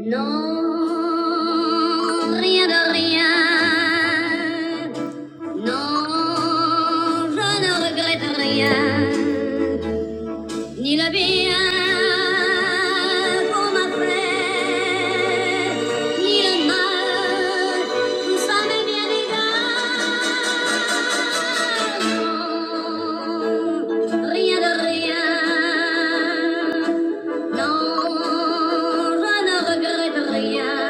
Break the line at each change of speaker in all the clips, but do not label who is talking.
Non, rien de rien. Non, je ne regrette rien. Ni la bien pour ma ni le mal, tout ça m'est bien égal. Non, Rien de rien, non, je ne regrette rien,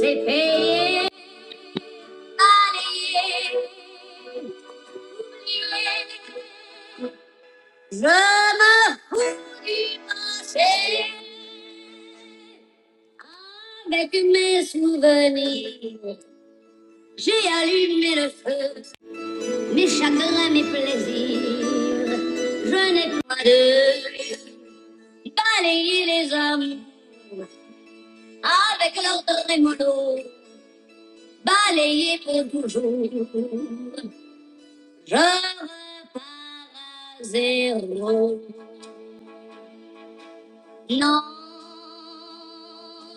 c'est payé, balayé, oublié. Ramapurimase, avec mes souvenirs, j'ai allumé le feu, mes chagrins, mes plaisirs, je n'ai pas de balayer les hommes avec leur trémolo, balayer pour toujours, je repars à zéro. No,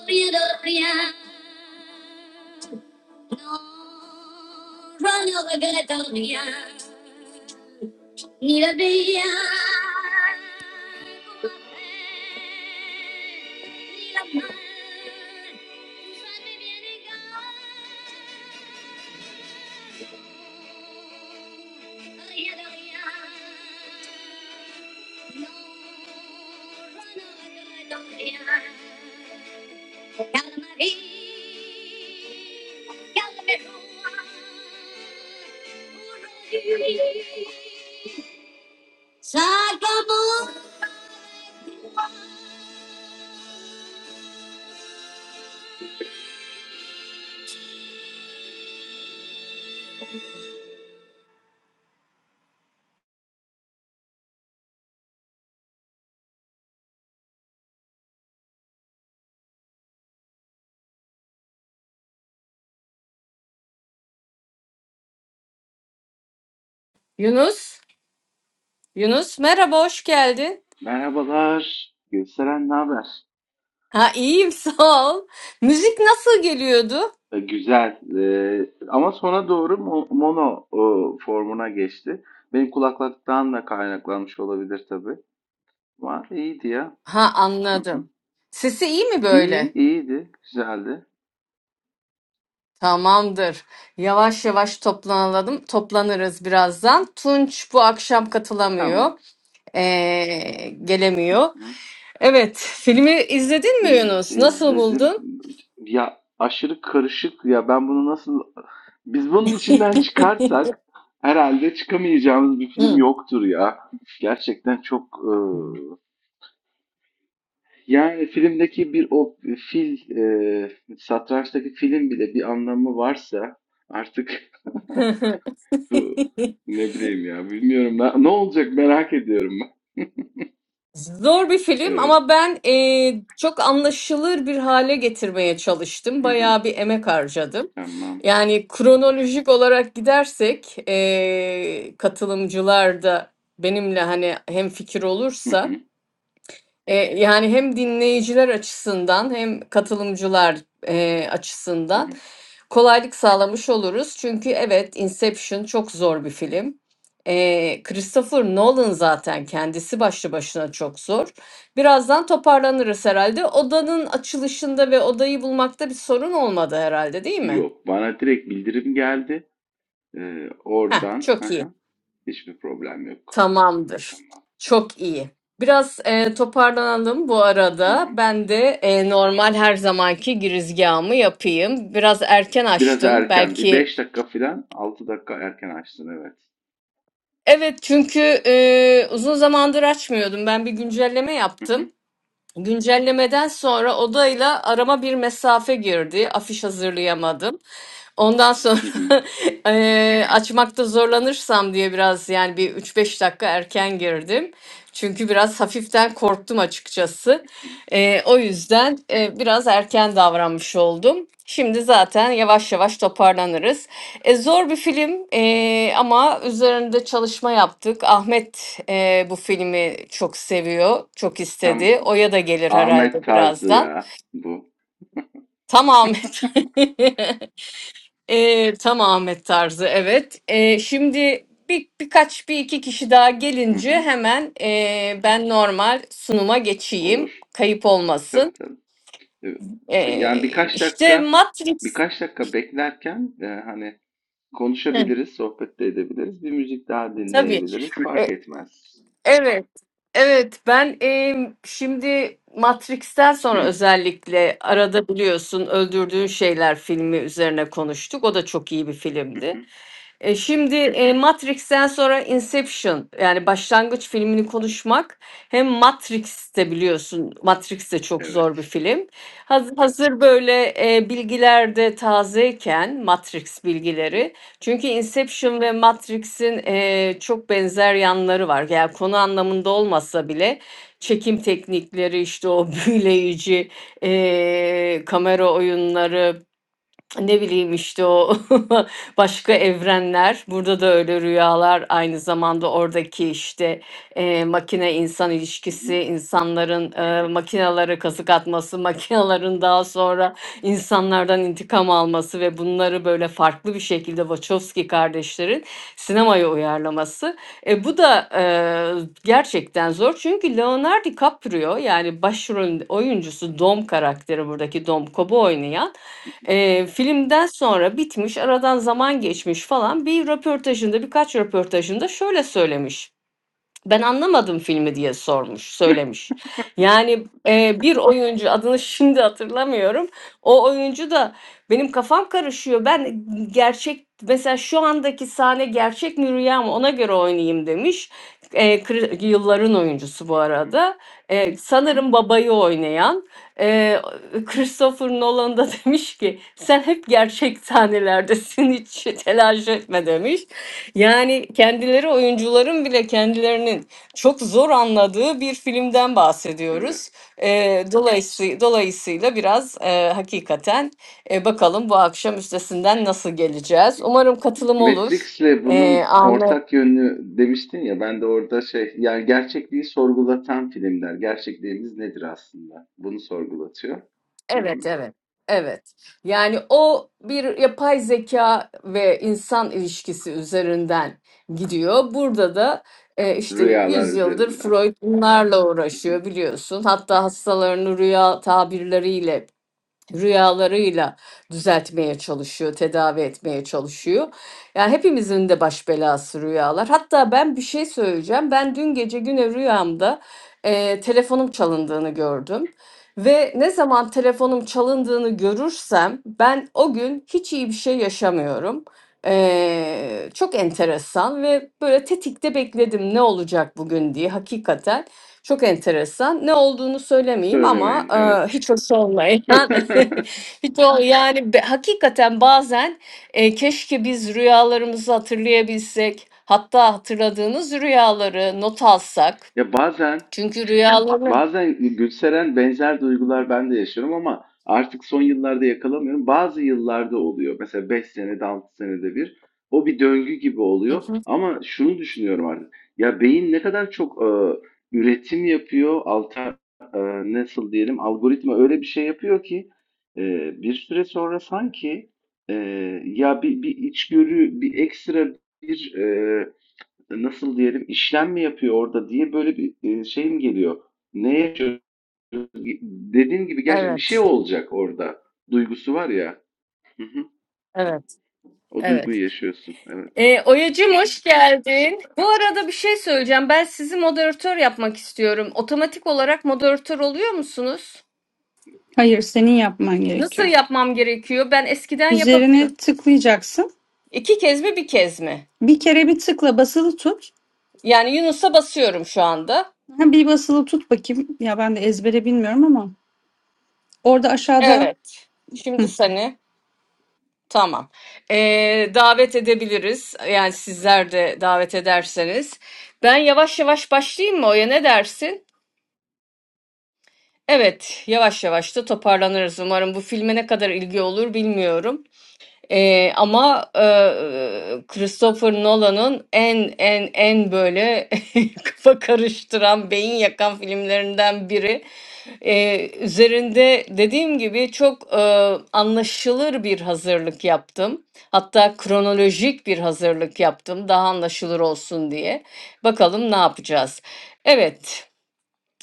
you don't Run over Caledonia. Need a beer. No, run over Caledonia. Yunus, Yunus merhaba hoş geldin.
Merhabalar. Gösteren ne haber?
Ha iyiyim sağ ol. Müzik nasıl geliyordu?
E, Güzel. E, ama sona doğru mo- mono e, formuna geçti. Benim kulaklıktan da kaynaklanmış olabilir tabii. Var. iyiydi ya.
Ha
Hı hı.
anladım. Sesi iyi mi
İyi,
böyle?
iyiydi. Güzeldi.
Tamamdır. Yavaş yavaş toplanalım, toplanırız
Hı,
birazdan. Tunç bu akşam
Tamam.
katılamıyor, ee, gelemiyor.
Hı.
Evet, filmi izledin mi
İz,
Yunus? Nasıl
izledim.
buldun?
Ya aşırı karışık ya. Ben bunu nasıl... Biz bunun içinden çıkarsak herhalde çıkamayacağımız bir film
Hı.
yoktur ya. Gerçekten çok e, Yani filmdeki bir o fil, eee, satrançtaki filin bile bir anlamı varsa artık bu ne bileyim ya bilmiyorum ben. Ne olacak merak ediyorum ben.
Zor bir film
Evet.
ama ben eee, çok anlaşılır bir hale getirmeye çalıştım.
Hı hı.
Bayağı bir emek harcadım.
Tamam.
Yani kronolojik olarak gidersek eee katılımcılar da benimle hani hem fikir
Hı
olursa
hı.
Eee, yani hem dinleyiciler açısından hem katılımcılar, eee,
Hı
açısından
hı.
kolaylık sağlamış oluruz. Çünkü evet, Inception çok zor bir film. Eee, Christopher Nolan zaten kendisi başlı başına çok zor. Birazdan toparlanırız herhalde. Odanın açılışında ve odayı bulmakta bir sorun olmadı herhalde, değil mi?
Yok bana direkt bildirim geldi. Eee,
Heh,
oradan. Hı
çok iyi.
hı. Hiçbir problem yok.
Tamamdır.
Tamam.
Çok iyi. Biraz e, toparlanalım bu arada.
Tamam.
Ben de e, normal her zamanki girizgahımı yapayım. Biraz erken
Biraz
açtım.
erken bir
Belki
5 dakika falan 6 dakika erken açtın evet.
evet çünkü e, uzun zamandır açmıyordum. Ben bir güncelleme
Hı hı.
yaptım. Güncellemeden sonra odayla arama bir mesafe girdi. Afiş hazırlayamadım. Ondan sonra
Hı hı.
eee, açmakta zorlanırsam diye biraz yani bir üç beş dakika erken girdim. Çünkü biraz hafiften korktum açıkçası.
Hı.
Eee, o yüzden eee, biraz erken davranmış oldum. Şimdi zaten yavaş yavaş toparlanırız. E, zor bir film eee, ama üzerinde çalışma yaptık. Ahmet eee, bu filmi çok seviyor, çok
Tam
istedi. Oya da gelir
Ahmet
herhalde
tarzı
birazdan.
ya bu.
Tam Ahmet. Ee, tam Ahmet tarzı evet. Ee, şimdi bir birkaç bir iki kişi daha
Hı
gelince
hı.
hemen ee, ben normal sunuma geçeyim.
Olur.
Kayıp
Tabii
olmasın.
tabii. Evet. Yani
Ee,
birkaç
işte
dakika
Matrix.
birkaç dakika beklerken e, hani
Hı,
konuşabiliriz, sohbet de edebiliriz. Bir müzik daha
tabii.
dinleyebiliriz. Fark etmez.
Evet. Evet, ben, emm, şimdi Matrix'ten sonra
Hı,
özellikle arada biliyorsun Öldürdüğün Şeyler filmi üzerine konuştuk. O da çok iyi bir
hı,
filmdi.
hı.
E, şimdi, eee, Matrix'ten sonra Inception yani başlangıç filmini konuşmak hem Matrix'te biliyorsun Matrix de çok zor
Evet.
bir film. Hazır hazır böyle, eee, bilgiler tazeyken Matrix
Hı, hı,
bilgileri çünkü Inception ve Matrix'in eee, çok benzer yanları var. Yani konu anlamında olmasa bile çekim teknikleri, işte o büyüleyici eee, kamera oyunları, ne bileyim işte o başka evrenler. Burada da öyle rüyalar aynı zamanda oradaki işte eee, makine insan ilişkisi,
hı,
insanların eee makinelere kazık atması, makinelerin daha sonra insanlardan intikam alması ve bunları böyle farklı bir şekilde Wachowski kardeşlerin sinemaya uyarlaması. E, bu da eee, gerçekten zor çünkü Leonardo DiCaprio yani başrol oyuncusu Dom karakteri buradaki Dom Cobb'u oynayan Eee, filmden sonra bitmiş, aradan zaman geçmiş falan bir röportajında, birkaç röportajında şöyle söylemiş. Ben anlamadım filmi diye sormuş,
hı.
söylemiş. Yani e, bir oyuncu adını şimdi hatırlamıyorum. O oyuncu da benim kafam karışıyor. Ben gerçek mesela şu andaki sahne gerçek mi rüya mı ona göre oynayayım demiş. E, kri- yılların oyuncusu bu arada. E, sanırım babayı oynayan e, Christopher Nolan da demiş ki sen hep gerçek sahnelerdesin hiç telaş etme demiş. Yani kendileri oyuncuların bile kendilerinin çok zor anladığı bir filmden bahsediyoruz.
Evet.
Eee dolayısıyla, dolayısıyla biraz eee, hakikaten e, bakalım bu akşam üstesinden nasıl geleceğiz. Umarım katılım olur.
Matrix'le
Eee
bunun ortak yönü demiştin ya ben de orada şey yani gerçekliği sorgulatan filmler. Gerçekliğimiz nedir aslında? Bunu sorgulatıyor. Hı hı.
Evet, evet. Evet. Yani o bir yapay zeka ve insan ilişkisi üzerinden gidiyor. Burada da e, işte
Rüyalar
yüzyıldır
üzerinden.
Freud bunlarla
Hı hı.
uğraşıyor biliyorsun. Hatta hastalarını rüya tabirleriyle rüyalarıyla düzeltmeye çalışıyor, tedavi etmeye çalışıyor. Yani hepimizin de baş belası rüyalar. Hatta ben bir şey söyleyeceğim. Ben dün gece güne rüyamda eee, telefonum çalındığını gördüm. Ve ne zaman telefonum çalındığını görürsem ben o gün hiç iyi bir şey yaşamıyorum. Eee, çok enteresan ve böyle tetikte bekledim ne olacak bugün diye hakikaten. Çok enteresan. Ne olduğunu söylemeyeyim ama,
Söylemeyin, evet.
eee, hiç hoş olmayan, hiç o yani be hakikaten bazen, eee, keşke biz rüyalarımızı hatırlayabilsek, hatta hatırladığınız rüyaları not alsak.
Ya bazen
Çünkü rüyaları
bazen Gülseren benzer duygular ben de yaşıyorum ama artık son yıllarda yakalamıyorum. Bazı yıllarda oluyor. Mesela 5 senede 6 senede bir. O bir döngü gibi
Hı
oluyor.
hı.
Ama şunu düşünüyorum artık. Ya beyin ne kadar çok e, üretim yapıyor. Alter, e, nasıl diyelim algoritma öyle bir şey yapıyor ki e, bir süre sonra sanki e, ya bir, bir içgörü bir ekstra bir e, Nasıl diyelim işlem mi yapıyor orada diye böyle bir e, şeyim geliyor. Ne yaşıyor? Dediğin gibi gerçekten bir şey
Evet,
olacak orada. Duygusu var ya. Hı hı.
evet,
O
evet.
duyguyu yaşıyorsun. Evet.
Eee, Oya'cığım hoş geldin. Bu arada bir şey söyleyeceğim. Ben sizi moderatör yapmak istiyorum. Otomatik olarak moderatör oluyor musunuz?
Hayır, senin yapman
Nasıl
gerekiyor.
yapmam gerekiyor? Ben eskiden yapabiliyorum.
Üzerine tıklayacaksın.
İki kez mi bir kez mi?
Bir kere bir tıkla basılı tut.
Yani Yunus'a basıyorum şu anda.
Ha, bir basılı tut bakayım. Ya ben de ezbere bilmiyorum ama orada aşağıda
Evet. Şimdi seni tamam. Ee, davet edebiliriz. Yani sizler de davet ederseniz. Ben yavaş yavaş başlayayım mı Oya ne dersin? Evet, yavaş yavaş da toparlanırız. Umarım bu filme ne kadar ilgi olur bilmiyorum. Eee, ama eee, Christopher Nolan'ın en en en böyle kafa karıştıran, beyin yakan filmlerinden biri. Eee, üzerinde dediğim gibi çok eee, anlaşılır bir hazırlık yaptım. Hatta kronolojik bir hazırlık yaptım daha anlaşılır olsun diye. Bakalım ne yapacağız. Evet.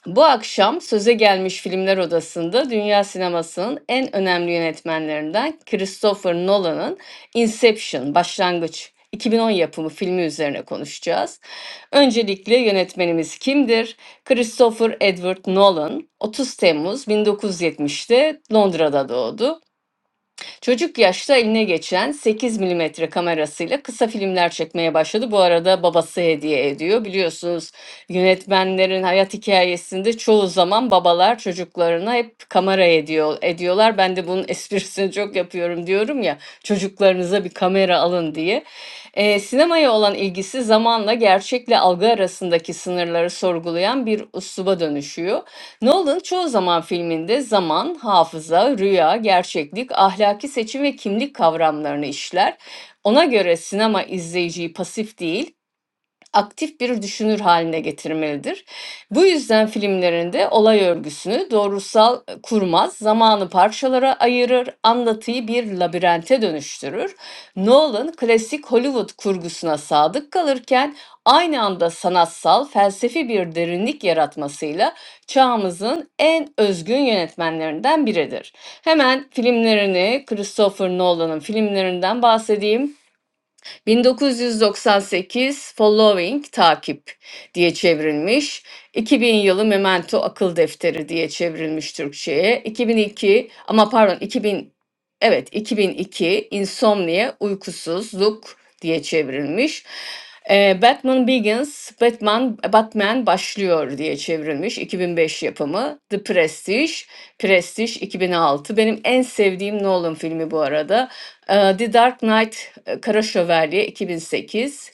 Bu akşam söze gelmiş Filmler Odası'nda dünya sinemasının en önemli yönetmenlerinden Christopher Nolan'ın Inception, Başlangıç 2010 yapımı filmi üzerine konuşacağız. Öncelikle yönetmenimiz kimdir? Christopher Edward Nolan 30 Temmuz 1970'te Londra'da doğdu. Çocuk yaşta eline geçen 8 milimetre kamerasıyla kısa filmler çekmeye başladı. Bu arada babası hediye ediyor. Biliyorsunuz yönetmenlerin hayat hikayesinde çoğu zaman babalar çocuklarına hep kamera ediyor ediyorlar. Ben de bunun esprisini çok yapıyorum diyorum ya çocuklarınıza bir kamera alın diye. Eee, sinemaya olan ilgisi zamanla gerçekle algı arasındaki sınırları sorgulayan bir üsluba dönüşüyor. Nolan çoğu zaman filminde zaman, hafıza, rüya, gerçeklik, ahlaki seçim ve kimlik kavramlarını işler. Ona göre sinema izleyiciyi pasif değil, aktif bir düşünür haline getirmelidir. Bu yüzden filmlerinde olay örgüsünü doğrusal e, kurmaz, zamanı parçalara ayırır, anlatıyı bir labirente dönüştürür. Nolan klasik Hollywood kurgusuna sadık kalırken aynı anda sanatsal, felsefi bir derinlik yaratmasıyla çağımızın en özgün yönetmenlerinden biridir. Hemen filmlerini, Christopher Nolan'ın filmlerinden bahsedeyim. 1998 Following takip diye çevrilmiş. 2000 yılı Memento Akıl Defteri diye çevrilmiş Türkçe'ye. 2002 ama pardon 2000 evet 2002 Insomnia Uykusuzluk diye çevrilmiş. Ee, Batman Begins, Batman Batman başlıyor diye çevrilmiş 2005 yapımı. The Prestige, Prestige 2006. Benim en sevdiğim Nolan filmi bu arada. Eee, The Dark Knight e, Kara Şövalye 2008.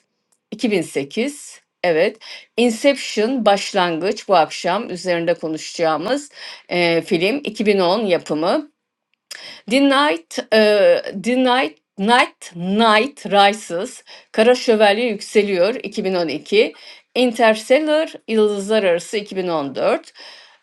2008. Evet. Inception Başlangıç bu akşam üzerinde konuşacağımız e, film 2010 yapımı. The Night, e, The Night, Night, Night Rises, Kara Şövalye Yükseliyor 2012, Interstellar, Yıldızlar Arası 2014,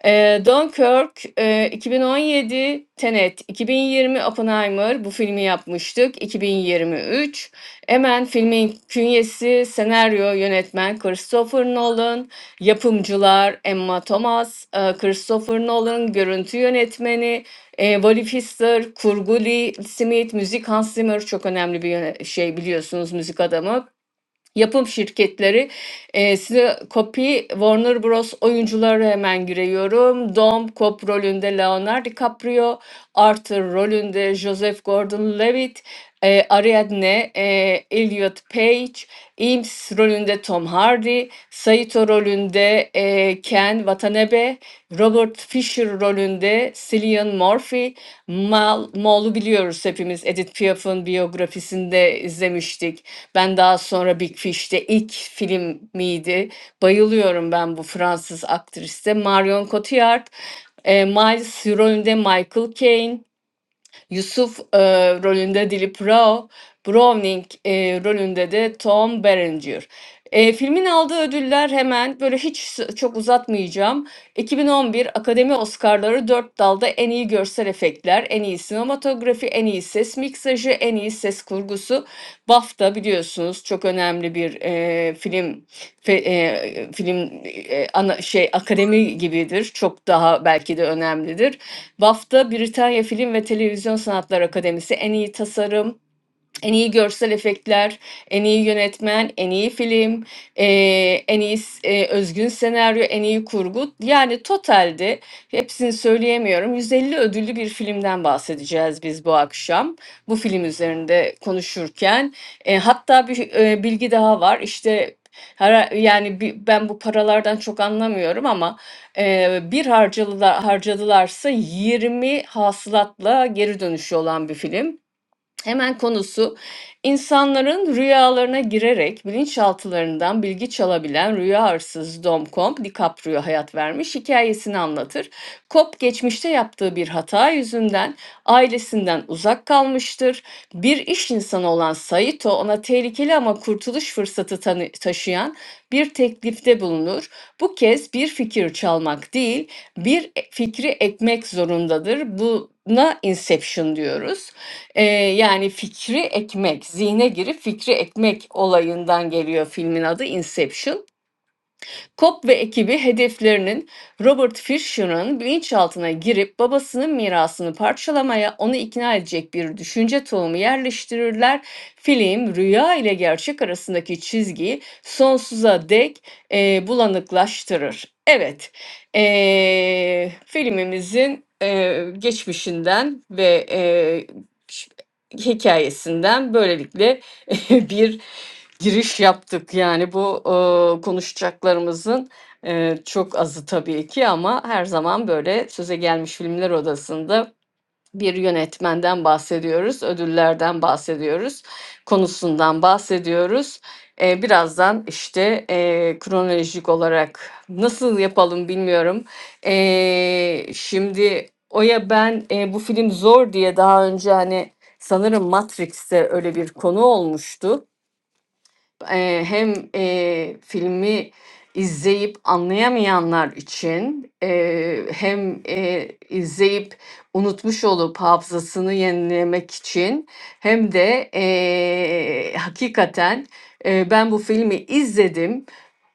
e, Dunkirk e, 2017, Tenet 2020, Oppenheimer bu filmi yapmıştık 2023. Hemen filmin künyesi, senaryo, yönetmen Christopher Nolan, yapımcılar Emma Thomas, e, Christopher Nolan, görüntü yönetmeni e, Wally Pfister, Kurguli Smith, müzik Hans Zimmer çok önemli bir yöne- şey biliyorsunuz müzik adamı yapım şirketleri e, size Copy, Warner Bros. oyuncuları hemen giriyorum. Dom Cop rolünde Leonardo DiCaprio, Arthur rolünde Joseph Gordon-Levitt, e, Ariadne, e, Elliot Page, Eames rolünde Tom Hardy, Saito rolünde e, Ken Watanabe, Robert Fisher rolünde Cillian Murphy, Mal, Maul'u biliyoruz hepimiz Edith Piaf'ın biyografisinde izlemiştik. Ben daha sonra Big Fish'te ilk film miydi? Bayılıyorum ben bu Fransız aktriste. Marion Cotillard, e, Miles rolünde Michael Caine. Yusuf eee, rolünde Dilip Rao, Browning eee, rolünde de Tom Berenger. Eee, filmin aldığı ödüller hemen böyle hiç s- çok uzatmayacağım. 2011 Akademi Oscar'ları dört dalda en iyi görsel efektler, en iyi sinematografi, en iyi ses miksajı, en iyi ses kurgusu. BAFTA biliyorsunuz çok önemli bir eee, film fe- eee, film eee, ana şey akademi gibidir. Çok daha belki de önemlidir. BAFTA Britanya Film ve Televizyon Sanatları Akademisi en iyi tasarım, en iyi görsel efektler, en iyi yönetmen, en iyi film, eee, en iyi s- eee, özgün senaryo, en iyi kurgu. Yani totalde hepsini söyleyemiyorum. 150 ödüllü bir filmden bahsedeceğiz biz bu akşam. Bu film üzerinde konuşurken. E, hatta bir e, bilgi daha var. İşte her, yani bi- ben bu paralardan çok anlamıyorum ama e, bir harcadılar, harcadılarsa 20 hasılatla geri dönüşü olan bir film. Hemen konusu insanların rüyalarına girerek bilinçaltılarından bilgi çalabilen rüya hırsız Dom Comp DiCaprio hayat vermiş hikayesini anlatır. Cop geçmişte yaptığı bir hata yüzünden ailesinden uzak kalmıştır. Bir iş insanı olan Saito ona tehlikeli ama kurtuluş fırsatı tanı- taşıyan bir teklifte bulunur. Bu kez bir fikir çalmak değil, bir e- fikri ekmek zorundadır. Buna Inception diyoruz. Eee, yani fikri ekmek, zihne girip fikri ekmek olayından geliyor filmin adı Inception. Kopp ve ekibi hedeflerinin Robert Fisher'ın bilinçaltına girip babasının mirasını parçalamaya onu ikna edecek bir düşünce tohumu yerleştirirler. Film rüya ile gerçek arasındaki çizgiyi sonsuza dek e, bulanıklaştırır. Evet, e, filmimizin e, geçmişinden ve e, hikayesinden böylelikle bir giriş yaptık. Yani bu e, konuşacaklarımızın e, çok azı tabii ki ama her zaman böyle söze gelmiş filmler odasında bir yönetmenden bahsediyoruz, ödüllerden bahsediyoruz, konusundan bahsediyoruz. E, birazdan işte e, kronolojik olarak nasıl yapalım bilmiyorum. E, şimdi Oya ben e, bu film zor diye daha önce hani sanırım Matrix'te öyle bir konu olmuştu. Eee, hem, eee, filmi izleyip anlayamayanlar için, eee, hem, eee, izleyip unutmuş olup hafızasını yenilemek için hem de, eee, hakikaten, eee, "Ben bu filmi izledim,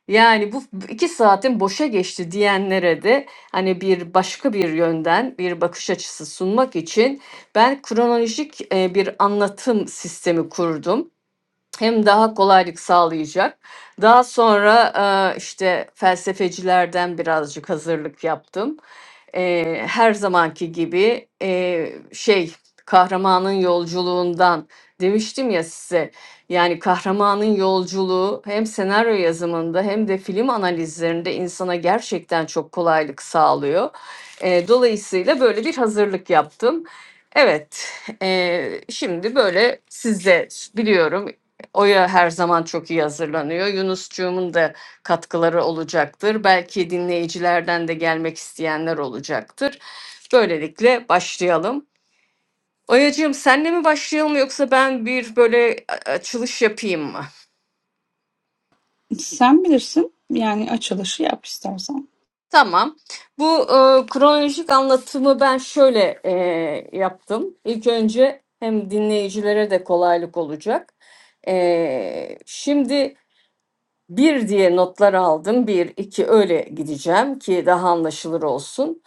yani, bu 2 saatin boşa geçti." diyenlere de, hani, bir başka bir yönden bir bakış açısı sunmak için ben kronolojik, eee, bir anlatım sistemi kurdum hem daha kolaylık sağlayacak. Daha sonra e, işte felsefecilerden birazcık hazırlık yaptım. E, her zamanki gibi e, şey kahramanın yolculuğundan demiştim ya size. Yani kahramanın yolculuğu hem senaryo yazımında hem de film analizlerinde insana gerçekten çok kolaylık sağlıyor. E, dolayısıyla böyle bir hazırlık yaptım. Evet, e, şimdi böyle sizde biliyorum Oya her zaman çok iyi hazırlanıyor. Yunuscuğumun da katkıları olacaktır. Belki dinleyicilerden de gelmek isteyenler olacaktır. Böylelikle başlayalım. Oyacığım senle mi başlayalım yoksa ben bir böyle a- açılış yapayım mı?
sen bilirsin. Yani açılışı yap istersen.
Tamam. Bu e, kronolojik anlatımı ben şöyle e, yaptım. İlk önce hem dinleyicilere de kolaylık olacak. E, şimdi Bir diye notlar aldım. Bir, iki öyle gideceğim ki daha anlaşılır olsun.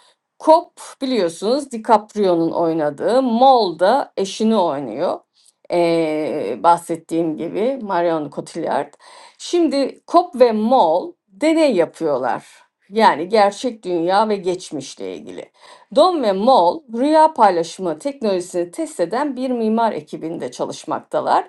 Cop biliyorsunuz DiCaprio'nun oynadığı. Mol da eşini oynuyor. Ee, bahsettiğim gibi Marion Cotillard. Şimdi Cop ve Mol deney yapıyorlar. Yani gerçek dünya ve geçmişle ilgili. Don ve Mol rüya paylaşımı teknolojisini test eden bir mimar ekibinde çalışmaktalar.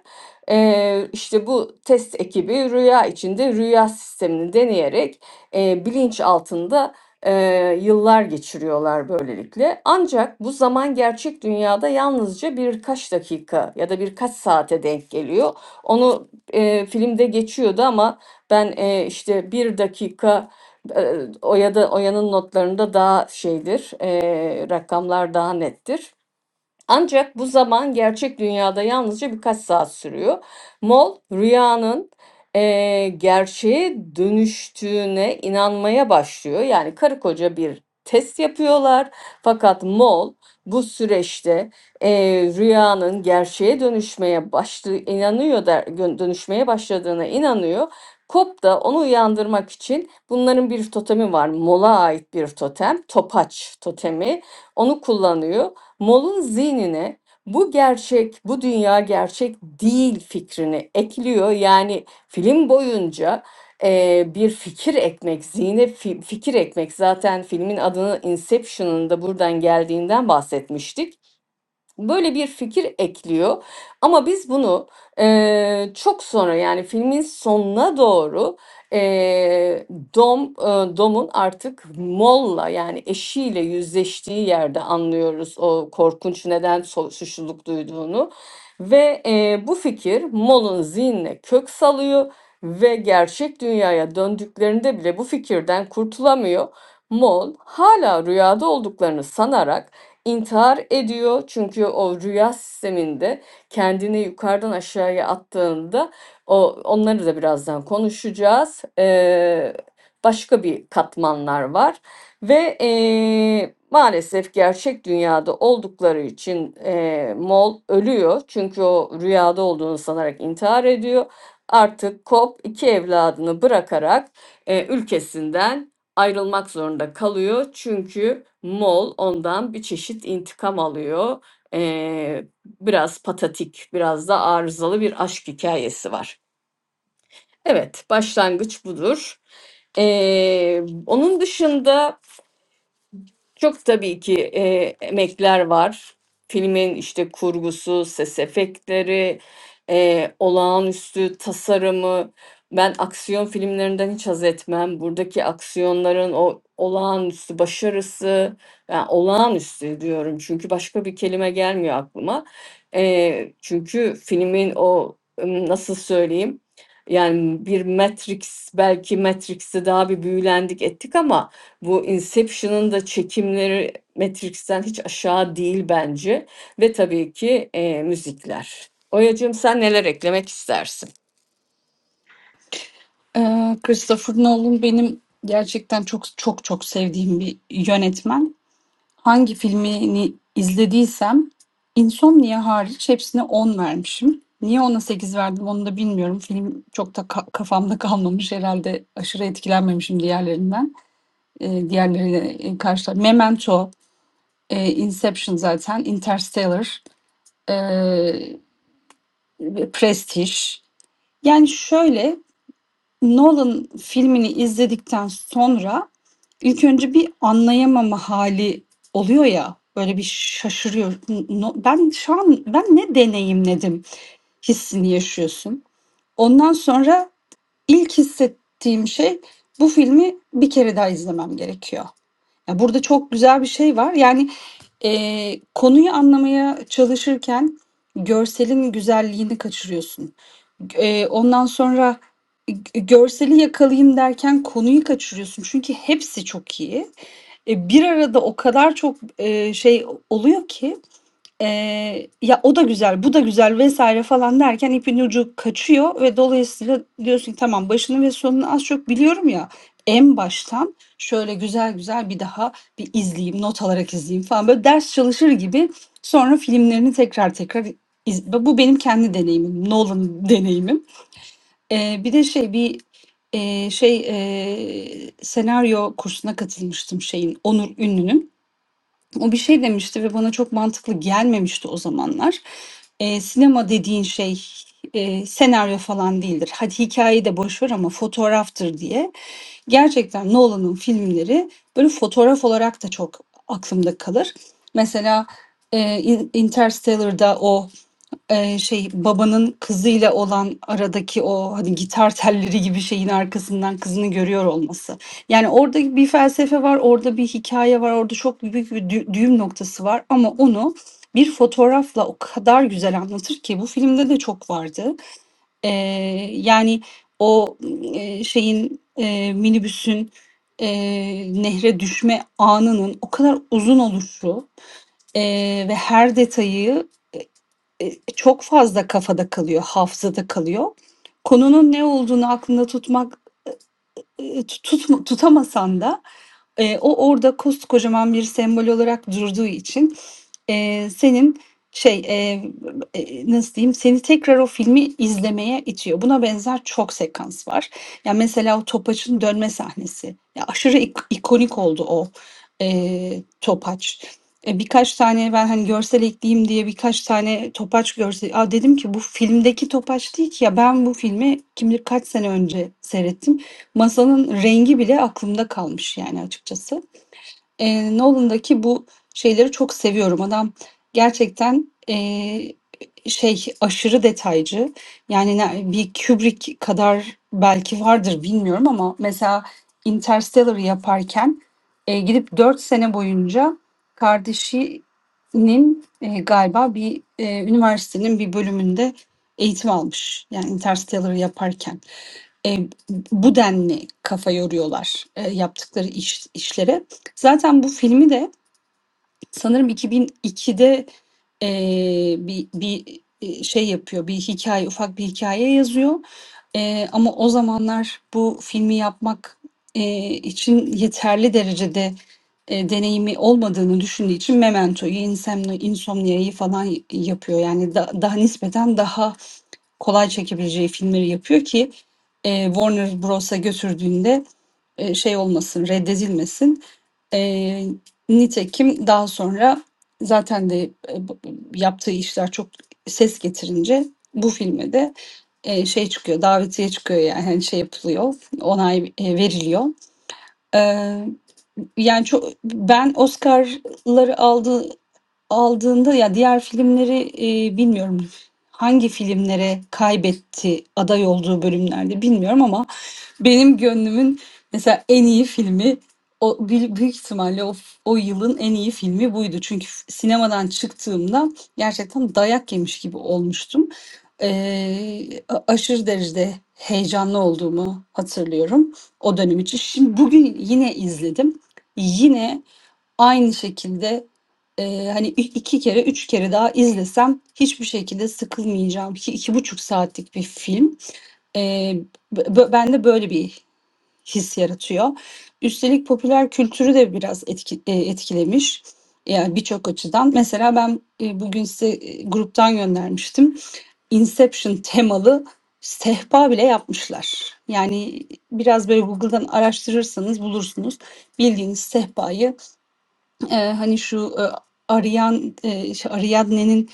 Eee, işte bu test ekibi rüya içinde rüya sistemini deneyerek eee, bilinç altında eee, yıllar geçiriyorlar böylelikle. Ancak bu zaman gerçek dünyada yalnızca birkaç dakika ya da birkaç saate denk geliyor. Onu eee, filmde geçiyordu ama ben eee, işte bir dakika eee, o ya da Oya'nın notlarında daha şeydir, eee, rakamlar daha nettir. Ancak bu zaman gerçek dünyada yalnızca birkaç saat sürüyor. Mol rüyanın eee, gerçeğe dönüştüğüne inanmaya başlıyor. Yani karı koca bir test yapıyorlar. Fakat Mol bu süreçte eee, rüyanın gerçeğe dönüşmeye başladığı inanıyor da gö- dönüşmeye başladığına inanıyor. Kop da onu uyandırmak için bunların bir totemi var. Mol'a ait bir totem, topaç totemi. Onu kullanıyor Moll'un zihnine bu gerçek, bu dünya gerçek değil fikrini ekliyor. Yani film boyunca eee, bir fikir ekmek, zihne fi- fikir ekmek. Zaten filmin adını Inception'ın da buradan geldiğinden bahsetmiştik. Böyle bir fikir ekliyor ama biz bunu eee, çok sonra yani filmin sonuna doğru eee, Dom eee, Dom'un artık Moll'la yani eşiyle yüzleştiği yerde anlıyoruz o korkunç neden so- suçluluk duyduğunu ve eee, bu fikir Moll'un zihnine kök salıyor ve gerçek dünyaya döndüklerinde bile bu fikirden kurtulamıyor. Moll hala rüyada olduklarını sanarak intihar ediyor. Çünkü o rüya sisteminde kendini yukarıdan aşağıya attığında o onları da birazdan konuşacağız. Ee, başka bir katmanlar var ve ee, maalesef gerçek dünyada oldukları için ee, Mol ölüyor. Çünkü o rüyada olduğunu sanarak intihar ediyor. Artık Kop iki evladını bırakarak ee, ülkesinden ayrılmak zorunda kalıyor. Çünkü Moll ondan bir çeşit intikam alıyor. Ee, biraz patatik, biraz da arızalı bir aşk hikayesi var. Evet, başlangıç budur. Ee, onun dışında çok tabii ki eee, emekler var. Filmin işte kurgusu, ses efektleri, eee, olağanüstü tasarımı. Ben aksiyon filmlerinden hiç haz etmem. Buradaki aksiyonların o olağanüstü başarısı, yani olağanüstü diyorum çünkü başka bir kelime gelmiyor aklıma. Eee, çünkü filmin o ım, nasıl söyleyeyim? Yani bir Matrix, belki Matrix'te daha bir büyülendik ettik ama bu Inception'ın da çekimleri Matrix'ten hiç aşağı değil bence ve tabii ki, eee, müzikler. Oya'cığım sen neler eklemek istersin?
Ee, Christopher Nolan benim gerçekten çok çok çok sevdiğim bir yönetmen. hangi filmini izlediysem Insomnia hariç hepsine 10 vermişim. Niye ona 8 verdim onu da bilmiyorum. Film çok da ka- kafamda kalmamış herhalde. Aşırı etkilenmemişim diğerlerinden. Ee, diğerleriyle e, karşılar. Memento, e, Inception zaten, Interstellar, e, Prestige. Yani şöyle Nolan filmini izledikten sonra ilk önce bir anlayamama hali oluyor ya, böyle bir şaşırıyor. N no ben şu an ben ne deneyimledim hissini yaşıyorsun. Ondan sonra ilk hissettiğim şey bu filmi bir kere daha izlemem gerekiyor. Ya burada çok güzel bir şey var. Yani eee, konuyu anlamaya çalışırken görselin güzelliğini kaçırıyorsun. Eee, ondan sonra g- görseli yakalayayım derken konuyu kaçırıyorsun. Çünkü hepsi çok iyi. E, bir arada o kadar çok e, şey oluyor ki. Eee, ya, o da güzel, bu da güzel vesaire falan derken ipin ucu kaçıyor ve dolayısıyla diyorsun ki tamam başını ve sonunu az çok biliyorum ya, en baştan şöyle güzel güzel bir daha bir izleyeyim, not alarak izleyeyim falan böyle ders çalışır gibi sonra filmlerini tekrar tekrar iz Bu benim kendi deneyimim, Nolan deneyimim. Eee, bir de şey bir, eee, şey, eee, senaryo kursuna katılmıştım şeyin, Onur Ünlü'nün. O bir şey demişti ve bana çok mantıklı gelmemişti o zamanlar. Eee, sinema dediğin şey eee, senaryo falan değildir. Hadi hikayeyi de boş ver ama fotoğraftır diye. Gerçekten Nolan'ın filmleri böyle fotoğraf olarak da çok aklımda kalır. Mesela eee In- Interstellar'da o Eee, şey, babanın kızıyla olan aradaki o, hani, gitar telleri gibi şeyin arkasından kızını görüyor olması. Yani, orada bir felsefe var, orada bir hikâye var, orada çok büyük bir dü düğüm noktası var ama onu bir fotoğrafla o kadar güzel anlatır ki bu filmde de çok vardı. Eee, yani, o, eee, şeyin, eee, minibüsün, eee, nehre düşme anının o kadar uzun oluşu, eee, ve her detayı Eee, çok fazla kafada kalıyor, hafızada kalıyor. Konunun ne olduğunu aklında tutmak, eee, tu tutma tutamasan da Eee, o orada koskocaman bir sembol olarak durduğu için, eee, senin şey, eee, eee, nasıl diyeyim, seni tekrar o filmi izlemeye itiyor. Buna benzer çok sekans var. Ya, mesela o topaçın dönme sahnesi. Ya, aşırı ik ikonik oldu o, eee, topaç. E, birkaç tane ben, hani, görsel ekleyeyim diye birkaç tane topaç görse a, dedim ki bu filmdeki topaç değil ki ya, ben bu filmi kim bilir kaç sene önce seyrettim Masanın rengi bile aklımda kalmış yani açıkçası. Eee, Nolan'daki bu şeyleri çok seviyorum. Adam gerçekten eee, şey aşırı detaycı. Yani ne- bir Kubrick kadar belki vardır bilmiyorum ama mesela Interstellar'ı yaparken eee, gidip 4 sene boyunca kardeşinin eee, galiba bir eee, üniversitenin bir bölümünde eğitim almış. Yani Interstellar'ı yaparken e, bu denli kafa yoruyorlar e, yaptıkları iş, işlere. Zaten bu filmi de sanırım 2002'de e, bir, bir e, şey yapıyor, bir hikaye, ufak bir hikaye yazıyor. E, ama o zamanlar bu filmi yapmak e, için yeterli derecede e, deneyimi olmadığını düşündüğü için Memento'yu, Insomnia- Insomnia'yı falan yapıyor. Yani da- daha nispeten daha kolay çekebileceği filmleri yapıyor ki e, Warner Bros'a götürdüğünde e, şey olmasın, reddedilmesin. E, nitekim daha sonra zaten de e, yaptığı işler çok ses getirince bu filme de e, şey çıkıyor, davetiye çıkıyor yani hani şey yapılıyor, onay e, veriliyor. E, yani çok ben Oscar'ları aldı aldığında ya diğer filmleri, eee, bilmiyorum hangi filmlere kaybetti aday olduğu bölümlerde bilmiyorum ama benim gönlümün mesela en iyi filmi o büyü- büyük ihtimalle o, f o yılın en iyi filmi buydu. Çünkü f- sinemadan çıktığımda gerçekten dayak yemiş gibi olmuştum. Eee, a- aşırı derecede heyecanlı olduğumu hatırlıyorum o dönem için. Şimdi bugün yine izledim. Yine Aynı şekilde, eee, hani, i iki kere, üç kere daha izlesem hiçbir şekilde sıkılmayacağım ki buçuk saatlik bir film. Eee, b bö bende böyle bir his yaratıyor. Üstelik popüler kültürü de biraz etki eee, etkilemiş, yani, birçok açıdan. Mesela ben, eee, bugün size, eee, gruptan göndermiştim. Inception temalı sehpa bile yapmışlar. Yani, biraz böyle Google'dan araştırırsanız bulursunuz. Bildiğiniz sehpayı Eee, hani şu, eee, Arian eee, şey, Ariadne'nin,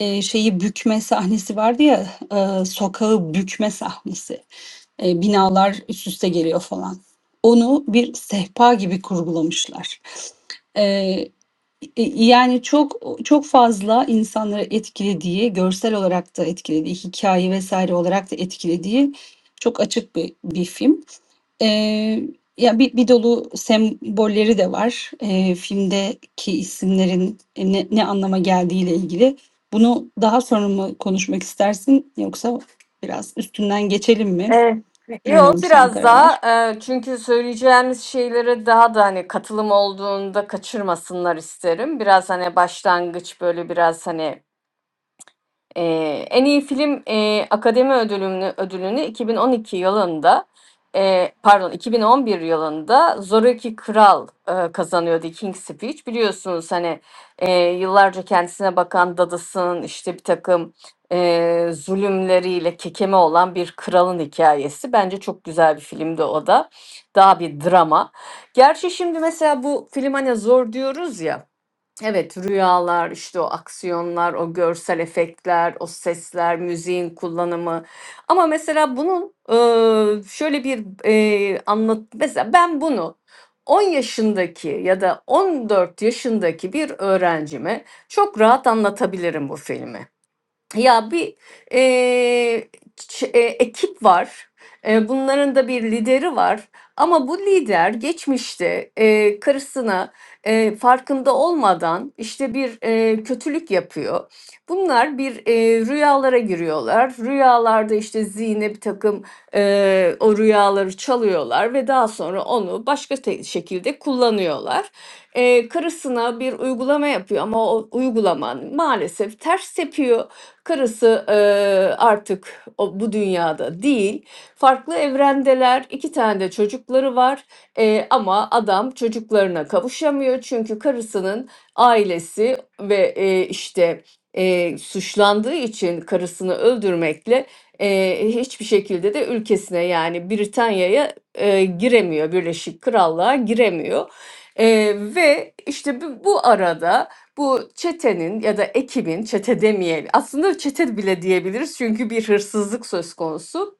eee, şeyi bükme sahnesi vardı ya, eee, sokağı bükme sahnesi. Eee, binalar üst üste geliyor falan. Onu bir sehpa gibi kurgulamışlar. Eee, y yani çok çok fazla insanları etkilediği, görsel olarak da etkilediği, hikaye vesaire olarak da etkilediği çok açık bir bir film. Eee, ya bir bir dolu sembolleri de var. Eee, filmdeki isimlerin ne ne anlama geldiğiyle ilgili. Bunu daha sonra mı konuşmak istersin yoksa biraz üstünden geçelim mi?
Ee, Yok
Bilmiyorum, sen
biraz
karar
daha
ver.
eee, çünkü söyleyeceğimiz şeylere daha da hani katılım olduğunda kaçırmasınlar isterim. Biraz hani başlangıç böyle biraz hani Eee, en iyi film, eee, Akademi Ödülünü ödülünü 2012 yılında, eee, pardon 2011 yılında Zoraki Kral, eee, kazanıyor King's Speech. Biliyorsunuz, hani, eee, yıllarca kendisine bakan dadısının, işte, birtakım, eee, zulümleriyle kekeme olan bir kralın hikayesi Bence çok güzel bir filmdi o da. Daha bir drama. Gerçi şimdi mesela bu film, hani, zor diyoruz ya Evet, rüyalar, işte o aksiyonlar, o görsel efektler, o sesler, müziğin kullanımı. Ama mesela bunun eee, şöyle bir eee anlat mesela ben bunu 10 yaşındaki ya da 14 yaşındaki bir öğrencime çok rahat anlatabilirim bu filmi. Ya bir e, ç- e, ekip var. E, bunların da bir lideri var. Ama bu lider geçmişte e, karısına e, farkında olmadan işte bir e, kötülük yapıyor. Bunlar bir e, rüyalara giriyorlar. Rüyalarda işte zihne bir takım e, o rüyaları çalıyorlar ve daha sonra onu başka te- şekilde kullanıyorlar e, karısına bir uygulama yapıyor ama o uygulaman maalesef ters tepiyor Karısı e, artık o, bu dünyada değil. Farklı evrendeler. iki tane de çocukları var. E, ama adam çocuklarına kavuşamıyor. Çünkü karısının ailesi ve e, işte e, suçlandığı için karısını öldürmekle e, hiçbir şekilde de ülkesine yani Britanya'ya e, giremiyor. Birleşik Krallığa giremiyor. E, ve işte bu, bu arada bu çetenin ya da ekibin, çete demeyelim. Aslında çete bile diyebiliriz çünkü bir hırsızlık söz konusu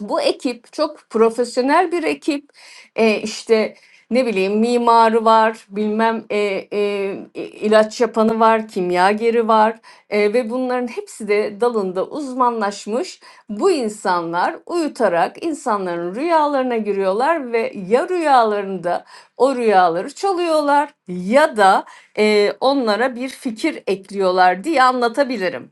bu ekip çok profesyonel bir ekip. E, işte ne bileyim mimarı var, bilmem e, e, ilaç yapanı var, kimyageri var E, ve bunların hepsi de dalında uzmanlaşmış. Bu insanlar uyutarak insanların rüyalarına giriyorlar ve ya rüyalarında o rüyaları çalıyorlar ya da e, onlara bir fikir ekliyorlar diye anlatabilirim.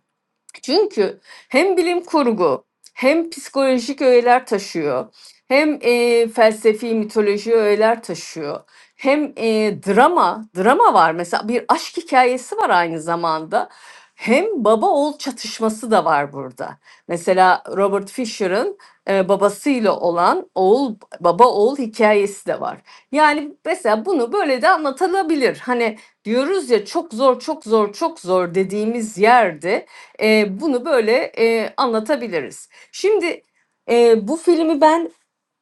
Çünkü hem bilim kurgu hem psikolojik öğeler taşıyor. Hem e, felsefi mitoloji öğeler taşıyor. Hem e, drama, drama var mesela bir aşk hikayesi var aynı zamanda. Hem baba oğul çatışması da var burada. Mesela Robert Fisher'ın e, babasıyla olan oğul baba oğul hikayesi de var. Yani mesela bunu böyle de anlatılabilir. Hani diyoruz ya çok zor çok zor çok zor dediğimiz yerde e, bunu böyle e, anlatabiliriz. Şimdi e, bu filmi ben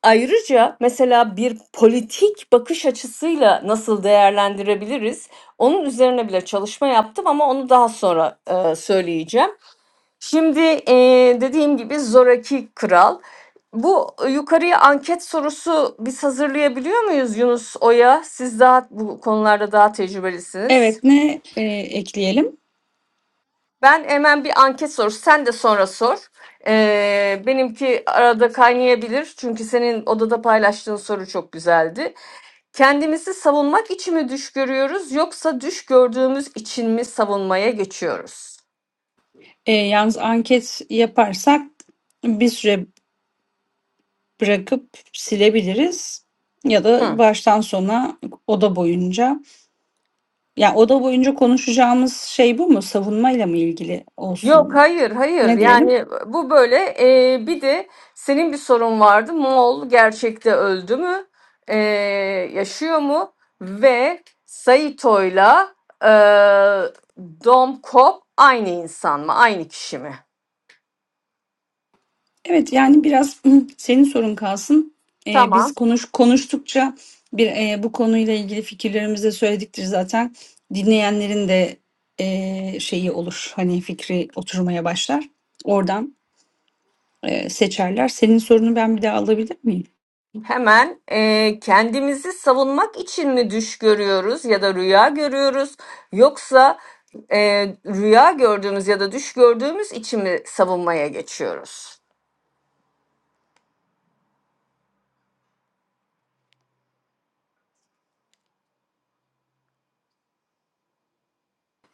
ayrıca mesela bir politik bakış açısıyla nasıl değerlendirebiliriz? Onun üzerine bile çalışma yaptım ama onu daha sonra e, söyleyeceğim. Şimdi e, dediğim gibi Zoraki Kral. Bu e, yukarıya anket sorusu biz hazırlayabiliyor muyuz Yunus Oya? Siz daha bu konularda daha tecrübelisiniz.
Evet, ne eee, ekleyelim?
Ben hemen bir anket sorusu. Sen de sonra sor. Ee, benimki arada kaynayabilir. Çünkü senin odada paylaştığın soru çok güzeldi. Kendimizi savunmak için mi düş görüyoruz yoksa düş gördüğümüz için mi savunmaya geçiyoruz?
Eee, yalnız anket yaparsak bir süre bırakıp silebiliriz ya
Hı.
da baştan sona oda boyunca. Ya oda boyunca konuşacağımız şey bu mu? Savunmayla mı ilgili
Yok
olsun?
hayır hayır
Ne diyelim?
yani bu böyle Ee, bir de senin bir sorun vardı Moğol gerçekte öldü mü Ee, yaşıyor mu ve Saito'yla e, Dom Kop aynı insan mı aynı kişi mi?
Evet yani biraz hı, senin sorun kalsın. Ee, biz
Tamam
konuş konuştukça bir e, bu konuyla ilgili fikirlerimizi de söylediktir zaten. Dinleyenlerin de e, şeyi olur. Hani fikri oturmaya başlar. Oradan e, seçerler. Senin sorunu ben bir daha alabilir miyim?
hemen e, kendimizi savunmak için mi düş görüyoruz ya da rüya görüyoruz yoksa e, rüya gördüğümüz ya da düş gördüğümüz için mi savunmaya geçiyoruz?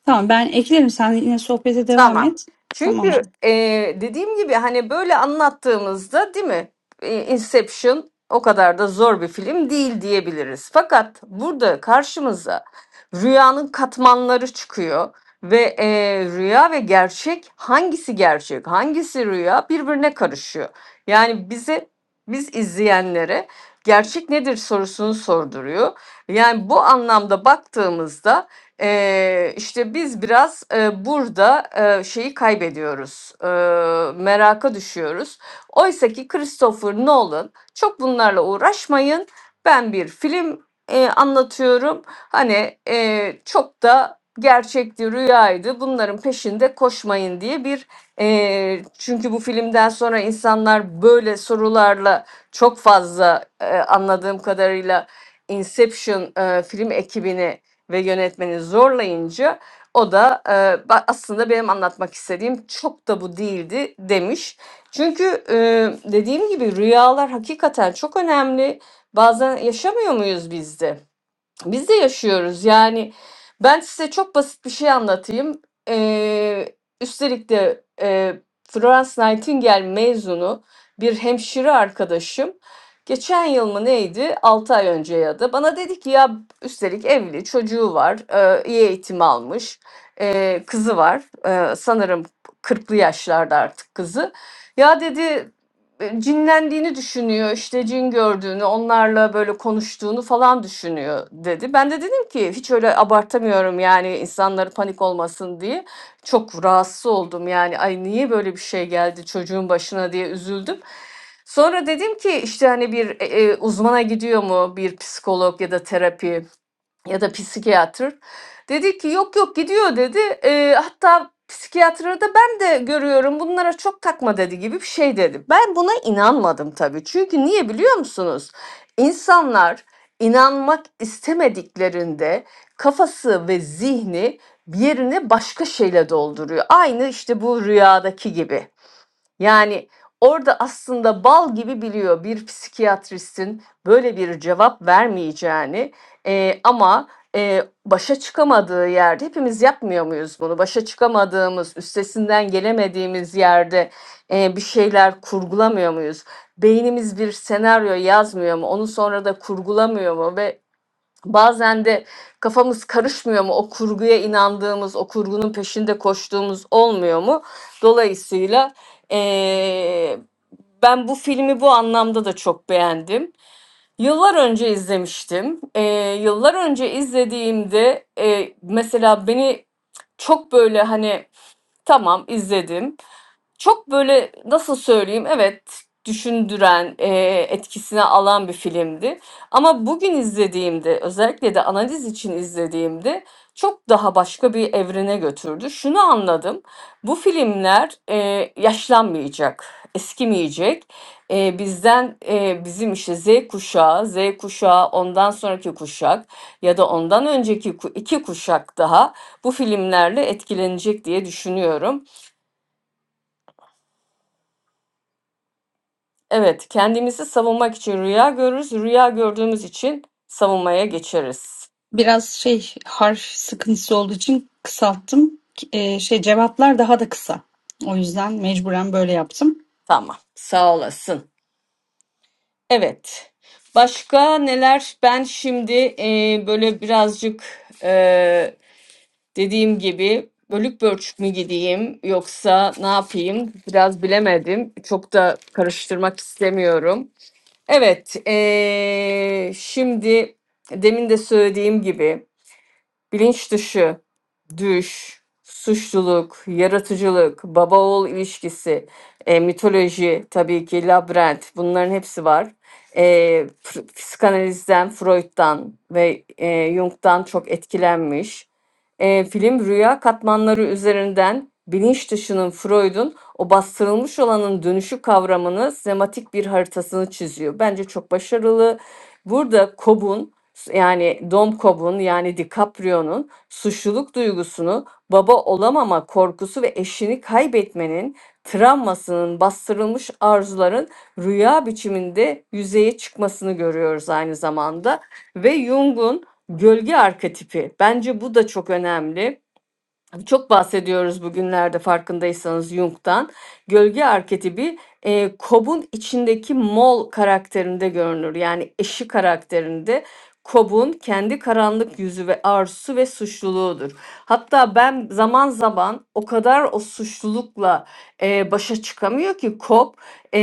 Tamam ben eklerim. Sen yine sohbete devam
Tamam.
et. Tamam
Çünkü
canım.
eee, dediğim gibi hani böyle anlattığımızda değil mi? E, Inception o kadar da zor bir film değil diyebiliriz. Fakat burada karşımıza rüyanın katmanları çıkıyor ve eee, rüya ve gerçek hangisi gerçek, hangisi rüya birbirine karışıyor. Yani bize biz izleyenlere gerçek nedir sorusunu sorduruyor. Yani bu anlamda baktığımızda Eee, işte biz biraz eee, burada eee, şeyi kaybediyoruz, eee, meraka düşüyoruz. Oysa ki Christopher Nolan çok bunlarla uğraşmayın. Ben bir film eee, anlatıyorum. Hani eee, çok da gerçekti, rüyaydı. Bunların peşinde koşmayın diye bir eee, çünkü bu filmden sonra insanlar böyle sorularla çok fazla eee, anladığım kadarıyla Inception eee, film ekibini ve yönetmeni zorlayınca o da e, aslında benim anlatmak istediğim çok da bu değildi demiş. Çünkü e, dediğim gibi rüyalar hakikaten çok önemli. Bazen yaşamıyor muyuz biz de? Biz de yaşıyoruz yani. Ben size çok basit bir şey anlatayım. Ee, üstelik de e, Florence Nightingale mezunu bir hemşire arkadaşım. Geçen yıl mı neydi? 6 ay önce ya da bana dedi ki ya üstelik evli çocuğu var e, iyi eğitim almış e, kızı var e, sanırım kırklı yaşlarda artık kızı. Ya dedi e, cinlendiğini düşünüyor işte cin gördüğünü onlarla böyle konuştuğunu falan düşünüyor dedi. Ben de dedim ki hiç öyle abartamıyorum yani insanları panik olmasın diye. Çok rahatsız oldum yani ay niye böyle bir şey geldi çocuğun başına diye üzüldüm. Sonra dedim ki işte hani bir e, e, uzmana gidiyor mu bir psikolog ya da terapi ya da psikiyatr. Dedi ki yok yok gidiyor dedi. Eee, hatta psikiyatrı da ben de görüyorum bunlara çok takma dedi gibi bir şey dedi. Ben buna inanmadım tabii. Çünkü niye biliyor musunuz? İnsanlar inanmak istemediklerinde kafası ve zihni bir yerine başka şeyle dolduruyor. Aynı işte bu rüyadaki gibi. Yani orada aslında bal gibi biliyor bir psikiyatristin böyle bir cevap vermeyeceğini Eee, ama eee, başa çıkamadığı yerde hepimiz yapmıyor muyuz bunu? Başa çıkamadığımız, üstesinden gelemediğimiz yerde eee, bir şeyler kurgulamıyor muyuz? Beynimiz bir senaryo yazmıyor mu? Onu sonra da kurgulamıyor mu? Ve Bazen de kafamız karışmıyor mu? O kurguya inandığımız, o kurgunun peşinde koştuğumuz olmuyor mu? Dolayısıyla eee, ben bu filmi bu anlamda da çok beğendim. Yıllar önce izlemiştim. Eee, yıllar önce izlediğimde eee, mesela beni çok böyle hani tamam izledim çok böyle nasıl söyleyeyim? Evet, düşündüren, eee, etkisine alan bir filmdi. Ama bugün izlediğimde, özellikle de analiz için izlediğimde çok daha başka bir evrene götürdü. Şunu anladım, bu filmler, eee, yaşlanmayacak, eskimeyecek. Eee, bizden, eee, bizim işte Z kuşağı, Z kuşağı, ondan sonraki kuşak ya da ondan önceki ku- iki kuşak daha bu filmlerle etkilenecek diye düşünüyorum. Evet, kendimizi savunmak için rüya görürüz. Rüya gördüğümüz için savunmaya geçeriz.
Biraz şey harf sıkıntısı olduğu için kısalttım. Eee, şey cevaplar daha da kısa. O yüzden mecburen böyle yaptım.
Tamam. Sağ olasın. Evet. Başka neler? Ben şimdi e, böyle birazcık e, dediğim gibi bölük pörçük mü gideyim yoksa ne yapayım? Biraz bilemedim. Çok da karıştırmak istemiyorum. Evet. e, şimdi demin de söylediğim gibi. Bilinç dışı, düş, suçluluk, yaratıcılık, baba oğul ilişkisi, e, mitoloji tabii ki labirent bunların hepsi var. E, pr- psikanalizden, Freud'dan ve e, Jung'dan çok etkilenmiş. E, film rüya katmanları üzerinden bilinç dışının Freud'un o bastırılmış olanın dönüşü kavramını sematik bir haritasını çiziyor. Bence çok başarılı. Burada Cobb'un yani, Dom Cobb'un, yani, DiCaprio'nun suçluluk duygusunu, baba olamama korkusu ve eşini kaybetmenin travmasının, bastırılmış arzuların rüya biçiminde yüzeye çıkmasını görüyoruz aynı zamanda ve Jung'un gölge arketipi. Bence bu da çok önemli. Çok bahsediyoruz bugünlerde farkındaysanız Jung'dan. Gölge arketipi e, Cobb'un içindeki Mol karakterinde görünür. Yani eşi karakterinde Cobb'un kendi karanlık yüzü ve arzusu ve suçluluğudur. Hatta ben zaman zaman o kadar o suçlulukla e, başa çıkamıyor ki Cobb e,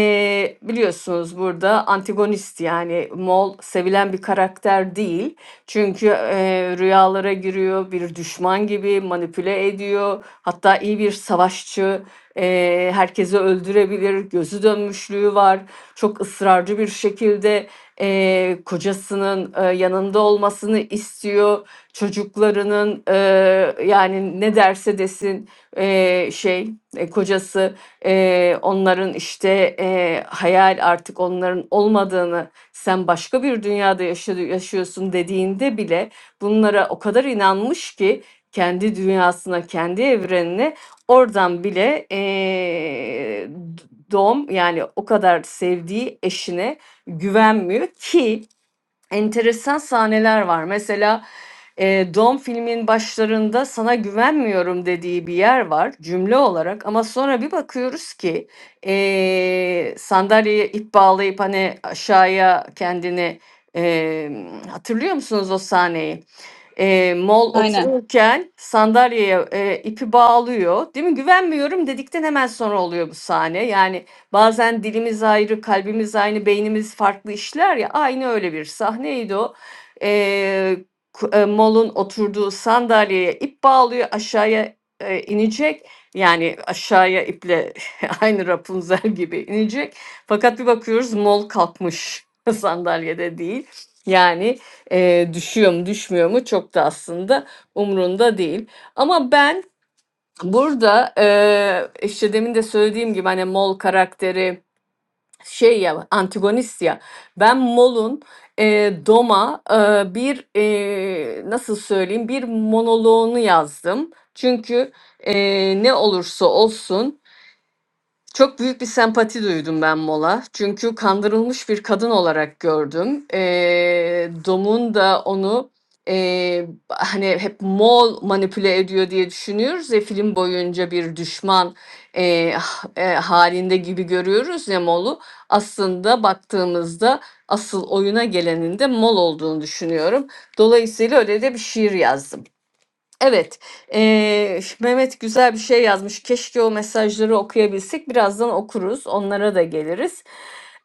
biliyorsunuz burada antagonist yani Mol sevilen bir karakter değil. Çünkü eee, rüyalara giriyor, bir düşman gibi manipüle ediyor. Hatta iyi bir savaşçı, eee, herkesi öldürebilir, gözü dönmüşlüğü var. Çok ısrarcı bir şekilde eee, kocasının eee, yanında olmasını istiyor. Çocuklarının eee, yani ne derse desin eee, şey e, kocası eee, onların işte eee, hayal artık onların olmadığını sen başka bir dünyada yaşıyorsun dediğinde bile bunlara o kadar inanmış ki kendi dünyasına, kendi evrenine oradan bile eee, d- yani o kadar sevdiği eşine güvenmiyor ki enteresan sahneler var. Mesela e, Dom filmin başlarında sana güvenmiyorum dediği bir yer var cümle olarak ama sonra bir bakıyoruz ki e, sandalyeye ip bağlayıp hani aşağıya kendini e, hatırlıyor musunuz o sahneyi? Eee, Mol
Aynen.
otururken sandalyeye, eee, ipi bağlıyor, değil mi? Güvenmiyorum dedikten hemen sonra oluyor bu sahne. Yani bazen dilimiz ayrı, kalbimiz aynı, beynimiz farklı işler ya. Aynı öyle bir sahneydi o. Eee, ku- eee, Mol'un oturduğu sandalyeye ip bağlıyor, aşağıya eee, inecek. Yani aşağıya iple aynı Rapunzel gibi inecek. Fakat bir bakıyoruz Mol kalkmış sandalyede değil. Yani Eee, düşüyor mu düşmüyor mu çok da aslında umrunda değil. Ama ben burada eee işte demin de söylediğim gibi hani Mol karakteri şey ya antagonist ya ben Mol'un eee, Dom'a eee, bir eee, nasıl söyleyeyim bir monoloğunu yazdım. Çünkü eee, ne olursa olsun çok büyük bir sempati duydum ben Mola. Çünkü kandırılmış bir kadın olarak gördüm. Eee, Dom'un da onu eee, hani hep Moğol manipüle ediyor diye düşünüyoruz ya film boyunca bir düşman eee, h- eee, halinde gibi görüyoruz ya Moğol'u. Aslında baktığımızda asıl oyuna gelenin de Moğol olduğunu düşünüyorum. Dolayısıyla öyle de bir şiir yazdım. Evet, eee, Mehmet güzel bir şey yazmış. Keşke o mesajları okuyabilsek. Birazdan okuruz, onlara da geliriz.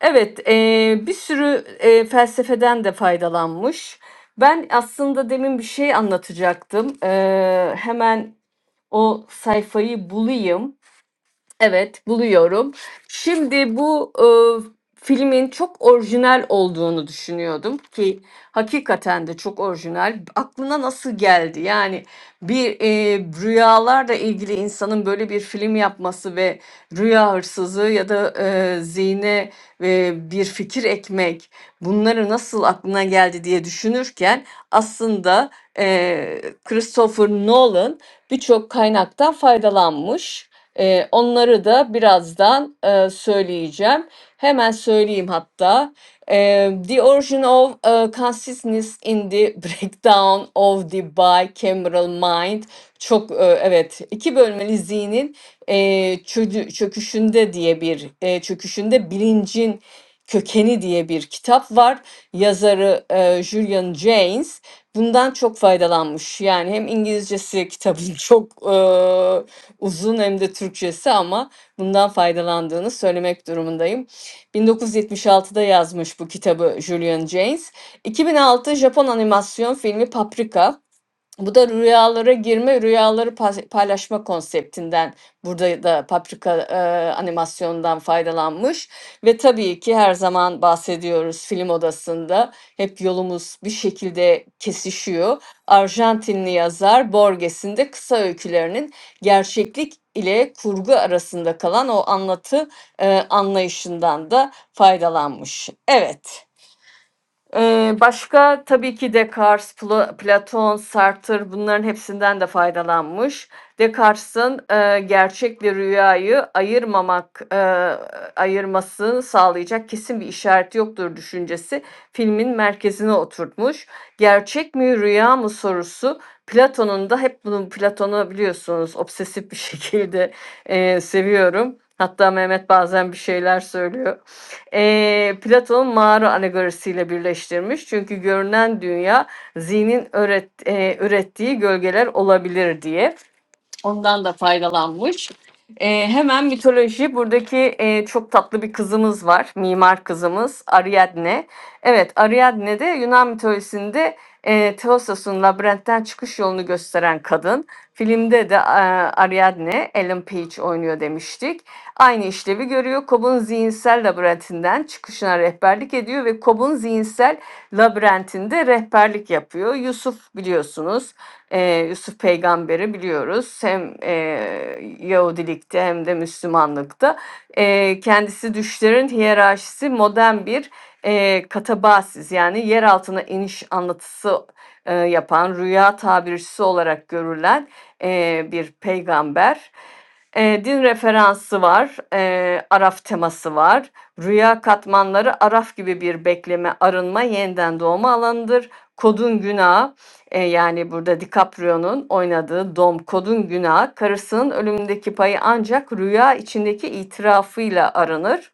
Evet, eee, bir sürü eee, felsefeden de faydalanmış. Ben aslında demin bir şey anlatacaktım. Eee, hemen o sayfayı bulayım. Evet, buluyorum. Şimdi bu, eee, filmin çok orijinal olduğunu düşünüyordum ki hakikaten de çok orijinal. Aklına nasıl geldi? Yani bir, eee, rüyalarla ilgili insanın böyle bir film yapması ve rüya hırsızı ya da, eee, zihne, eee, bir fikir ekmek, bunları nasıl aklına geldi diye düşünürken aslında, eee, Christopher Nolan birçok kaynaktan faydalanmış. Eee, onları da birazdan, eee, söyleyeceğim. Hemen söyleyeyim hatta. Eee, The Origin of eee, Consciousness in the Breakdown of the Bicameral Mind. Çok, eee, evet, iki bölmeli zihnin eee, çödü- çöküşünde diye bir, eee, çöküşünde bilincin kökeni diye bir kitap var. Yazarı eee, Julian Jaynes bundan çok faydalanmış. Yani hem İngilizcesi kitabın çok eee, uzun hem de Türkçesi ama bundan faydalandığını söylemek durumundayım. 1976'da yazmış bu kitabı Julian Jaynes. 2006 Japon animasyon filmi Paprika bu da rüyalara girme, rüyaları pas- paylaşma konseptinden burada da Paprika e, animasyondan faydalanmış ve tabii ki her zaman bahsediyoruz film odasında hep yolumuz bir şekilde kesişiyor. Arjantinli yazar Borges'in de kısa öykülerinin gerçeklik ile kurgu arasında kalan o anlatı e, anlayışından da faydalanmış. Evet. Eee, başka tabii ki Descartes, Pla- Platon, Sartre bunların hepsinden de faydalanmış. Descartes'in eee, gerçekle rüyayı ayırmamak, eee, ayırmasını sağlayacak kesin bir işaret yoktur düşüncesi filmin merkezine oturtmuş. Gerçek mi rüya mı sorusu Platon'un da hep bunu Platon'u biliyorsunuz obsesif bir şekilde eee, seviyorum. Hatta Mehmet bazen bir şeyler söylüyor eee Platon'un mağara alegorisiyle birleştirmiş. Çünkü görünen dünya zihnin öğret- eee, ürettiği gölgeler olabilir diye. Ondan da faydalanmış. Ee, hemen mitoloji. Buradaki e, çok tatlı bir kızımız var. Mimar kızımız Ariadne. Evet Ariadne de Yunan mitolojisinde e, Theosos'un labirentten çıkış yolunu gösteren kadın. Filmde de e, Ariadne, Ellen Page oynuyor demiştik. Aynı işlevi görüyor. Cobb'un zihinsel labirentinden çıkışına rehberlik ediyor ve Cobb'un zihinsel labirentinde rehberlik yapıyor. Yusuf biliyorsunuz Eee, Yusuf peygamberi biliyoruz. Hem eee, Yahudilikte hem de Müslümanlıkta. Eee, kendisi düşlerin hiyerarşisi modern bir eee katabasis yani yer altına iniş anlatısı eee, yapan rüya tabircisi olarak görülen eee, bir peygamber. Eee, din referansı var, eee, Araf teması var. Rüya katmanları Araf gibi bir bekleme, arınma, yeniden doğma alanıdır. Kodun günahı e, yani burada DiCaprio'nun oynadığı Dom Kod'un günahı karısının ölümündeki payı ancak rüya içindeki itirafıyla aranır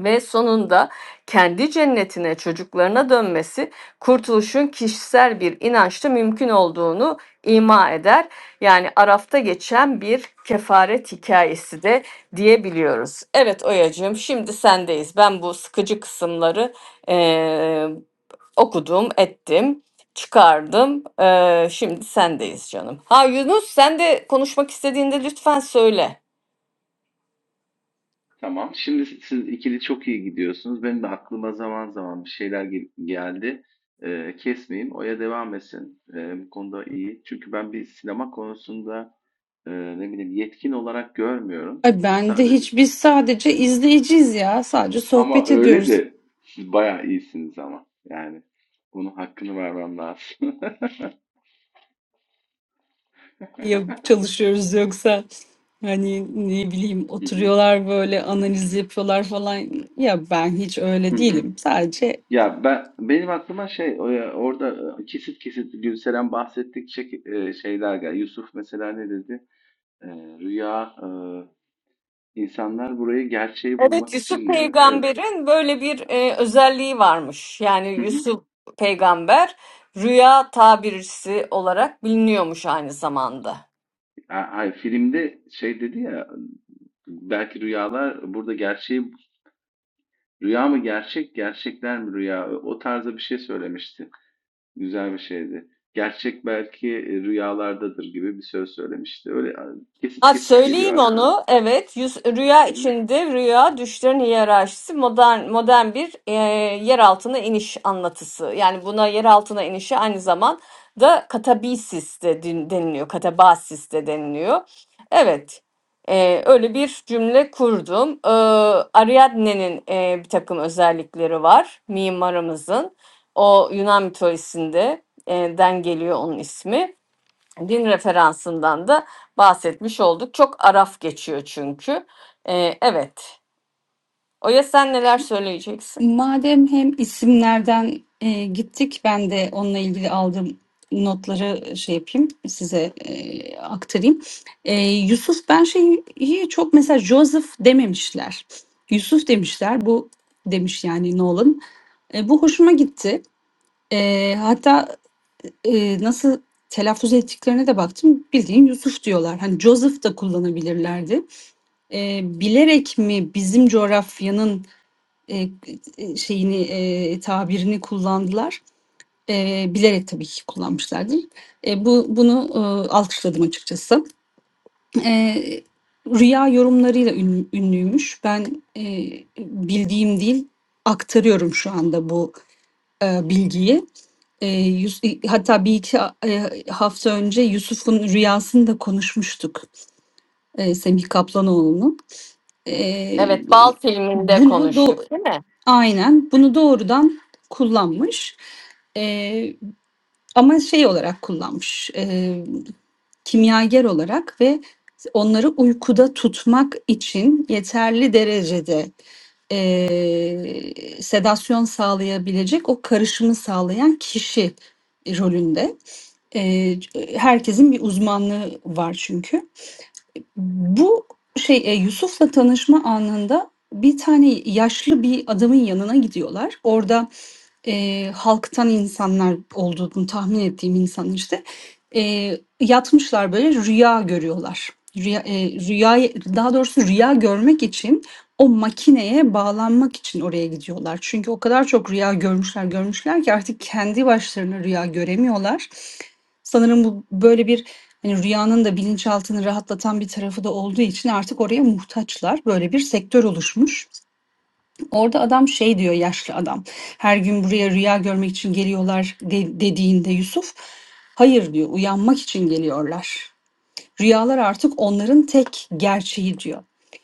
ve sonunda kendi cennetine çocuklarına dönmesi kurtuluşun kişisel bir inançta mümkün olduğunu ima eder. Yani Araf'ta geçen bir kefaret hikayesi de diyebiliyoruz. Evet Oyacığım şimdi sendeyiz. Ben bu sıkıcı kısımları eee, Okudum, ettim, çıkardım. Ee, şimdi sendeyiz canım. Ha Yunus sen de konuşmak istediğinde lütfen söyle.
Tamam. Şimdi siz siz ikili çok iyi gidiyorsunuz. Benim de aklıma zaman zaman bir şeyler gel- geldi. Ee, kesmeyin. Oya devam etsin. Ee, bu konuda iyi. Çünkü ben bir sinema konusunda e, ne bileyim yetkin olarak görmüyorum.
Ay ben de
Sadece
hiç biz sadece izleyiciyiz ya. Sadece
Ama
sohbet
öyle
ediyoruz.
de siz bayağı iyisiniz ama. Yani bunun hakkını vermem lazım.
Ya çalışıyoruz yoksa hani ne bileyim
Hı hı,
oturuyorlar böyle analiz yapıyorlar falan. Ya ben hiç
hı
öyle
hı.
değilim. Sadece
Ya ben benim aklıma şey o ya- orada e, kesit kesit Gülseren bahsettikçe e, şeyler geldi. Yusuf mesela ne dedi? E, rüya e, insanlar burayı gerçeği
Evet
bulmak
Yusuf
için mi? Öyle.
peygamberin böyle bir e, özelliği varmış. Yani
Hı hı.
Yusuf peygamber rüya tabircisi olarak biliniyormuş aynı zamanda.
Ha- Hayır filmde şey dedi ya belki rüyalar burada gerçeği rüya mı gerçek gerçekler mi rüya o tarzda bir şey söylemişti. Güzel bir şeydi. Gerçek belki, rüyalardadır gibi bir söz söylemişti. Öyle a kesit
Ha,
kesit geliyor
söyleyeyim
aklıma.
onu. Evet, yüz, rüya
Hı hı.
içinde rüya düşlerin hiyerarşisi modern modern bir e, yer altına iniş anlatısı. Yani buna yer altına inişi aynı zamanda katabasis de din- deniliyor. Katabasis de deniliyor. Evet. e, öyle bir cümle kurdum. E, Ariadne'nin e, bir takım özellikleri var mimarımızın. O Yunan mitolojisinde e, den geliyor onun ismi. Din referansından da bahsetmiş olduk. Çok araf geçiyor çünkü. Ee, evet. Oya sen neler söyleyeceksin?
Madem hem isimlerden e, gittik, ben de onunla ilgili aldığım notları e, şey yapayım, size e, aktarayım. E, Yusuf, ben şeyi çok mesela Joseph dememişler. Yusuf demişler, bu demiş yani Nolan. E, bu hoşuma gitti. E, hatta e, nasıl telaffuz ettiklerine de baktım. Bildiğin Yusuf diyorlar. Hani Joseph da kullanabilirlerdi. E, bilerek mi bizim coğrafyanın e, e, şeyini e, tabirini kullandılar. E, bilerek tabii ki kullanmışlardır. E, bu bunu e, alkışladım açıkçası. E, rüya yorumlarıyla ün- ünlüymüş. Ben e, bildiğim değil aktarıyorum şu anda bu e, bilgiyi. E, Yus- hatta bir iki e, hafta önce Yusuf'un rüyasını da konuşmuştuk. E, Semih Kaplanoğlu'nun. E,
Evet, Bal filminde
bunu do,
konuştuk, değil mi?
Aynen. Bunu doğrudan kullanmış. Eee, ama şey olarak kullanmış, eee, kimyager olarak ve onları uykuda tutmak için yeterli derecede, eee, sedasyon sağlayabilecek o karışımı sağlayan kişi rolünde. Eee, c herkesin bir uzmanlığı var çünkü. Bu şey, eee, Yusuf'la tanışma anında bir tane yaşlı bir adamın yanına gidiyorlar. Orada, eee, halktan insanlar olduğunu tahmin ettiğim insanlar işte, eee, yatmışlar böyle rüya görüyorlar. Rüya, eee, rüyayı daha doğrusu rüya görmek için o makineye bağlanmak için oraya gidiyorlar. Çünkü o kadar çok rüya görmüşler görmüşler ki artık kendi başlarına rüya göremiyorlar. Sanırım bu böyle bir hani rüyanın da bilinçaltını rahatlatan bir tarafı da olduğu için artık oraya muhtaçlar. Böyle bir sektör oluşmuş. Orada adam şey diyor yaşlı adam. Her gün buraya rüya görmek için geliyorlar de- dediğinde Yusuf hayır diyor uyanmak için geliyorlar. Rüyalar artık onların tek gerçeği diyor.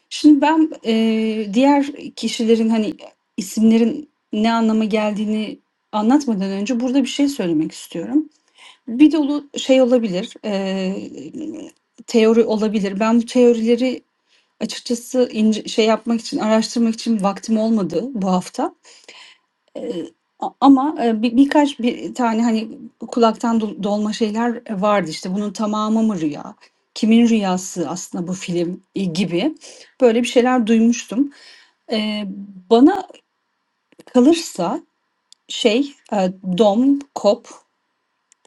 Şimdi ben eee, diğer kişilerin hani isimlerin ne anlama geldiğini anlatmadan önce burada bir şey söylemek istiyorum. Bir dolu şey olabilir, eee, teori olabilir. Ben bu teorileri açıkçası ince şey yapmak için, araştırmak için vaktim olmadı bu hafta. Eee, a ama, eee, bi birkaç bir tane, hani, kulaktan dol dolma şeyler vardı. İşte, bunun tamamı mı rüya, kimin rüyası aslında bu film, iii, gibi böyle bir şeyler duymuştum. Eee, bana kalırsa şey, eee, dom, kop,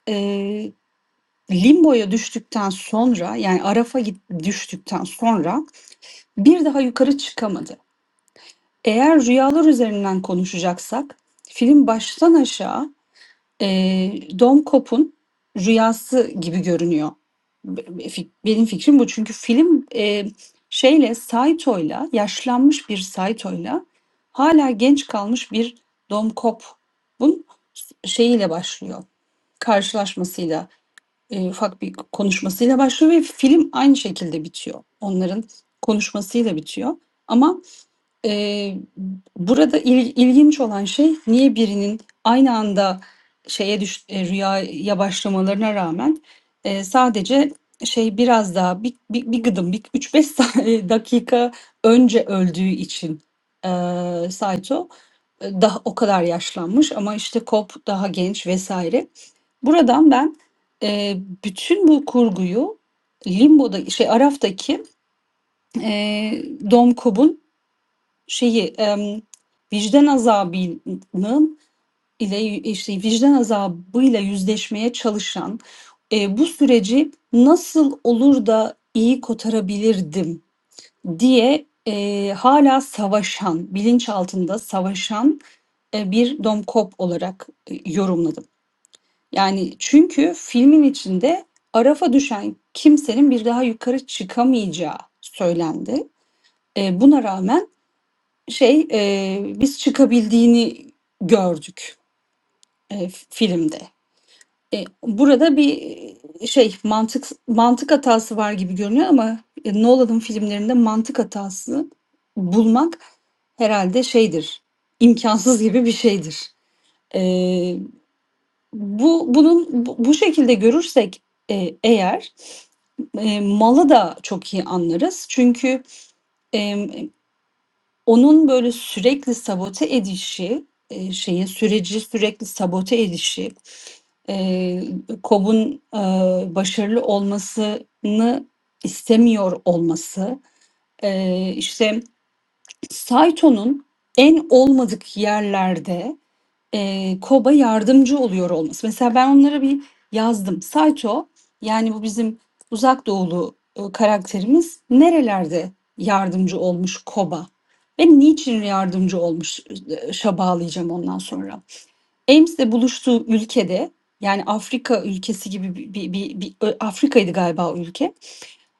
eee Limbo'ya düştükten sonra yani Araf'a git- düştükten sonra bir daha yukarı çıkamadı. Eğer rüyalar üzerinden konuşacaksak film baştan aşağı e, Dom Cobb'un rüyası gibi görünüyor. Be- be- fik- Benim fikrim bu çünkü film e, şeyle Saito'yla yaşlanmış bir Saito'yla hala genç kalmış bir Dom Cobb'un şeyiyle başlıyor karşılaşmasıyla e, ufak bir konuşmasıyla başlıyor ve film aynı şekilde bitiyor. Onların konuşmasıyla bitiyor. Ama Eee, burada il- ilginç olan şey niye birinin aynı anda şeye düş eee, rüyaya başlamalarına rağmen eee, sadece şey biraz daha bir, bir, bir gıdım bir 3-5 saniye- dakika önce öldüğü için eee Saito e, daha o kadar yaşlanmış ama işte Cobb daha genç vesaire. Buradan ben e, bütün bu kurguyu Limbo'da şey Araf'taki e, Dom Cobb'un şeyi em, vicdan azabının ile işte vicdan azabıyla yüzleşmeye çalışan e, bu süreci nasıl olur da iyi kotarabilirdim diye e, hala savaşan, bilinç altında savaşan e, bir domkop olarak e, yorumladım. Yani çünkü filmin içinde Araf'a düşen kimsenin bir daha yukarı çıkamayacağı söylendi. E, buna rağmen şey eee, biz çıkabildiğini gördük eee, filmde. E, burada bir e, şey mantık mantık hatası var gibi görünüyor ama e, Nolan'ın filmlerinde mantık hatası bulmak herhalde şeydir. imkansız gibi bir şeydir. E, bu bunun bu, bu şekilde görürsek e, eğer e, malı da çok iyi anlarız. Çünkü e, Onun böyle sürekli sabote edişi, eee, şeyi, süreci sürekli sabote edişi, eee, KOB'un, ııı, başarılı olmasını istemiyor olması, eee, işte Saito'nun en olmadık yerlerde eee, Koba yardımcı oluyor olması. Mesela ben onlara bir yazdım. Saito yani bu bizim uzak doğulu e, karakterimiz nerelerde yardımcı olmuş Koba ve niçin yardımcı olmuş e, şa bağlayacağım ondan sonra. Ames'le buluştuğu ülkede yani Afrika ülkesi gibi bir, bir, bir, bir- Afrika'ydı galiba o ülke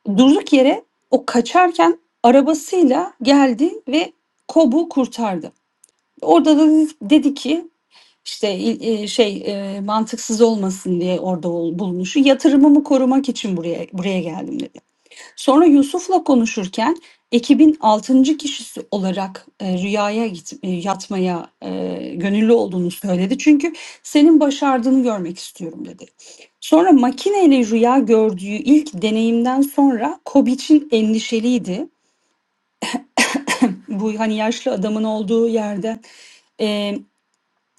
durduk yere o kaçarken arabasıyla geldi ve Kob'u kurtardı. Orada da dedi- ki işte e, şey e, mantıksız olmasın diye orada ol- bulunuşu yatırımımı korumak için buraya buraya geldim dedi. Sonra Yusuf'la konuşurken ekibin altıncı kişisi olarak e, rüyaya git, e, yatmaya e, gönüllü olduğunu söyledi. Çünkü senin başardığını görmek istiyorum dedi. Sonra makineyle rüya gördüğü ilk deneyimden sonra Kobiç'in endişeliydi. Bu hani yaşlı adamın olduğu yerde e,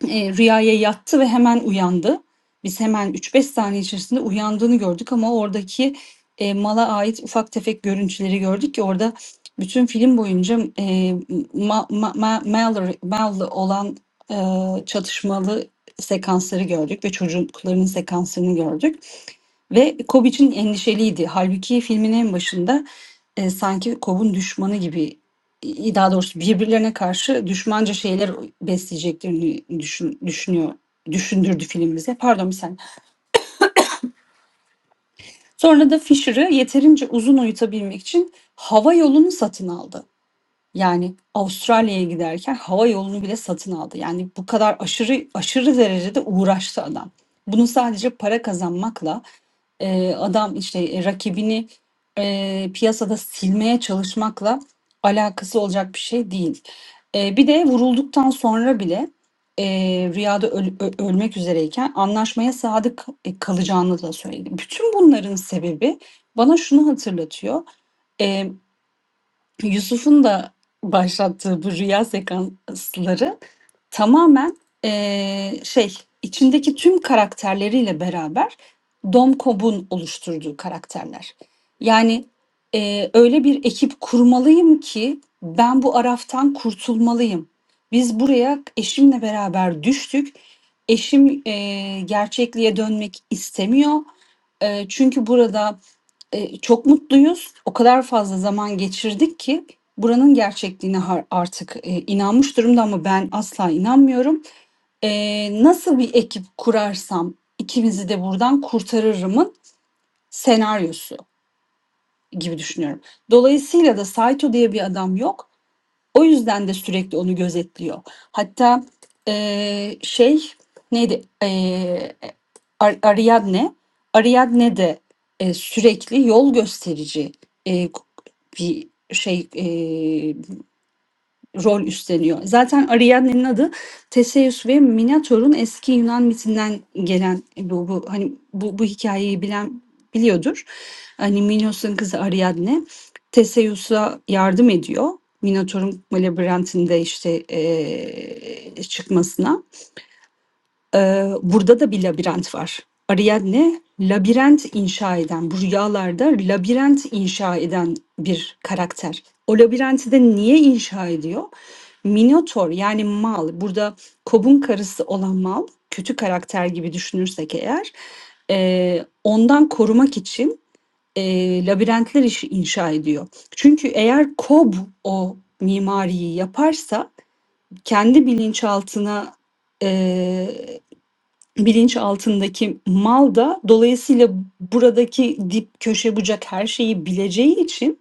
e, rüyaya yattı ve hemen uyandı. Biz hemen üç beş saniye içerisinde uyandığını gördük ama oradaki e, mala ait ufak tefek görüntüleri gördük ki orada bütün film boyunca e, ma, ma, ma, Mallory- Mal'le olan e, çatışmalı sekansları gördük ve çocukların sekanslarını gördük. Ve Cobb için endişeliydi. Halbuki filmin en başında e, sanki Cobb'un düşmanı gibi i- daha doğrusu birbirlerine karşı düşmanca şeyler besleyeceklerini düşün, düşünüyor düşündürdü film bize. Pardon bir saniye. Sonra da Fisher'ı yeterince uzun uyutabilmek için hava yolunu satın aldı. Yani Avustralya'ya giderken hava yolunu bile satın aldı. Yani bu kadar aşırı aşırı derecede uğraştı adam. Bunu sadece para kazanmakla Eee, adam, işte, e, rakibini, eee, piyasada silmeye çalışmakla alakası olacak bir şey değil. Eee, bir de vurulduktan sonra bile, eee, rüyada öl ö ölmek üzereyken anlaşmaya sadık, eee, kalacağını da söyledi. Bütün bunların sebebi bana şunu hatırlatıyor. Yusuf'un da başlattığı bu rüya sekansları tamamen eee, şey içindeki tüm karakterleriyle beraber Dom Cobb'un oluşturduğu karakterler. Yani eee, öyle bir ekip kurmalıyım ki ben bu araftan kurtulmalıyım. Biz buraya eşimle beraber düştük. Eşim eee, gerçekliğe dönmek istemiyor. Eee, çünkü burada Eee, çok mutluyuz. O kadar fazla zaman geçirdik ki buranın gerçekliğine har artık, eee, inanmış durumda ama ben asla inanmıyorum. Eee, nasıl bir ekip kurarsam ikimizi de buradan kurtarırımın senaryosu gibi düşünüyorum. Dolayısıyla da Saito diye bir adam yok. O yüzden de sürekli onu gözetliyor. Hatta eee, şey neydi? Eee Ariadne. Ariadne de e, sürekli yol gösterici e, bir şey e, rol üstleniyor. Zaten Ariadne'nin adı Teseus ve Minotaur'un eski Yunan mitinden gelen bu, bu hani bu, bu hikayeyi bilen biliyordur. Hani Minos'un kızı Ariadne Teseus'a yardım ediyor. Minotaur'un labirentinde işte eee, çıkmasına. Ee, burada da bir labirent var. Ariadne labirent inşa eden, bu rüyalarda labirent inşa eden bir karakter. O labirenti de niye inşa ediyor? Minotor yani mal, burada Kob'un karısı olan mal, kötü karakter gibi düşünürsek eğer, e, ondan korumak için e, labirentler işi inşa ediyor. Çünkü eğer Kob o mimariyi yaparsa kendi bilinçaltına e, bilinç altındaki mal da dolayısıyla buradaki dip köşe bucak her şeyi bileceği için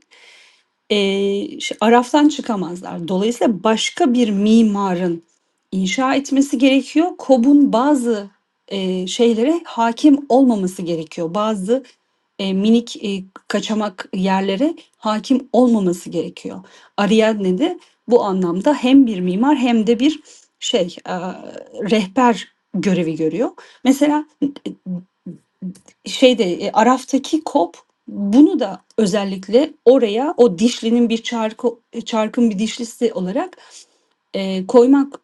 Eee, ş araftan çıkamazlar. Dolayısıyla başka bir mimarın inşa etmesi gerekiyor. KOB'un bazı, eee, şeylere hâkim olmaması gerekiyor. Bazı, eee, minik, eee, kaçamak yerlere hâkim olmaması gerekiyor. Ariadne de bu anlamda hem bir mimar hem de bir şey, aaa, rehber görevi görüyor. Mesela şeyde e, Araf'taki kop bunu da özellikle oraya o dişlinin bir çarkı e, çarkın bir dişlisi olarak e, koymak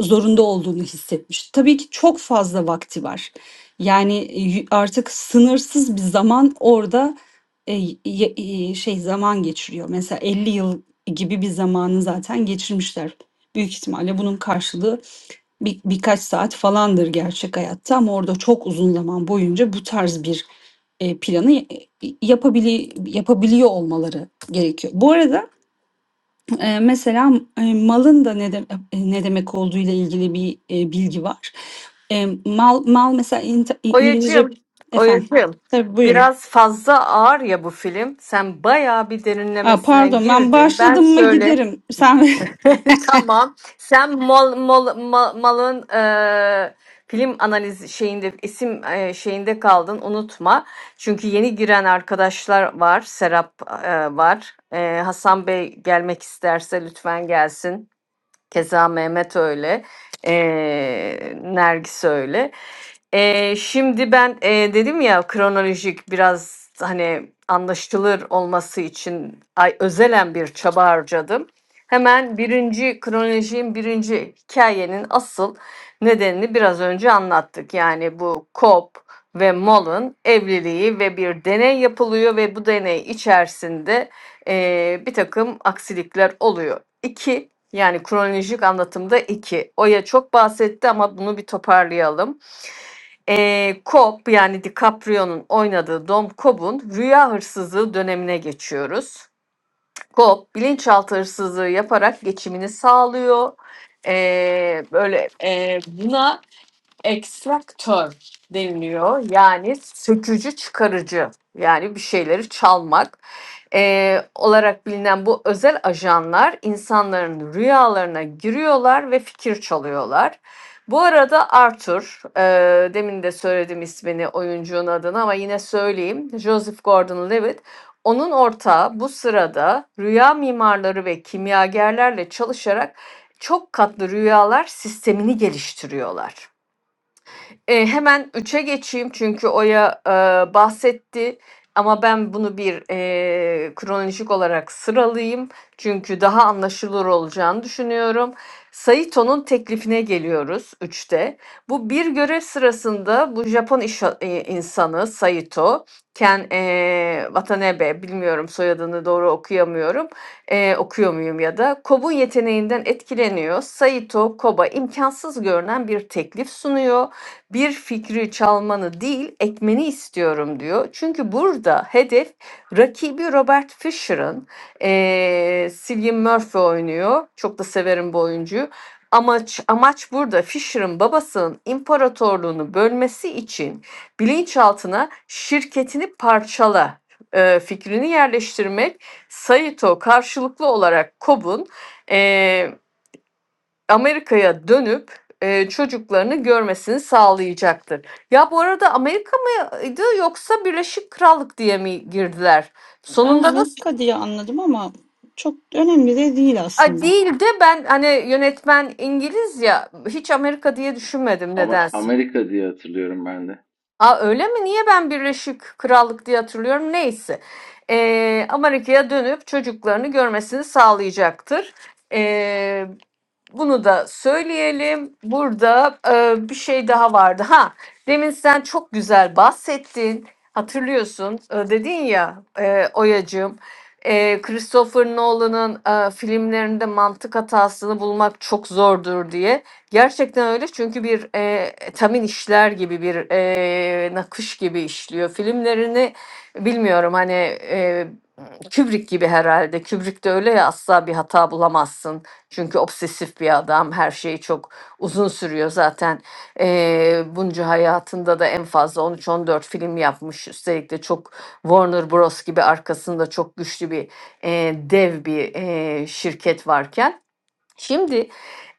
zorunda olduğunu hissetmiş. Tabii ki çok fazla vakti var. Yani e, y- artık sınırsız bir zaman orada e, y- e, şey zaman geçiriyor. Mesela 50 yıl gibi bir zamanı zaten geçirmişler. Büyük ihtimalle bunun karşılığı bir, birkaç saat falandır gerçek hayatta ama orada çok uzun zaman boyunca bu tarz bir e, planı e, yapabili yapabiliyor olmaları gerekiyor. Bu arada e, mesela e, malın da ne, de- e, ne demek olduğu ile ilgili bir e, bilgi var. E, mal mal mesela İnta- İngilizce
Oyacığım,
efendim.
Oyacığım.
Tabii buyurun.
Biraz fazla ağır ya bu film. Sen bayağı bir
Aa,
derinlemesine
pardon ben
girdin. Ben
başladım mı
şöyle
giderim. Sen
Tamam. Sen mal, mal, mal- malın e, film analiz şeyinde isim e, şeyinde kaldın unutma. Çünkü yeni giren arkadaşlar var. Serap e, var. E, Hasan Bey gelmek isterse lütfen gelsin. Keza Mehmet öyle. Ee, Nergis öyle. Ee, şimdi ben e, dedim ya kronolojik biraz hani anlaşılır olması için ay, özelen bir çaba harcadım. Hemen birinci kronolojinin birinci hikayenin asıl nedenini biraz önce anlattık. Yani bu Cobb ve Moll'un evliliği ve bir deney yapılıyor ve bu deney içerisinde e, bir takım aksilikler oluyor. İki, yani kronolojik anlatımda 2 Oya çok bahsetti ama bunu bir toparlayalım. Ee, Cobb yani DiCaprio'nun oynadığı Dom Cobb'un rüya hırsızlığı dönemine geçiyoruz. Cobb bilinçaltı hırsızlığı yaparak geçimini sağlıyor. Ee, böyle e, buna ekstraktör deniliyor. Yani sökücü çıkarıcı yani bir şeyleri çalmak eee, olarak bilinen bu özel ajanlar insanların rüyalarına giriyorlar ve fikir çalıyorlar. Bu arada Arthur, eee, demin de söyledim ismini oyuncunun adını ama yine söyleyeyim. Joseph Gordon-Levitt, onun ortağı bu sırada rüya mimarları ve kimyagerlerle çalışarak çok katlı rüyalar sistemini geliştiriyorlar. Eee, hemen üçe geçeyim çünkü Oya, eee, bahsetti ama ben bunu bir, eee, kronolojik olarak sıralayayım. Çünkü daha anlaşılır olacağını düşünüyorum. Saito'nun teklifine geliyoruz üçte. Bu bir görev sırasında bu Japon işa eee, insanı Saito, Ken, eee, Watanabe, bilmiyorum soyadını doğru okuyamıyorum, eee, okuyor muyum ya da, Kob'un yeteneğinden etkileniyor. Saito, Kob'a imkansız görünen bir teklif sunuyor bir fikri çalmanı değil ekmeni istiyorum diyor. Çünkü burada hedef rakibi Robert Fischer'ın eee Cillian Murphy oynuyor. Çok da severim bu oyuncuyu. Amaç, amaç burada Fisher'ın babasının imparatorluğunu bölmesi için bilinçaltına şirketini parçala eee, fikrini yerleştirmek Saito karşılıklı olarak Kob'un Amerika'ya dönüp, eee, çocuklarını görmesini sağlayacaktır. Ya bu arada Amerika mıydı yoksa Birleşik Krallık diye mi girdiler?
ben
Sonunda nasıl?
Amerika diye anladım ama çok önemli de değil
Ay,
aslında.
değil de ben hani yönetmen İngiliz ya hiç Amerika diye düşünmedim
Ama
nedense.
Amerika diye hatırlıyorum ben de.
Aa, öyle mi? Niye ben Birleşik Krallık diye hatırlıyorum? Neyse. Ee, Amerika'ya dönüp çocuklarını görmesini sağlayacaktır. Ee, bunu da söyleyelim. Burada e, bir şey daha vardı. Ha, demin sen çok güzel bahsettin. Hatırlıyorsun, e, dedin ya e, Oyacığım. e, Christopher Nolan'ın e, filmlerinde mantık hatasını bulmak çok zordur diye. Gerçekten öyle çünkü bir e, tamin işler gibi bir e, nakış gibi işliyor. Filmlerini bilmiyorum hani e, Kubrick gibi herhalde. Kubrick de öyle ya asla bir hata bulamazsın. Çünkü obsesif bir adam her şeyi çok uzun sürüyor zaten. E, bunca hayatında da en fazla 13-14 film yapmış. Üstelik de çok Warner Bros gibi arkasında çok güçlü bir e, dev bir e, şirket varken. Şimdi,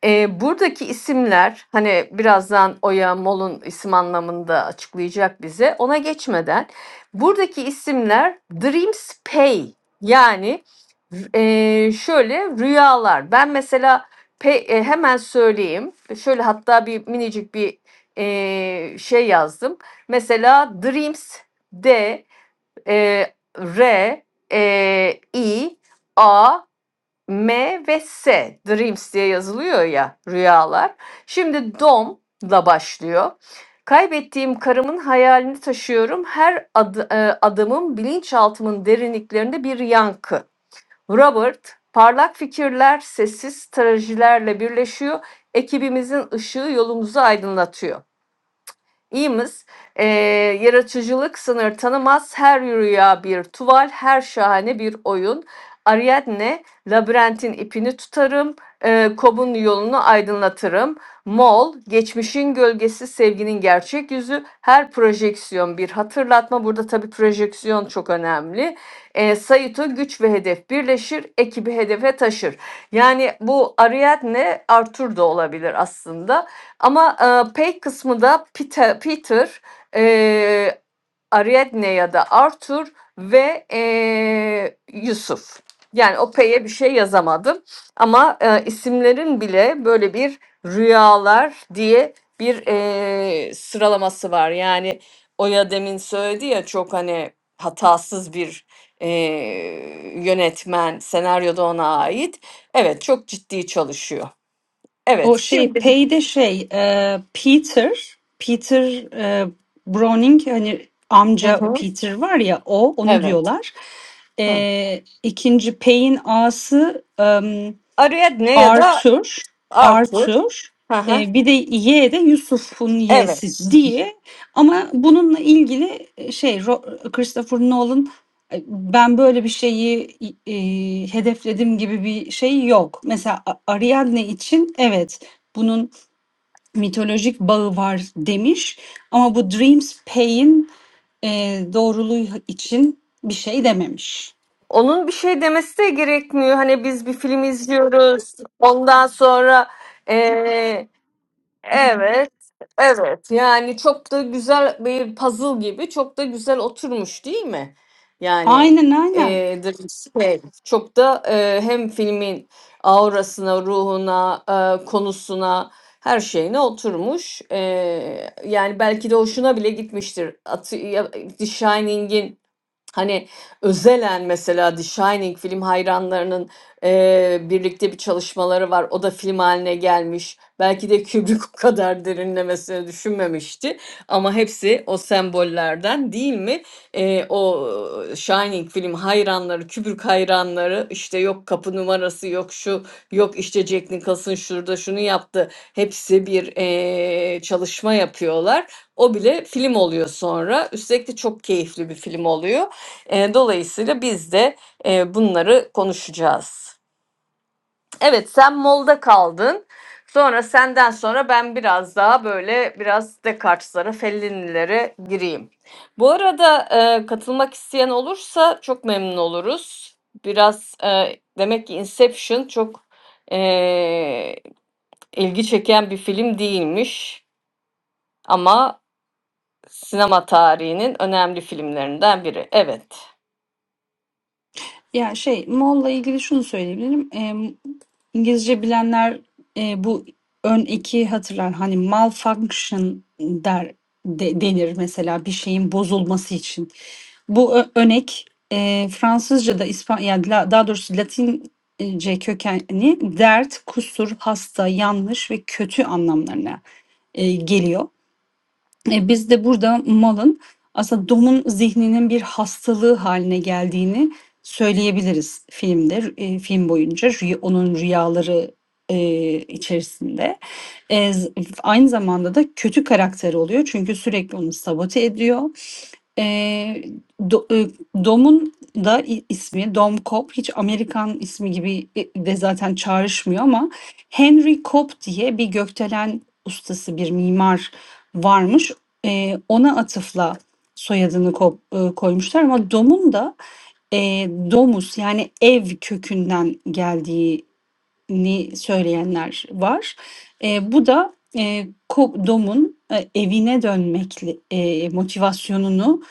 eee, buradaki isimler, hani, birazdan Oya, Mol'un isim anlamında açıklayacak bize. Ona geçmeden buradaki isimler dreamspey yani, r şöyle rüyalar. Ben mesela pe eee, hemen söyleyeyim. Şöyle hatta bir minicik bir, eee, şey yazdım. Mesela dreams d, eee, r, eee, i, a M ve S dreams diye yazılıyor ya rüyalar. Şimdi dom'la başlıyor. Kaybettiğim karımın hayalini taşıyorum. Her adı, e, adımım bilinçaltımın derinliklerinde bir yankı. Robert, parlak fikirler sessiz stratejilerle birleşiyor. Ekibimizin ışığı yolumuzu aydınlatıyor. İyimiz. Ee, yaratıcılık sınır tanımaz. Her rüya bir tuval, her şahane bir oyun. Ariadne, labirentin ipini tutarım, e, kobun yolunu aydınlatırım. Mol, geçmişin gölgesi, sevginin gerçek yüzü, her projeksiyon bir hatırlatma. Burada tabii projeksiyon çok önemli. E, Saito, güç ve hedef birleşir, ekibi hedefe taşır. Yani bu Ariadne Arthur da olabilir aslında. Ama e, pay kısmı da Peter, Peter e, Ariadne ya da Arthur ve e, Yusuf. Yani o pay'e bir şey yazamadım. Ama e, isimlerin bile böyle bir rüyalar diye bir e, sıralaması var. Yani Oya demin söyledi ya çok hani hatasız bir e, yönetmen senaryoda ona ait. Evet çok ciddi çalışıyor. Evet
O şey
şimdi.
Pay'de şey e, Peter Peter e, Browning hani
Hı
amca
hı.
Peter var ya o onu
Evet.
diyorlar.
Hı.
E, ikinci Pay'in ağası e,
Ariadne ya da
Arthur,
Arthur.
Arthur,
Hı hı.
e, bir de Y de Yusuf'un Y'si
Evet.
diye. Ama bununla ilgili e, şey Ro- Christopher Nolan e, ben böyle bir şeyi e, hedefledim gibi bir şey yok. Mesela A- Ariadne için evet bunun mitolojik bağı var demiş ama bu Dreams Pay'in e, doğruluğu için bir şey dememiş.
Onun bir şey demesi de gerekmiyor. Hani biz bir film izliyoruz. Ondan sonra Evet, evet. Yani çok da güzel bir puzzle gibi çok da güzel oturmuş değil mi? Yani,
Aynen aynen.
eee, d şey çok da, eee, hem filmin aurasına, ruhuna, eee, konusuna, her şeyine oturmuş. Eee, yani belki de hoşuna bile gitmiştir. Atı ya The Shining'in Hani özelen mesela The Shining film hayranlarının eee, birlikte bir çalışmaları var. O da film haline gelmiş. Belki de Kubrick o kadar derinlemesine düşünmemişti. Ama hepsi o sembollerden değil mi? Eee, o Shining film hayranları, Kubrick hayranları işte yok kapı numarası yok şu yok işte Jack Nicholson şurada şunu yaptı. Hepsi bir eee, çalışma yapıyorlar. O bile film oluyor sonra. Üstelik de çok keyifli bir film oluyor. E, dolayısıyla biz de e, bunları konuşacağız. Evet sen molda kaldın. Sonra senden sonra ben biraz daha böyle biraz Descartes'lara, Fellini'lere gireyim. Bu arada e, katılmak isteyen olursa çok memnun oluruz. Biraz e, demek ki Inception çok e, ilgi çeken bir film değilmiş ama sinema tarihinin önemli filmlerinden biri. Evet.
Ya şey, Moll'la ilgili şunu söyleyebilirim. Em, İngilizce bilenler e, bu ön eki hatırlar. Hani malfunction der de- denir mesela bir şeyin bozulması için. Bu ö- önek e, Fransızca'da İspan yani la- daha doğrusu Latince kökenli dert, kusur, hasta, yanlış ve kötü anlamlarına e, geliyor. E, Biz de burada malın aslında domun zihninin bir hastalığı haline geldiğini söyleyebiliriz filmde, e, film boyunca rüy- onun rüyaları e, içerisinde. E, z- aynı zamanda da kötü karakteri oluyor çünkü sürekli onu sabote ediyor. Eee, do eee, Dom'un da i ismi Dom Cobb hiç Amerikan ismi gibi e de zaten çağrışmıyor ama Henry Cobb diye bir gökdelen ustası, bir mimar varmış. Eee, ona atıfla soyadını Cobb, eee, koymuşlar ama Dom'un da eee, domus yani ev kökünden geldiği ni söyleyenler var. Eee, bu da eee, Dom'un e, evine dönmek eee, motivasyonunu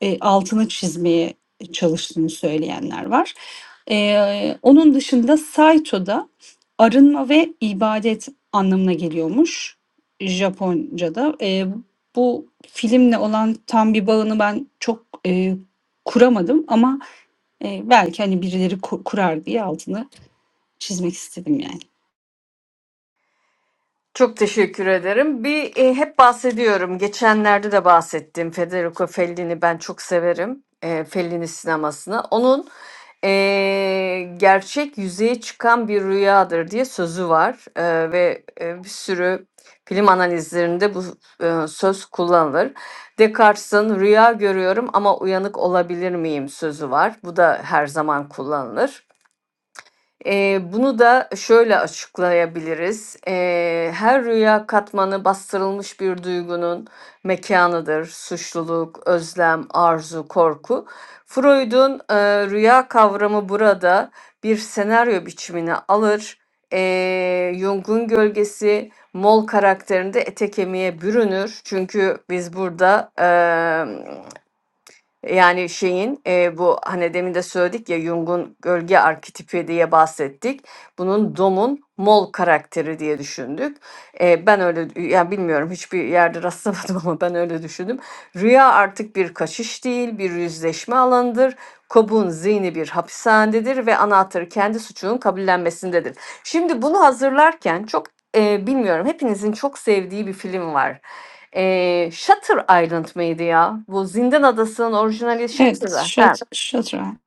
e, altını çizmeye çalıştığını söyleyenler var. Eee, onun dışında Saito'da arınma ve ibadet anlamına geliyormuş Japonca'da. Eee, bu filmle olan tam bir bağını ben çok e, kuramadım ama e, belki hani birileri ku- kurar diye altını çizmek istedim yani.
Çok teşekkür ederim. Bir e, hep bahsediyorum. Geçenlerde de bahsettim. Federico Fellini ben çok severim. E, Fellini sinemasını. Onun e, gerçek yüzeye çıkan bir rüyadır diye sözü var E, ve e, bir sürü film analizlerinde bu e, söz kullanılır. Descartes'in rüya görüyorum ama uyanık olabilir miyim sözü var. Bu da her zaman kullanılır. Eee, bunu da şöyle açıklayabiliriz. Eee, her rüya katmanı bastırılmış bir duygunun mekanıdır. Suçluluk, özlem, arzu, korku. Freud'un eee, rüya kavramı burada bir senaryo biçimini alır. Eee Jung'un gölgesi Mol karakterinde ete kemiğe bürünür. Çünkü biz burada yani şeyin e, bu hani demin de söyledik ya Jung'un gölge arketipi diye bahsettik. Bunun Dom'un mol karakteri diye düşündük. E, ben öyle yani bilmiyorum hiçbir yerde rastlamadım ama ben öyle düşündüm. Rüya artık bir kaçış değil, bir yüzleşme alanıdır. Cobb'un zihni bir hapishanedir ve anahtarı kendi suçunun kabullenmesindedir. Şimdi bunu hazırlarken çok e, bilmiyorum hepinizin çok sevdiği bir film var. Eee, Shutter Island mıydı ya? Bu Zindan Adası'nın orijinali
Evet,
Shutter. He.
şat, şatran.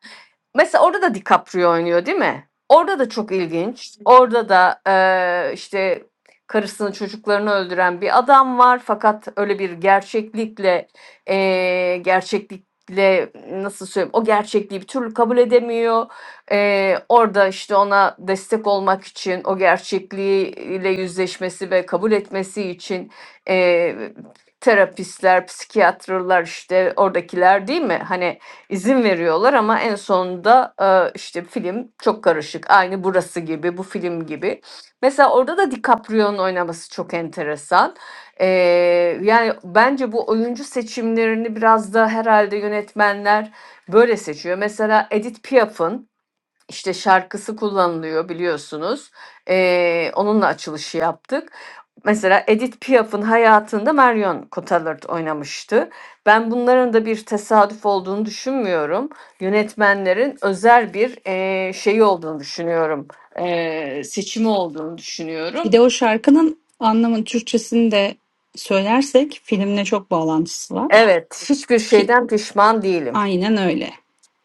Mesela orada da DiCaprio oynuyor değil mi? Orada da çok ilginç. Orada da eee, işte karısını çocuklarını öldüren bir adam var. Fakat öyle bir gerçeklikle eee, gerçeklikle nasıl söyleyeyim o gerçekliği bir türlü kabul edemiyor. Eee, orada işte ona destek olmak için o gerçekliğiyle yüzleşmesi ve kabul etmesi için eee terapistler, psikiyatrlar işte oradakiler değil mi? Hani izin veriyorlar ama en sonunda e, işte film çok karışık. Aynı burası gibi, bu film gibi. Mesela orada da DiCaprio'nun oynaması çok enteresan. Ee, yani bence bu oyuncu seçimlerini biraz da herhalde yönetmenler böyle seçiyor. Mesela Edith Piaf'ın işte şarkısı kullanılıyor biliyorsunuz. Ee, onunla açılışı yaptık. Mesela Edith Piaf'ın hayatında Marion Cotillard oynamıştı. Ben bunların da bir tesadüf olduğunu düşünmüyorum. Yönetmenlerin özel bir eee şeyi olduğunu düşünüyorum. Eee, seçimi olduğunu düşünüyorum.
Bir de o şarkının anlamın Türkçesini de söylersek filmle çok bağlantısı var.
Evet, hiçbir
Ki
şeyden pişman değilim.
aynen öyle.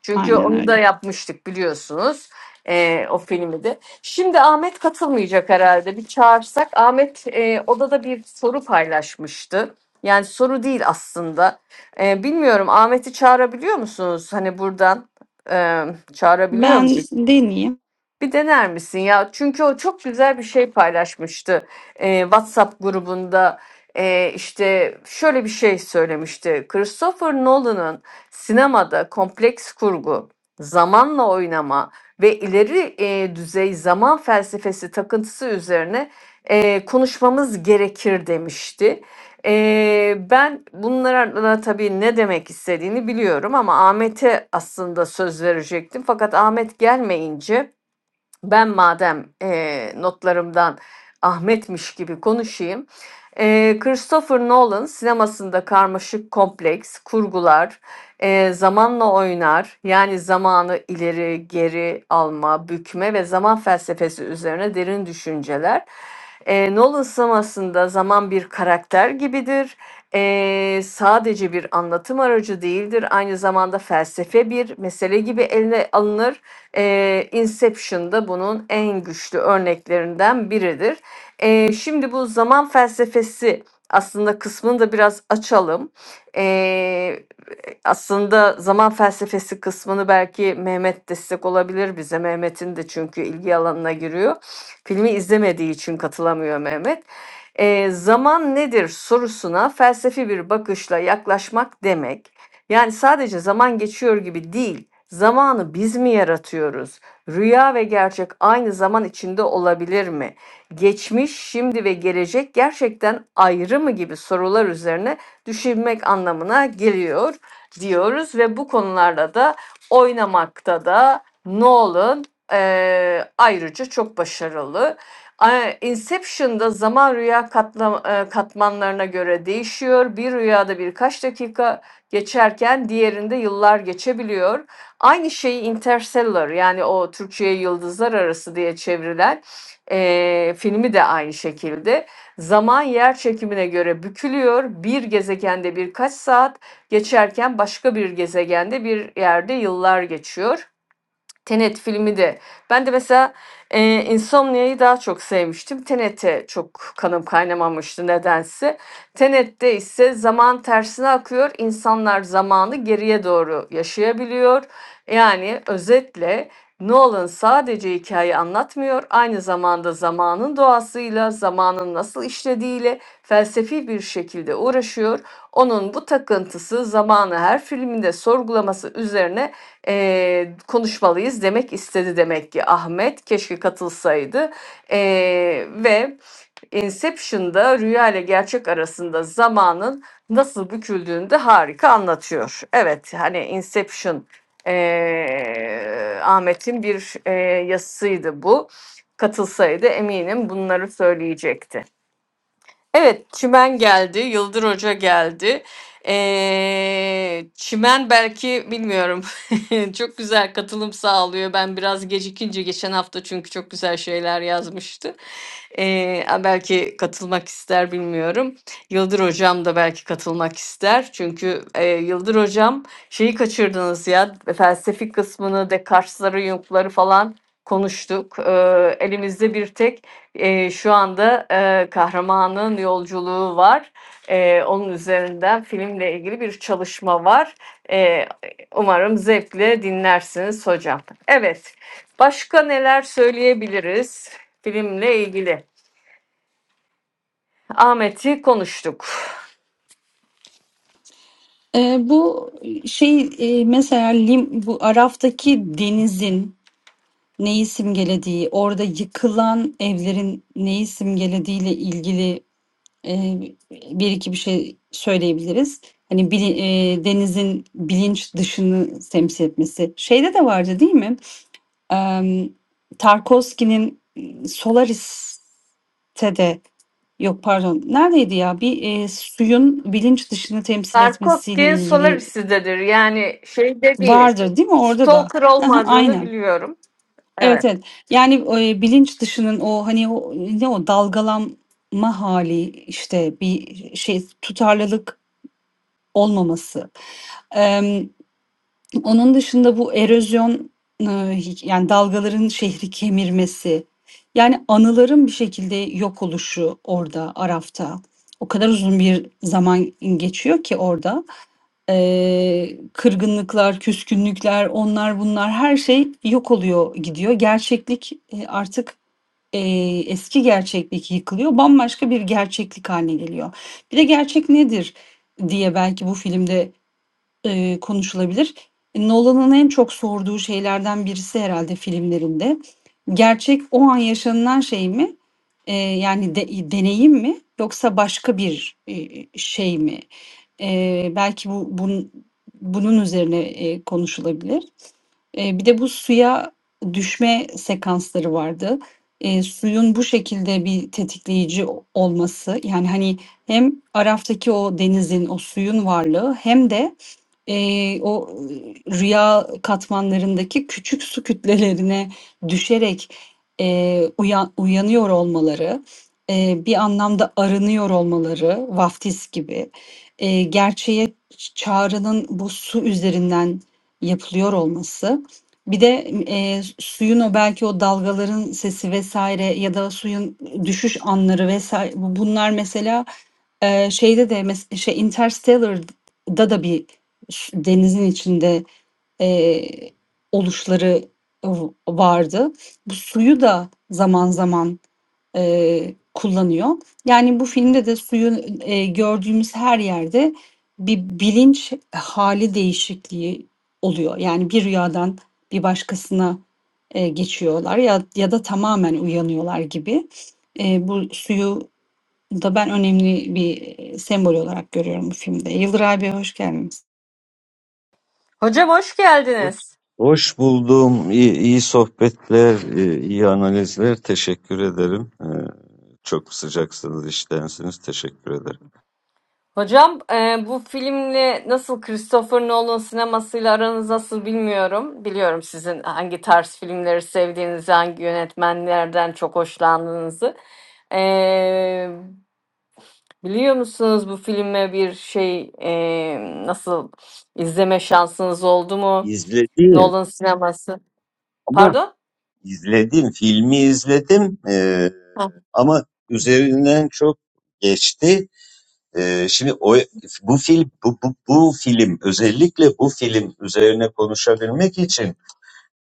Çünkü
Aynen
onu
öyle.
da yapmıştık biliyorsunuz. e, o filmi de. Şimdi Ahmet katılmayacak herhalde. Bir çağırsak. Ahmet e, odada bir soru paylaşmıştı. Yani soru değil aslında. E, bilmiyorum Ahmet'i çağırabiliyor musunuz? Hani buradan e, çağırabiliyor muyuz?
Ben deneyeyim.
Bir dener misin ya? Çünkü o çok güzel bir şey paylaşmıştı. Ee, WhatsApp grubunda ee, işte şöyle bir şey söylemişti. Christopher Nolan'ın sinemada kompleks kurgu, zamanla oynama ve ileri ee, düzey zaman felsefesi takıntısı üzerine ee, konuşmamız gerekir demişti. Ee, ben bunlara tabii ne demek istediğini biliyorum ama Ahmet'e aslında söz verecektim. Fakat Ahmet gelmeyince ben madem eee, notlarımdan Ahmet'miş gibi konuşayım. Eee, Christopher Nolan sinemasında karmaşık kompleks, kurgular, eee, zamanla oynar. Yani zamanı ileri, geri alma, bükme ve zaman felsefesi üzerine derin düşünceler. Eee Nolan sinemasında zaman bir karakter gibidir. Eee, sadece bir anlatım aracı değildir. Aynı zamanda felsefe bir mesele gibi eline alınır ee, Inception bunun en güçlü örneklerinden biridir. Ee, şimdi bu zaman felsefesi aslında kısmını da biraz açalım. E, aslında zaman felsefesi kısmını belki Mehmet destek olabilir bize. Mehmet'in de çünkü ilgi alanına giriyor. Filmi izlemediği için katılamıyor Mehmet. Ee, zaman nedir sorusuna felsefi bir bakışla yaklaşmak demek. Yani sadece zaman geçiyor gibi değil, zamanı biz mi yaratıyoruz? Rüya ve gerçek aynı zaman içinde olabilir mi? Geçmiş, şimdi ve gelecek gerçekten ayrı mı gibi sorular üzerine düşünmek anlamına geliyor diyoruz ve bu konularla da oynamakta da Nolan eee, ayrıca çok başarılı. Inception'da zaman rüya katla- e, katmanlarına göre değişiyor. Bir rüyada birkaç dakika geçerken diğerinde yıllar geçebiliyor. Aynı şeyi Interstellar yani o Türkçe'ye Yıldızlar Arası diye çevrilen eee, filmi de aynı şekilde. Zaman yer çekimine göre bükülüyor. Bir gezegende birkaç saat, geçerken başka bir gezegende bir yerde yıllar geçiyor. Tenet filmi de. Ben de mesela e, Insomnia'yı daha çok sevmiştim. Tenet'e çok kanım kaynamamıştı nedense. Tenet'te ise zaman tersine akıyor. İnsanlar zamanı geriye doğru yaşayabiliyor. Yani özetle Nolan sadece hikaye anlatmıyor. Aynı zamanda zamanın doğasıyla, zamanın nasıl işlediğiyle felsefi bir şekilde uğraşıyor. Onun bu takıntısı zamanı her filminde sorgulaması üzerine eee, konuşmalıyız demek istedi demek ki Ahmet. Keşke katılsaydı. Eee, ve Inception'da rüya ile gerçek arasında zamanın nasıl büküldüğünü de harika anlatıyor. Evet hani Inception eee, Ahmet'in bir eee yazısıydı bu. Katılsaydı eminim bunları söyleyecekti. Evet, Çimen geldi, Yıldır Hoca geldi. Ee, Çimen belki bilmiyorum. Çok güzel katılım sağlıyor. Ben biraz gecikince geçen hafta çünkü çok güzel şeyler yazmıştı. Ee, a- belki katılmak ister bilmiyorum. Yıldır Hocam da belki katılmak ister. Çünkü e, Yıldır Hocam şeyi kaçırdınız ya felsefik kısmını, Descartes'ları, Jung'ları falan konuştuk. Ee, elimizde bir tek Eee, şu anda, eee, kahramanın yolculuğu var. Eee, onun üzerinden filmle ilgili bir çalışma var. Eee, umarım zevkle dinlersiniz hocam. Evet, başka neler söyleyebiliriz filmle ilgili? Ahmet'i konuştuk.
Ee, bu şey e, mesela Lim, bu Araf'taki denizin neyi simgelediği, orada yıkılan evlerin neyi simgelediğiyle ilgili e, bir iki bir şey söyleyebiliriz. Hani bili- e, denizin bilinç dışını temsil etmesi. Şeyde de vardı değil mi? Em, Tarkovski'nin e, Solaris'te de yok pardon neredeydi ya? Bir e, suyun bilinç dışını temsil etmesiyle
Tarkovski'nin
ilgili
Solaris'idedir. Yani şeyde değil.
vardır değil mi orada da?
Stalker
Aha,
olmadığını
Aynen.
biliyorum.
Evet
Evet.
evet. Yani e, bilinç dışının o hani o ne o dalgalanma hali işte bir şey tutarlılık olmaması. Emm, onun dışında bu erozyon, ııı, hiç yani dalgaların şehri kemirmesi, yani anıların bir şekilde yok oluşu orada Araf'ta. O kadar uzun bir zaman geçiyor ki orada. Eee, kırgınlıklar, küskünlükler, onlar bunlar her şey yok oluyor gidiyor. Gerçeklik, eee, artık, eee, eski gerçeklik yıkılıyor. Bambaşka bir gerçeklik hâline geliyor. Bir de gerçek nedir diye belki bu filmde eee, konuşulabilir. Nolan'ın en çok sorduğu şeylerden birisi herhalde filmlerinde. Gerçek o an yaşanılan şey mi? Eee, yani de deneyim mi yoksa başka bir, eee, şey mi? Eee, belki bu bun bunun üzerine, eee, konuşulabilir. Eee, bir de bu suya düşme sekansları vardı. Eee, suyun bu şekilde bir tetikleyici olması, yani, hani, hem Araf'taki o denizin, o suyun varlığı hem de Eee, o rüya katmanlarındaki küçük su kütlelerine düşerek, eee, uya uyanıyor olmaları, eee, bir anlamda arınıyor olmaları, vaftiz gibi, eee, gerçeğe ç çağrının bu su üzerinden yapılıyor olması, bir de, eee, suyun o belki o dalgaların sesi vs. ya da suyun düşüş anları vs. bu bunlar mesela, eee, şeyde de mes şey Interstellar'da da bir ş- denizin içinde e, oluşları v- vardı. Bu suyu da zaman zaman e, kullanıyor. Yani bu filmde de suyu e, gördüğümüz her yerde bir bilinç hali değişikliği oluyor. Yani bir rüyadan bir başkasına e, geçiyorlar ya ya da tamamen uyanıyorlar gibi. E, bu suyu da ben önemli bir e, sembol olarak görüyorum bu filmde. Yıldır abi hoş geldiniz.
Hocam hoş
Hoş,
geldiniz.
hoş buldum. İyi, iyi sohbetler, e, iyi analizler. Teşekkür ederim. E, Çok sıcaksınız, iştensiniz. Teşekkür ederim.
Hocam e, bu filmle nasıl Christopher Nolan sinemasıyla aranız nasıl bilmiyorum. Biliyorum sizin hangi tarz filmleri sevdiğinizi, hangi yönetmenlerden çok hoşlandığınızı. E, biliyor musunuz bu filme bir şey e, nasıl izleme şansınız oldu mu?
İzledim
Nolan sineması.
ama
Pardon?
izledim. Filmi izledim. E, ama üzerinden çok geçti. Ee, şimdi o bu film bu, bu, bu film özellikle bu film üzerine konuşabilmek için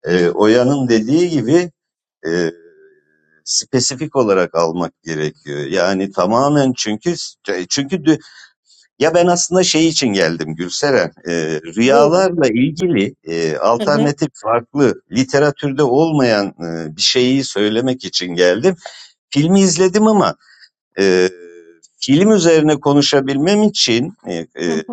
e, Oya'nın dediği gibi e, spesifik olarak almak gerekiyor. Yani tamamen çünkü çünkü dü- ya ben aslında şey için geldim Gülseren. E,
Beautiful.
rüyalarla ilgili e,
hmm
alternatif farklı literatürde olmayan e, bir şeyi söylemek için geldim. Filmi izledim ama e, film üzerine konuşabilmem için e,
hmm
e,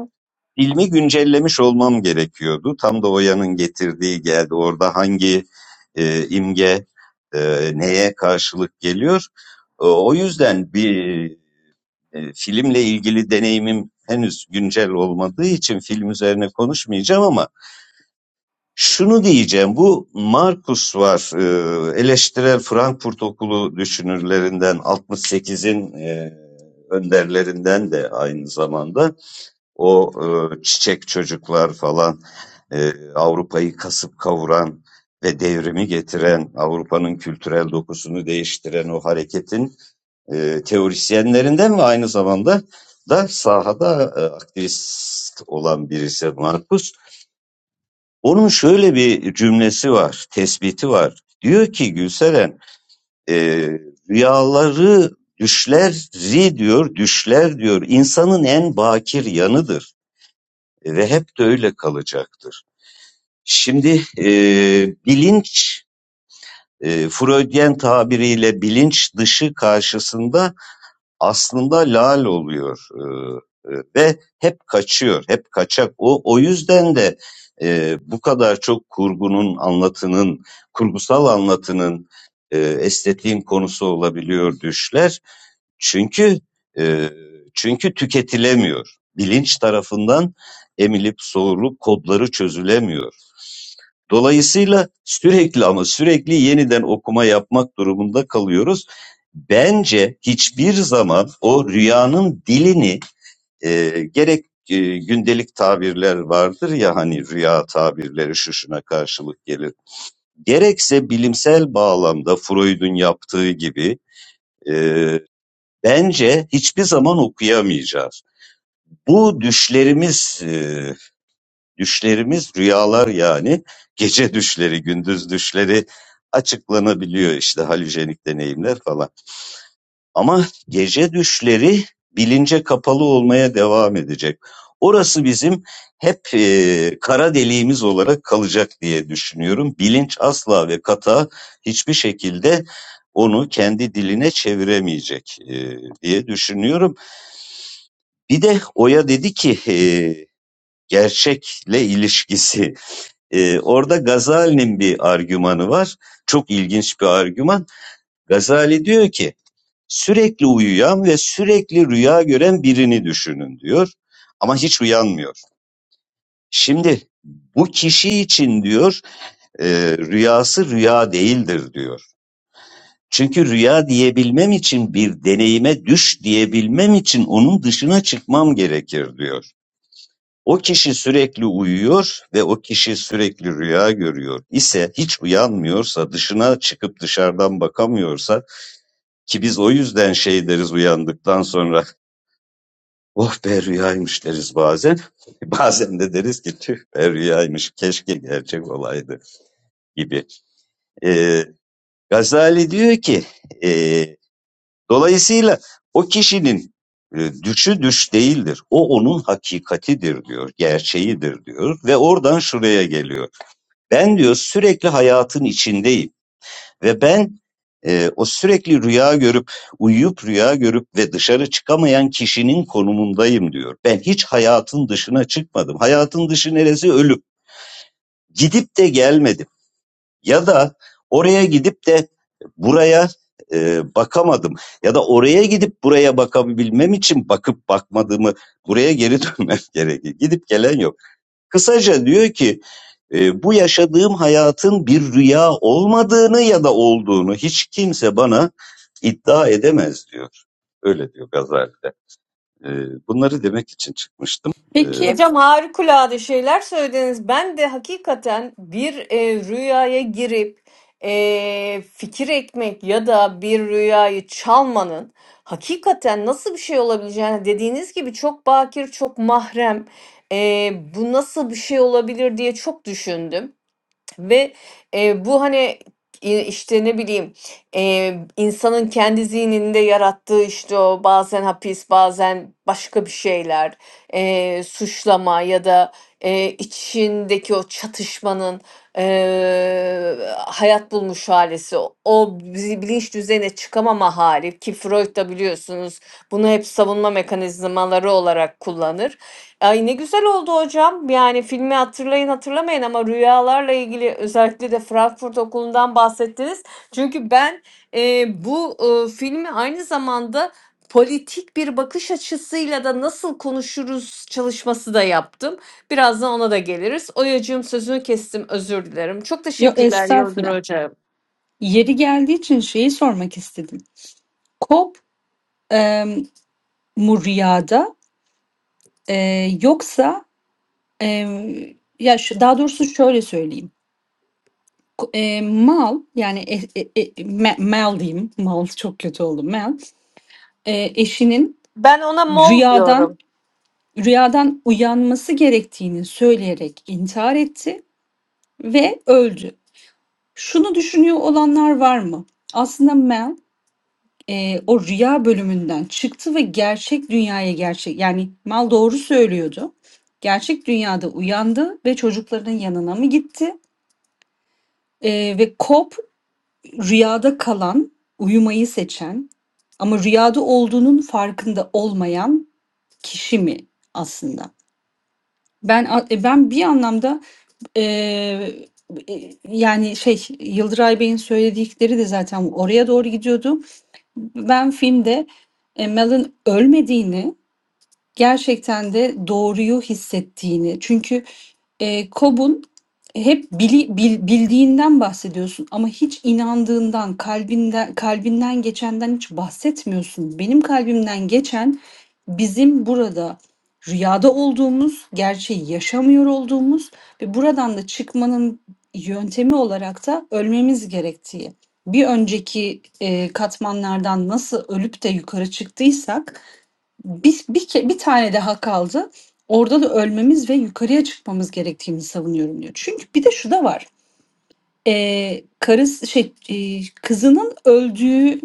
filmi güncellemiş olmam gerekiyordu. Tam da Oya'nın getirdiği geldi. Orada hangi e, imge e, neye karşılık geliyor? E, o yüzden bir e, filmle ilgili deneyimim henüz güncel olmadığı için film üzerine konuşmayacağım ama şunu diyeceğim, bu Markus var, e, eleştirel Frankfurt Okulu düşünürlerinden, 68'in e, önderlerinden de aynı zamanda. O e, çiçek çocuklar falan, e, Avrupa'yı kasıp kavuran ve devrimi getiren, Avrupa'nın kültürel dokusunu değiştiren o hareketin e, teorisyenlerinden ve aynı zamanda da sahada e, aktivist olan birisi Markus. Onun şöyle bir cümlesi var, tespiti var. Diyor ki Gülseren, e, rüyaları düşleri diyor, düşler diyor insanın en bakir yanıdır ve hep de öyle kalacaktır. Şimdi e, bilinç, e, Freudyen tabiriyle bilinç dışı karşısında aslında lal oluyor e, e, ve hep kaçıyor, hep kaçak. O o yüzden de e, bu kadar çok kurgunun, anlatının, kurgusal anlatının e, estetiğin konusu olabiliyor düşler. Çünkü e, çünkü tüketilemiyor. Bilinç tarafından emilip soğurup kodları çözülemiyor. Dolayısıyla sürekli ama sürekli yeniden okuma yapmak durumunda kalıyoruz. Bence hiçbir zaman o rüyanın dilini e, gerek e, gündelik tabirler vardır ya hani rüya tabirleri şu şuna karşılık gelir. Gerekse bilimsel bağlamda Freud'un yaptığı gibi e, bence hiçbir zaman okuyamayacağız. Bu düşlerimiz e, Düşlerimiz rüyalar yani. Gece düşleri, gündüz düşleri açıklanabiliyor işte halüjenik deneyimler falan. Ama gece düşleri bilince kapalı olmaya devam edecek. Orası bizim hep e, kara deliğimiz olarak kalacak diye düşünüyorum. Bilinç asla ve kata hiçbir şekilde onu kendi diline çeviremeyecek e, diye düşünüyorum. Bir de Oya dedi ki e, gerçekle ilişkisi. Ee, orada Gazali'nin bir argümanı var. Çok ilginç bir argüman. Gazali diyor ki sürekli uyuyan ve sürekli rüya gören birini düşünün diyor. Ama hiç uyanmıyor. Şimdi bu kişi için diyor e, rüyası rüya değildir diyor. Çünkü rüya diyebilmem için bir deneyime düş diyebilmem için onun dışına çıkmam gerekir diyor. O kişi sürekli uyuyor ve o kişi sürekli rüya görüyor ise hiç uyanmıyorsa, dışına çıkıp dışarıdan bakamıyorsa ki biz o yüzden şey deriz uyandıktan sonra oh be rüyaymış deriz bazen. Bazen de deriz ki tüh be rüyaymış keşke gerçek olaydı gibi. Ee, Gazali diyor ki ee, dolayısıyla o kişinin e, düşü düş değildir. O onun hakikatidir diyor, gerçeğidir diyor ve oradan şuraya geliyor. Ben diyor sürekli hayatın içindeyim ve ben e, o sürekli rüya görüp uyuyup rüya görüp ve dışarı çıkamayan kişinin konumundayım diyor. Ben hiç hayatın dışına çıkmadım. Hayatın dışı neresi? Ölüm. Gidip de gelmedim. Ya da oraya gidip de buraya e, bakamadım. Ya da oraya gidip buraya bakabilmem için bakıp bakmadığımı buraya geri dönmem gerekir. Gidip gelen yok. Kısaca diyor ki e, bu yaşadığım hayatın bir rüya olmadığını ya da olduğunu hiç kimse bana iddia edemez diyor. Öyle diyor Gazali'de. E, bunları demek için çıkmıştım. E,
Peki
Hocam harikulade şeyler söylediniz. Ben de hakikaten bir e, rüyaya girip e, fikir ekmek ya da bir rüyayı çalmanın hakikaten nasıl bir şey olabileceğini dediğiniz gibi çok bakir, çok mahrem, e, bu nasıl bir şey olabilir diye çok düşündüm. Ve e, bu hani e, işte ne bileyim e, insanın kendi zihninde yarattığı işte o bazen hapis bazen başka bir şeyler e, suçlama ya da e, içindeki o çatışmanın e, hayat bulmuş halesi o o bizi bilinç düzeyine çıkamama hali ki Freud da biliyorsunuz bunu hep savunma mekanizmaları olarak kullanır. Ay, ne güzel oldu hocam. Yani filmi hatırlayın hatırlamayın ama rüyalarla ilgili özellikle de Frankfurt Okulu'ndan bahsettiniz. Çünkü ben e, bu e, filmi aynı zamanda politik bir bakış açısıyla da nasıl konuşuruz çalışması da yaptım. Birazdan ona da geliriz. Oyacığım sözünü kestim özür dilerim. Çok
Yo
teşekkürler Yıldır
estağfurullah.
hocam.
Yeri geldiği için şeyi sormak istedim. Kop e, mu rüyada e, yoksa e, ya şu, daha doğrusu şöyle söyleyeyim. Ko- E, mal yani e, e, e, me- mal diyeyim. Mal çok kötü oldu. Mal e, eşinin
Ben ona mol
rüyadan
diyorum.
rüyadan uyanması gerektiğini söyleyerek intihar etti ve öldü. Şunu düşünüyor olanlar var mı? Aslında Mel Eee, o rüya bölümünden çıktı ve gerçek dünyaya gerçek yani Mal doğru söylüyordu. Gerçek dünyada uyandı ve çocuklarının yanına mı gitti? Eee, ve Cobb rüyada kalan, uyumayı seçen ama rüyada olduğunun farkında olmayan kişi mi aslında? Ben a- e, ben bir anlamda eee, e, yani şey Yıldıray Bey'in söyledikleri de zaten oraya doğru gidiyordu. Ben filmde e, Mel'in ölmediğini gerçekten de doğruyu hissettiğini. Çünkü e, Cobb'un hep bili, bil- bildiğinden bahsediyorsun ama hiç inandığından, kalbinden, kalbinden geçenden hiç bahsetmiyorsun. Benim kalbimden geçen bizim burada rüyada olduğumuz, gerçeği yaşamıyor olduğumuz ve buradan da çıkmanın yöntemi olarak da ölmemiz gerektiği. Bir önceki e, katmanlardan nasıl ölüp de yukarı çıktıysak bir, bir, ke- bir tane daha kaldı. Orada da ölmemiz ve yukarıya çıkmamız gerektiğini savunuyorum diyor. Çünkü bir de şu da var. Ee, karısı şey e, kızının öldüğü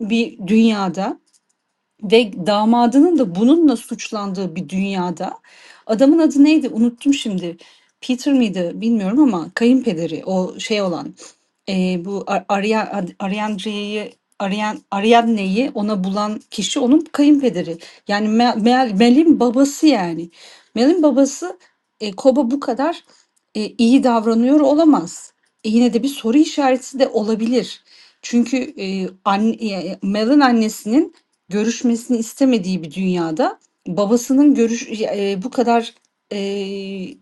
bir dünyada ve damadının da bununla suçlandığı bir dünyada adamın adı neydi unuttum şimdi. Peter miydi bilmiyorum ama kayınpederi o şey olan Eee, bu A- Arya- Ad- Ariandre'yi Arian Ariadne'yi ona bulan kişi onun kayınpederi. Yani Mel, Mel- Mel'in babası yani. Mel'in babası e, Cobb'a bu kadar e, iyi davranıyor olamaz. E, yine de bir soru işareti de olabilir. Çünkü e, anne, e, Mel'in annesinin görüşmesini istemediği bir dünyada babasının görüş e, bu kadar e,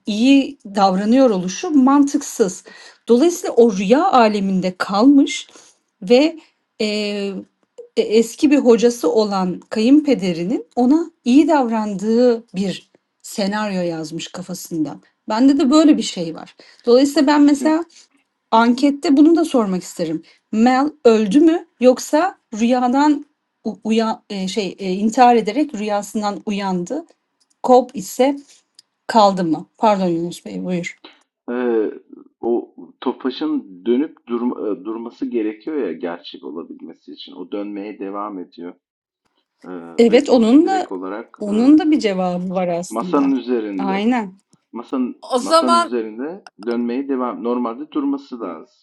iyi davranıyor oluşu mantıksız. Dolayısıyla o rüya aleminde kalmış ve, e e, eski bir hocası olan kayınpederinin ona iyi davrandığı bir senaryo yazmış kafasında. Bende de böyle bir şey var.
O
Dolayısıyla ben
kesin.
mesela
Hı hı.
ankette bunu da sormak isterim. Mel öldü mü yoksa rüyadan u- e, şey e, intihar ederek rüyasından uyandı. Cobb ise kaldı mı? Pardon Yunus Bey, buyur.
Eee, o Tofaş'ın dönüp durma e, durması gerekiyor ya gerçek olabilmesi için. O dönmeye devam ediyor. Eee,
Evet,
ve
onun da
direkt olarak, eee,
onun da bir cevabı var
masanın
aslında.
üzerinde.
Aynen.
Masanın
O
masanın
zaman
üzerinde dönmeye devam. Normalde durması lazım.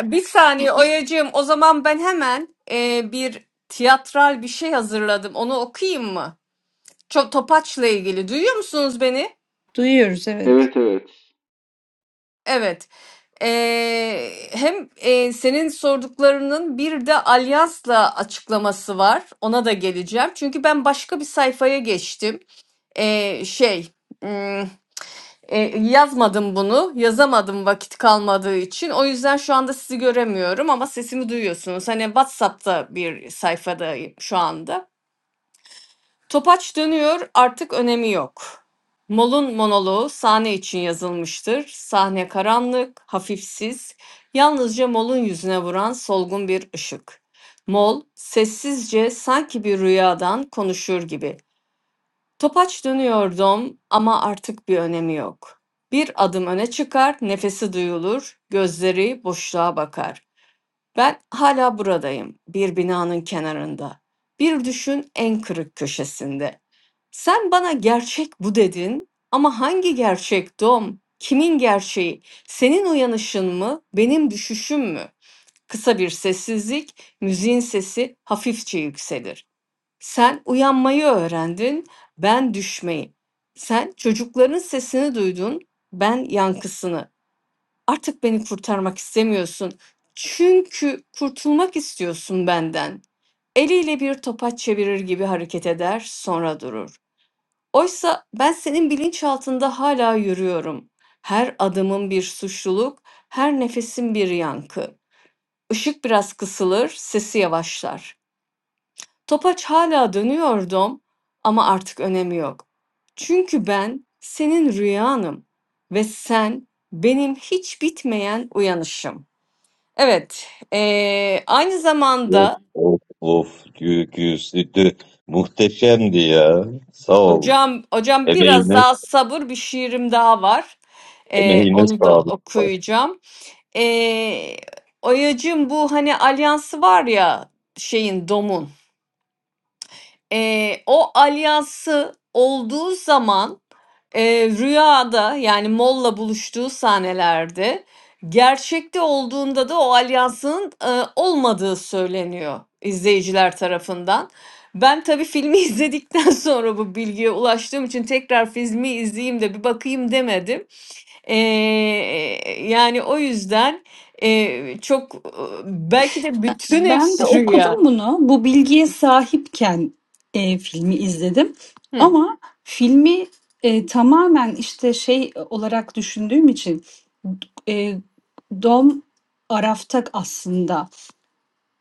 e, bir
Hı
saniye
hı.
Oyacığım, o zaman ben hemen e, bir tiyatral bir şey hazırladım. Onu okuyayım mı? Çok Topaç'la ilgili. Duyuyor musunuz beni?
Duyuyoruz evet.
Evet, evet.
Evet. E, hem e, senin sorduklarının bir de Alyans'la açıklaması var. Ona da geleceğim. Çünkü ben başka bir sayfaya geçtim. E, şey. E, yazmadım bunu. Yazamadım vakit kalmadığı için. O yüzden şu anda sizi göremiyorum ama sesimi duyuyorsunuz. Hani WhatsApp'ta bir sayfadayım şu anda. Topaç dönüyor, artık önemi yok. Mol'un monoloğu sahne için yazılmıştır. Sahne karanlık, hafifsiz, yalnızca Mol'un yüzüne vuran solgun bir ışık. Mol sessizce sanki bir rüyadan konuşur gibi Topaç dönüyordum ama artık bir önemi yok. Bir adım öne çıkar, nefesi duyulur, gözleri boşluğa bakar. Ben hala buradayım, bir binanın kenarında. Bir düşün en kırık köşesinde. Sen bana gerçek bu dedin ama hangi gerçek Dom? Kimin gerçeği? Senin uyanışın mı, benim düşüşüm mü? Kısa bir sessizlik, müziğin sesi hafifçe yükselir. Sen uyanmayı öğrendin, ben düşmeyi. Sen çocukların sesini duydun, ben yankısını. Artık beni kurtarmak istemiyorsun. Çünkü kurtulmak istiyorsun benden. Eliyle bir topaç çevirir gibi hareket eder, sonra durur. Oysa ben senin bilinçaltında hala yürüyorum. Her adımın bir suçluluk, her nefesin bir yankı. Işık biraz kısılır, sesi yavaşlar. Topaç hala dönüyordum ama artık önemi yok. Çünkü ben senin rüyanım ve sen benim hiç bitmeyen uyanışım. Evet, eee, aynı
of
zamanda
of of gü- güsidü muhteşemdi ya. Sağ ol.
hocam hocam biraz
Emeğine
daha sabır, bir şiirim daha var. Eee,
emeğine
onu da
sağlık.
okuyacağım. Eee, Oya'cığım bu hani alyansı var ya şeyin, domun. Eee, o alyansı olduğu zaman, eee, rüyada yani Moll'la buluştuğu sahnelerde, gerçekte olduğunda da o alyansın, ııı, olmadığı söyleniyor izleyiciler tarafından. Ben tabii filmi izledikten sonra bu bilgiye ulaştığım için tekrar filmi izleyeyim de bir bakayım demedim. Eee, yani o yüzden, eee, çok, belki de
Ben,
bütün
ben de
hepsi rüya.
okudum bunu. Bu bilgiye sahipken e, filmi izledim.
Hı.
Ama filmi e, tamamen işte şey olarak düşündüğüm için e, Dom Araf'ta aslında.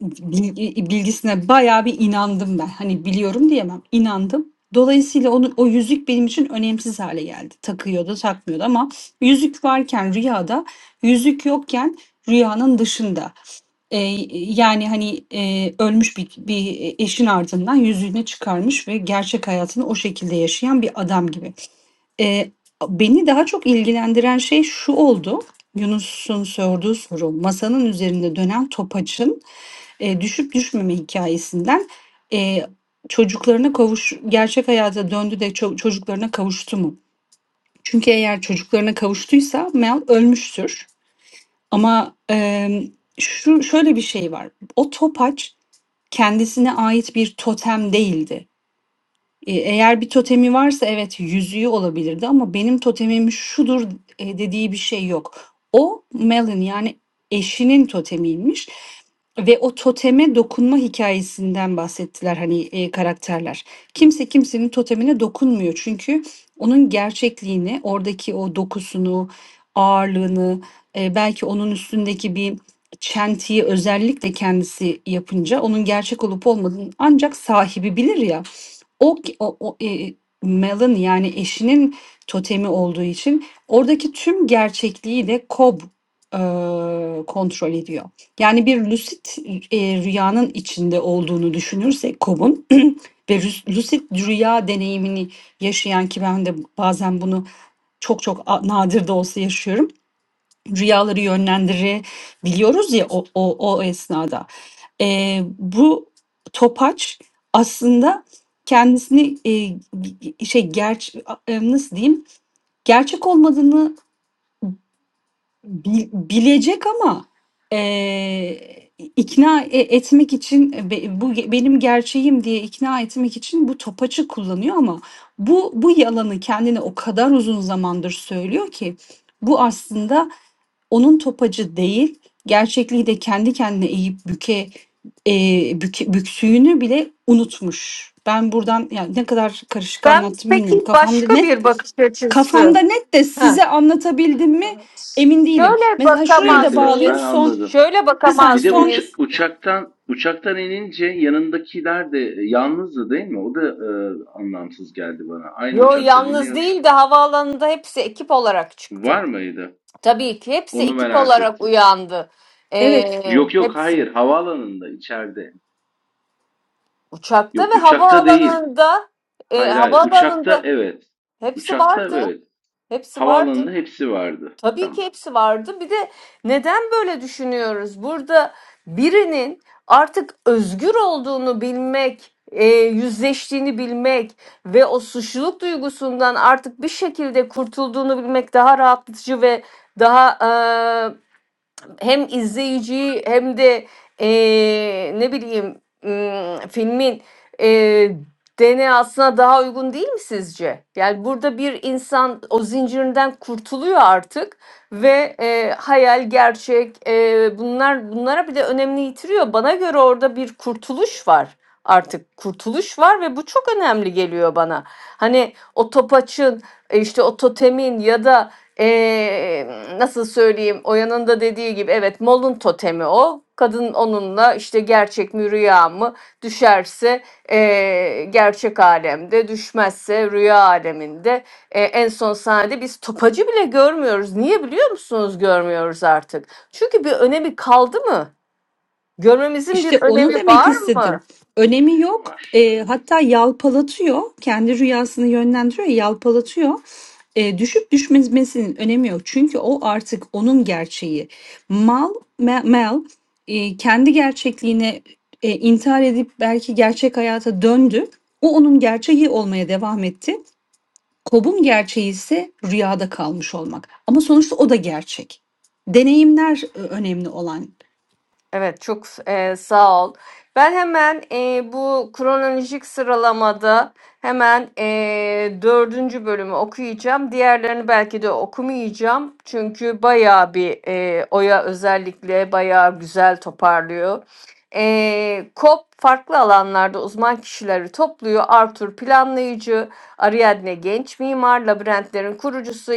bilgi bilgisine bayağı bir inandım ben. Hani biliyorum diyemem, inandım. Dolayısıyla onun o yüzük benim için önemsiz hale geldi. Takıyordu, takmıyordu ama yüzük varken rüyada, yüzük yokken rüyanın dışında. Ee, yani hani e, ölmüş bir, bir eşin ardından yüzüğünü çıkarmış ve gerçek hayatını o şekilde yaşayan bir adam gibi. Eee, beni daha çok ilgilendiren şey şu oldu, Yunus'un sorduğu soru, masanın üzerinde dönen topaçın, eee, düşüp düşmeme hikâyesinden, eee, çocuklarına kavuş gerçek hayata döndü de ço çocuklarına kavuştu mu? Çünkü eğer çocuklarına kavuştuysa Mel ölmüştür ama, emm, şu şöyle bir şey var, o topaç kendisine ait bir totem değildi. E, eğer bir totemi varsa evet yüzüğü olabilirdi ama benim totemim şudur e, dediği bir şey yok. O Mel'in yani eşinin totemiymiş ve o toteme dokunma hikayesinden bahsettiler hani e, karakterler. Kimse kimsenin totemine dokunmuyor çünkü onun gerçekliğini, oradaki o dokusunu, ağırlığını, e, belki onun üstündeki bir çentiyi özellikle kendisi yapınca onun gerçek olup olmadığını ancak sahibi bilir ya. O, o, o e, Mel'in yani eşinin totemi olduğu için oradaki tüm gerçekliği de Cobb e, kontrol ediyor. Yani bir lucid e, rüyanın içinde olduğunu düşünürsek Cobb'un ve rüs- lucid rüya deneyimini yaşayan ki ben de bazen bunu çok çok a- nadir de olsa yaşıyorum rüyaları yönlendirebiliyoruz ya o, o, o esnada. Ee, bu topaç aslında kendisini e, şey gerç e, nasıl diyeyim gerçek olmadığını bi- bilecek ama e, ikna e- etmek için e, be- bu ge- benim gerçeğim diye ikna etmek için bu topaçı kullanıyor ama bu bu yalanı kendine o kadar uzun zamandır söylüyor ki bu aslında onun topacı değil, gerçekliği de kendi kendine eğip büke, e, büke- büksüğünü bile unutmuş. Ben buradan yani ne kadar karışık
Ben
anlattım bilmiyorum.
peki
Kafamda
başka
net
bir bakış açısı.
kafamda net de
Ha.
size anlatabildim mi emin değilim.
Şöyle
Mesela şurayı
Evet
da
bakamaz
evet
bağlayayım
ben
mıyız?
son
anladım.
Şöyle
bir saniye
Bir
bakamaz
de
son
uça-
mıyız?
uçaktan uçaktan inince yanındakiler de e, yalnızdı değil mi? O da e, anlamsız geldi bana. Aynı
Yo
uçaktan
yalnız
iniyor.
değil de havaalanında hepsi ekip olarak çıktı.
Var mıydı?
Tabii ki hepsi
Onu
ekip
merak
olarak
ettim.
uyandı.
Hı.
evet
Ee,
Yok yok
hepsi.
hayır havaalanında içeride.
Uçakta ve
Yok uçakta değil.
havaalanında e,
Hayır hayır uçakta
havaalanında
evet.
hepsi
Uçakta
vardı.
evet.
Hepsi vardı.
Havaalanında hepsi vardı.
Tabii ki
Tamam.
hepsi vardı. Bir de neden böyle düşünüyoruz? Burada birinin artık özgür olduğunu bilmek, e, yüzleştiğini bilmek ve o suçluluk duygusundan artık bir şekilde kurtulduğunu bilmek daha rahatlatıcı ve daha e, hem izleyiciyi hem de eee, ne bileyim ım, filmin eee DNA'sına daha uygun değil mi sizce? Yani burada bir insan o zincirinden kurtuluyor artık ve eee, hayal, gerçek eee, bunlar bunlara bir de önemli yitiriyor. Bana göre orada bir kurtuluş var. Artık kurtuluş var ve bu çok önemli geliyor bana. Hani o topaçın, e, işte o totemin ya da Eee, nasıl söyleyeyim Oya'nın da dediği gibi evet Mol'un totemi o. Kadın onunla işte gerçek mi rüya mı düşerse eee, gerçek alemde düşmezse rüya aleminde. Eee, en son sahnede biz topacı bile görmüyoruz. Niye biliyor musunuz görmüyoruz artık? Çünkü bir önemi kaldı mı? Görmemizin
İşte
bir
onu
önemi
demek
var
istedim.
mı?
Önemi
Önemi
yok.
var.
E,
Evet.
hatta yalpalatıyor. Kendi rüyasını yönlendiriyor, yalpalatıyor. E, düşüp düşmemesinin önemi yok. Çünkü o artık onun gerçeği. Mal, me- Mel e, kendi gerçekliğine e, intihar edip belki gerçek hayata döndü. O onun gerçeği olmaya devam etti. Kob'un gerçeği ise rüyada kalmış olmak. Ama sonuçta o da gerçek. Deneyimler e, önemli olan.
Evet çok e, sağ ol. Ben hemen e, bu kronolojik sıralamada hemen e, dördüncü bölümü okuyacağım. Diğerlerini belki de okumayacağım. Çünkü bayağı bir e, Oya özellikle bayağı güzel toparlıyor. E, COP farklı alanlarda uzman kişileri topluyor. Arthur planlayıcı, Ariadne genç mimar, labirentlerin kurucusu,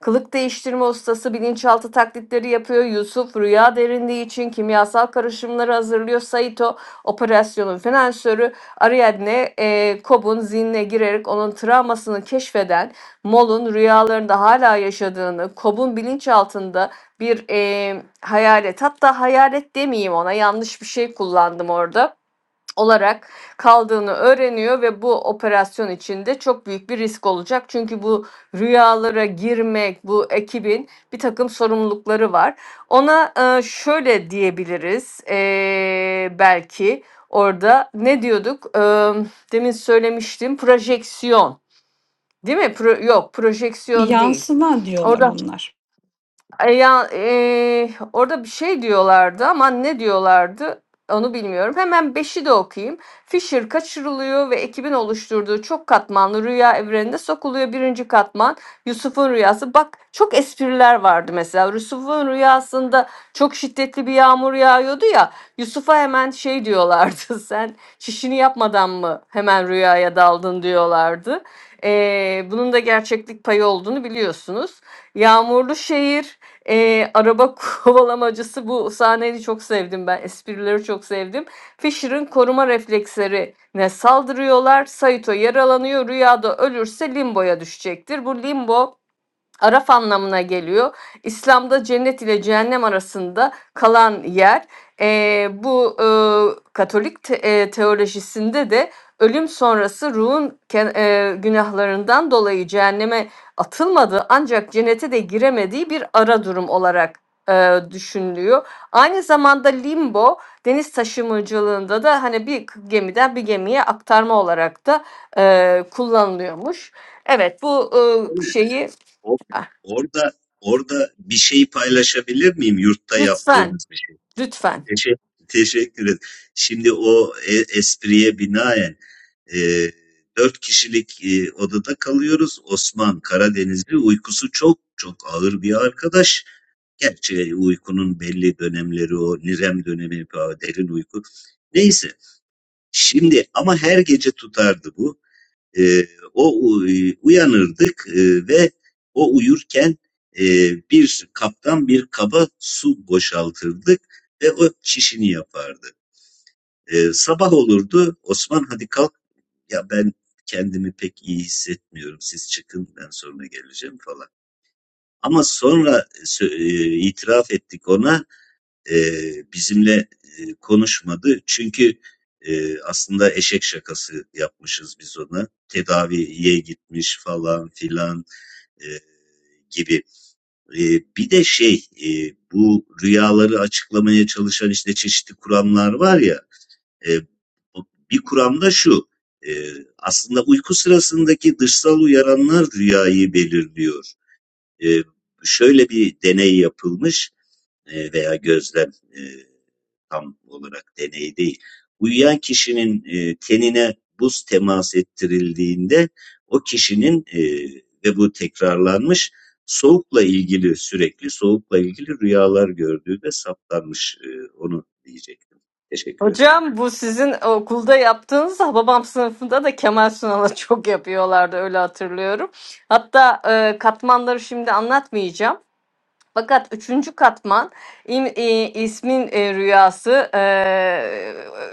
Kılık değiştirme ustası bilinçaltı taklitleri yapıyor. Yusuf rüya derinliği için kimyasal karışımları hazırlıyor. Saito operasyonun finansörü Ariadne e, Cobb'un zihnine girerek onun travmasını keşfeden Mol'un rüyalarında hala yaşadığını, Cobb'un bilinçaltında bir e, hayalet hatta hayalet demeyeyim ona yanlış bir şey kullandım orada olarak kaldığını öğreniyor ve bu operasyon içinde çok büyük bir risk olacak. Çünkü bu rüyalara girmek, bu ekibin bir takım sorumlulukları var. Ona e, şöyle diyebiliriz e, belki orada ne diyorduk? E, demin söylemiştim projeksiyon değil mi? Pro- yok projeksiyon değil.
Yansıma diyorlar
Orada
onlar.
e, ya, eee, orada bir şey diyorlardı ama ne diyorlardı onu bilmiyorum. Hemen beşi de okuyayım. Fisher kaçırılıyor ve ekibin oluşturduğu çok katmanlı rüya evreninde sokuluyor. Birinci katman Yusuf'un rüyası. Bak çok espriler vardı mesela. Yusuf'un rüyasında çok şiddetli bir yağmur yağıyordu ya. Yusuf'a hemen şey diyorlardı. Sen şişini yapmadan mı hemen rüyaya daldın diyorlardı. Eee, bunun da gerçeklik payı olduğunu biliyorsunuz. Yağmurlu şehir Eee, araba kovalamacısı bu sahneyi çok sevdim ben. Esprileri çok sevdim. Fisher'ın koruma reflekslerine saldırıyorlar. Saito yaralanıyor. Rüyada ölürse limboya düşecektir. Bu limbo Araf anlamına geliyor. İslam'da cennet ile cehennem arasında kalan yer. Eee, bu eee, Katolik te- eee, teolojisinde de ölüm sonrası ruhun ke- günahlarından dolayı cehenneme atılmadığı ancak cennete de giremediği bir ara durum olarak eee, düşünülüyor. Aynı zamanda limbo deniz taşımacılığında da hani bir gemiden bir gemiye aktarma olarak da eee, kullanılıyormuş. Evet bu eee, şeyi
Orada orada bir şey paylaşabilir miyim yurtta
Lütfen,
yaptığımız bir şey?
lütfen.
Teşekkür, teşekkür ederim. Şimdi o e- espriye binaen e, dört kişilik e, odada kalıyoruz. Osman Karadenizli uykusu çok çok ağır bir arkadaş. Gerçi uykunun belli dönemleri o nirem dönemi, falan, derin uyku. Neyse. Şimdi ama her gece tutardı bu. Eee, o uyanırdık eee, ve o uyurken eee, bir kaptan bir kaba su boşaltırdık ve o çişini yapardı. Eee, sabah olurdu Osman hadi kalk ya ben kendimi pek iyi hissetmiyorum siz çıkın ben sonra geleceğim falan. Ama sonra sö- e, itiraf ettik ona eee, bizimle eee, konuşmadı. Çünkü eee, aslında eşek şakası yapmışız biz ona. Tedaviye gitmiş falan filan eee, gibi. Eee, bir de şey eee, bu rüyaları açıklamaya çalışan işte çeşitli kuramlar var ya. eee, bu- bir kuramda şu. eee, aslında uyku sırasındaki dışsal uyaranlar rüyayı belirliyor. E, şöyle bir deney yapılmış e, veya gözlem e, tam olarak deney değil. Uyuyan kişinin e, tenine buz temas ettirildiğinde o kişinin e, ve bu tekrarlanmış soğukla ilgili sürekli soğukla ilgili rüyalar gördüğü de saptanmış. E, onu diyecektim. Teşekkür ederim.
Hocam bu sizin okulda yaptığınız babam sınıfında da Kemal Sunal'a çok yapıyorlardı öyle hatırlıyorum. Hatta e, katmanları şimdi anlatmayacağım. Fakat üçüncü katman im- e, ismin e, rüyası e,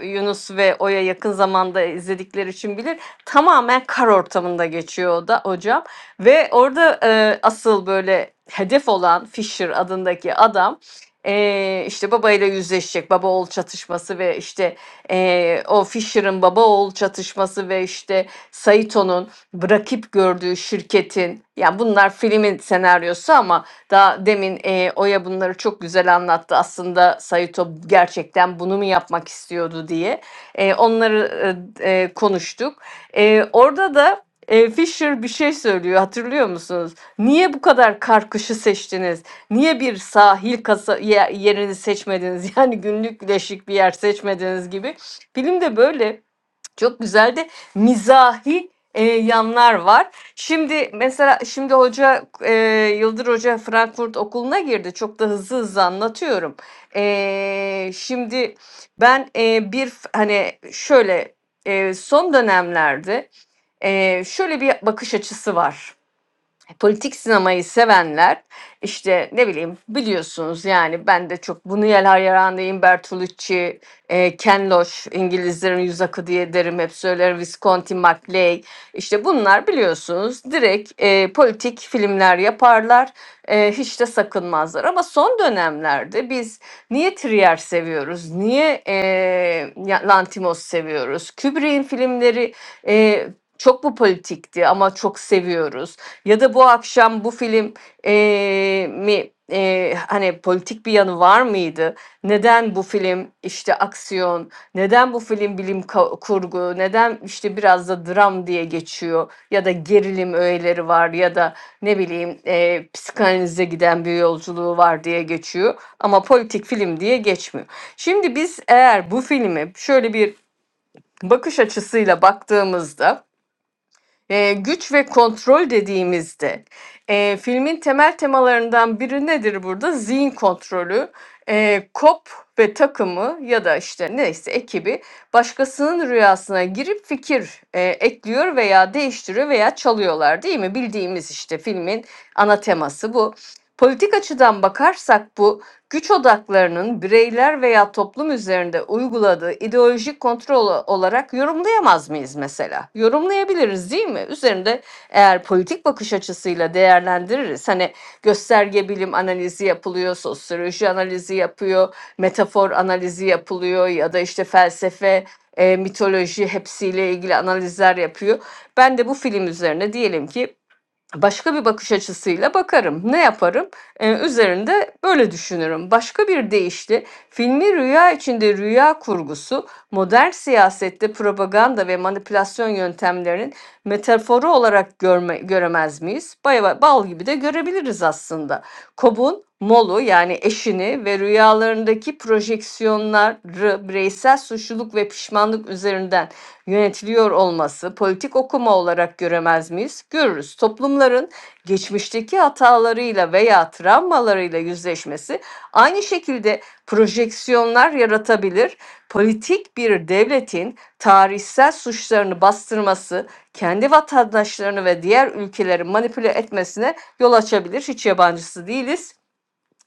Yunus ve Oya yakın zamanda izledikleri için bilir. Tamamen kar ortamında geçiyor o da hocam. Ve orada e, asıl böyle hedef olan Fisher adındaki adam e, işte babayla yüzleşecek. Baba oğul çatışması ve işte e, o Fisher'ın baba oğul çatışması ve işte Saito'nun bırakıp gördüğü şirketin yani bunlar filmin senaryosu ama daha demin e, Oya bunları çok güzel anlattı. Aslında Sayito gerçekten bunu mu yapmak istiyordu diye. E, onları e, e, konuştuk. E, orada da e, Fisher bir şey söylüyor hatırlıyor musunuz? Niye bu kadar karkışı seçtiniz? Niye bir sahil kasa yerini seçmediniz? Yani günlük güneşlik bir yer seçmediniz gibi. Film de böyle çok güzel de mizahi e, yanlar var. Şimdi mesela şimdi hoca e, Yıldır Hoca Frankfurt Okulu'na girdi. Çok da hızlı hızlı anlatıyorum. E, şimdi ben e, bir hani şöyle e, son dönemlerde e, şöyle bir bakış açısı var politik sinemayı sevenler işte ne bileyim biliyorsunuz yani ben de çok bunu hayranıyım Bertolucci, e, Ken Loach, İngilizlerin yüz akı diye derim hep söylerim Visconti, Maclay işte bunlar biliyorsunuz direkt e, politik filmler yaparlar e, hiç de sakınmazlar ama son dönemlerde biz niye Trier seviyoruz niye e, ya- Lantimos seviyoruz Kubrick'in filmleri e, çok bu politikti ama çok seviyoruz. Ya da bu akşam bu film eee, mi eee, hani politik bir yanı var mıydı? Neden bu film işte aksiyon, neden bu film bilim ka- kurgu, neden işte biraz da dram diye geçiyor ya da gerilim öğeleri var ya da ne bileyim eee psikanalize giden bir yolculuğu var diye geçiyor ama politik film diye geçmiyor. Şimdi biz eğer bu filmi şöyle bir bakış açısıyla baktığımızda e, güç ve kontrol dediğimizde e, filmin temel temalarından biri nedir burada? Zihin kontrolü. E, Kop ve takımı ya da işte neyse ekibi başkasının rüyasına girip fikir e, ekliyor veya değiştiriyor veya çalıyorlar değil mi? Bildiğimiz işte filmin ana teması bu. Politik açıdan bakarsak bu güç odaklarının bireyler veya toplum üzerinde uyguladığı ideolojik kontrol olarak yorumlayamaz mıyız mesela? Yorumlayabiliriz değil mi? Üzerinde eğer politik bakış açısıyla değerlendiririz. Hani gösterge bilim analizi yapılıyor, sosyoloji analizi yapıyor, metafor analizi yapılıyor ya da işte felsefe, e, mitoloji hepsiyle ilgili analizler yapıyor. Ben de bu film üzerine diyelim ki başka bir bakış açısıyla bakarım. Ne yaparım? Ee, üzerinde böyle düşünürüm. Başka bir deyişle filmi rüya içinde rüya kurgusu, modern siyasette propaganda ve manipülasyon yöntemlerinin metaforu olarak görme, göremez miyiz? Bal, bal gibi de görebiliriz aslında. Cobb'un Molu yani eşini ve rüyalarındaki projeksiyonları bireysel suçluluk ve pişmanlık üzerinden yönetiliyor olması politik okuma olarak göremez miyiz? Görürüz. Toplumların geçmişteki hatalarıyla veya travmalarıyla yüzleşmesi aynı şekilde projeksiyonlar yaratabilir. Politik bir devletin tarihsel suçlarını bastırması kendi vatandaşlarını ve diğer ülkeleri manipüle etmesine yol açabilir. Hiç yabancısı değiliz.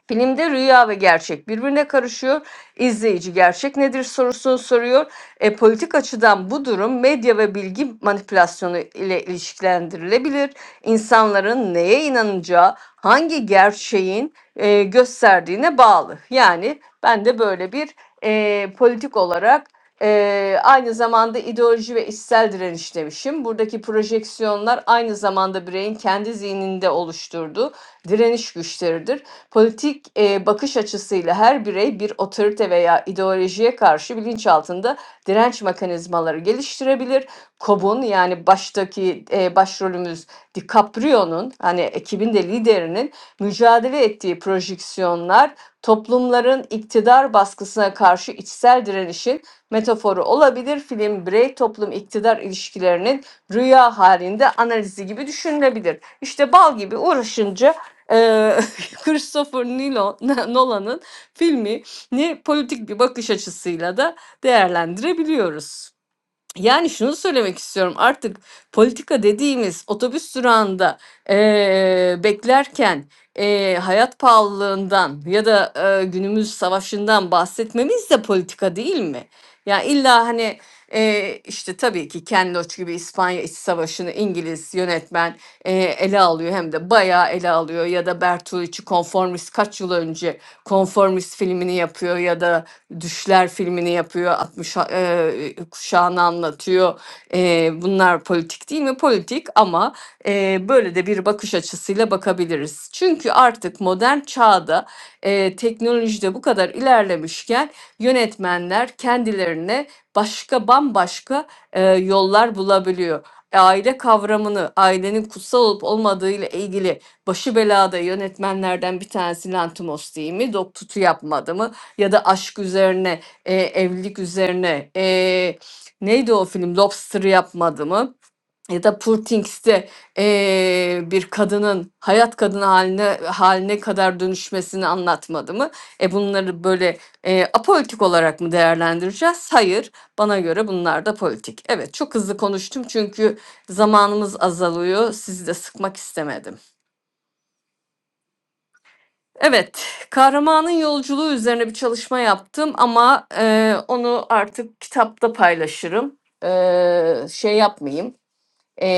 Filmde rüya ve gerçek birbirine karışıyor. İzleyici gerçek nedir sorusunu soruyor. E, politik açıdan bu durum medya ve bilgi manipülasyonu ile ilişkilendirilebilir. İnsanların neye inanacağı, hangi gerçeğin e, gösterdiğine bağlı. Yani ben de böyle bir e, politik olarak e, aynı zamanda ideoloji ve içsel direniş demişim. Buradaki projeksiyonlar aynı zamanda bireyin kendi zihninde oluşturduğu direniş güçleridir Politik e, bakış açısıyla her birey bir otorite veya ideolojiye karşı bilinçaltında direnç mekanizmaları geliştirebilir. Cobb'un yani baştaki e, başrolümüz DiCaprio'nun hani ekibin de liderinin mücadele ettiği projeksiyonlar toplumların iktidar baskısına karşı içsel direnişin metaforu olabilir. Film birey toplum iktidar ilişkilerinin rüya halinde analizi gibi düşünülebilir. İşte bal gibi uğraşınca e, Christopher Nolan'ın filmi ni politik bir bakış açısıyla da değerlendirebiliyoruz. Yani şunu söylemek istiyorum artık politika dediğimiz otobüs durağında eee, beklerken eee, hayat pahalılığından ya da eee, günümüz savaşından bahsetmemiz de politika değil mi? Ya illa hani eee, işte tabii ki Ken Loach gibi İspanya İç Savaşı'nı İngiliz yönetmen eee, ele alıyor hem de bayağı ele alıyor ya da Bertolucci konformist kaç yıl önce konformist filmini yapıyor ya da Düşler filmini yapıyor, 60 eee, kuşağını anlatıyor. Eee, bunlar politik değil mi? Politik ama eee, böyle de bir bakış açısıyla bakabiliriz. Çünkü artık modern çağda eee teknolojide bu kadar ilerlemişken yönetmenler kendilerine başka bambaşka eee, yollar bulabiliyor. Aile kavramını, ailenin kutsal olup olmadığı ile ilgili başı belada yönetmenlerden bir tanesi Lantimos değil mi? Dok tutu yapmadı mı? ya da aşk üzerine, e, evlilik üzerine e, neydi o film? Lobster yapmadı mı? Ya da Poor Things'te e, bir kadının hayat kadını haline haline kadar dönüşmesini anlatmadı mı? E bunları böyle e, apolitik olarak mı değerlendireceğiz? Hayır. Bana göre bunlar da politik. Evet, çok hızlı konuştum çünkü zamanımız azalıyor. Sizi de sıkmak istemedim. Evet, kahramanın yolculuğu üzerine bir çalışma yaptım ama e, onu artık kitapta paylaşırım. E, şey yapmayayım. E,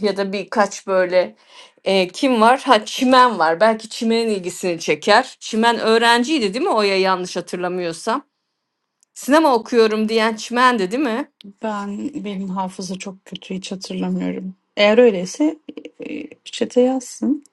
ya da birkaç böyle e, kim var? Ha Çimen var. Belki Çimen'in ilgisini çeker. Çimen öğrenciydi değil mi? Oya yanlış hatırlamıyorsam. Sinema okuyorum diyen Çimen'di değil mi?
Ben benim hafıza çok kötü hiç hatırlamıyorum. Eğer öyleyse e, chat'e yazsın.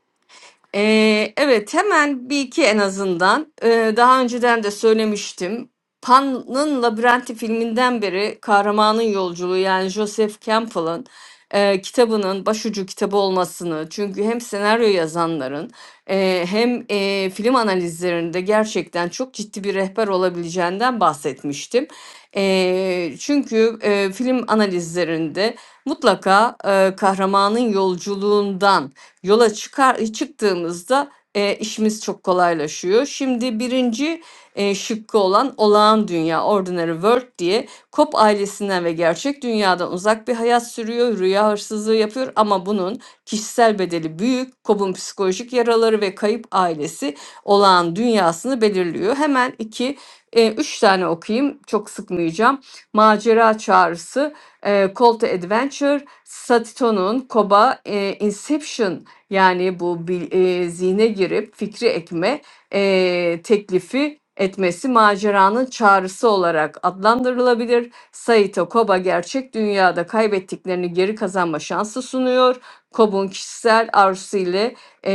Ee, evet hemen bir iki en azından Ee, daha önceden de söylemiştim. Pan'ın Labirenti filminden beri kahramanın yolculuğu yani Joseph Campbell'ın e, kitabının başucu kitabı olmasını çünkü hem senaryo yazanların e, hem e, film analizlerinde gerçekten çok ciddi bir rehber olabileceğinden bahsetmiştim. E, çünkü e, film analizlerinde mutlaka e, kahramanın yolculuğundan yola çıkar çıktığımızda e, işimiz çok kolaylaşıyor. Şimdi birinci e, şıkkı olan olağan dünya, ordinary world diye Cobb ailesinden ve gerçek dünyadan uzak bir hayat sürüyor, rüya hırsızlığı yapıyor ama bunun kişisel bedeli büyük. Kop'un psikolojik yaraları ve kayıp ailesi olağan dünyasını belirliyor. Hemen iki, e, üç tane okuyayım, çok sıkmayacağım. Macera Çağrısı, e, Call to Adventure, Satito'nun Koba, e, Inception yani bu bil- e, zihne girip fikri ekme e, teklifi etmesi maceranın çağrısı olarak adlandırılabilir. Saito Koba gerçek dünyada kaybettiklerini geri kazanma şansı sunuyor. Kob'un kişisel arzusu ile e,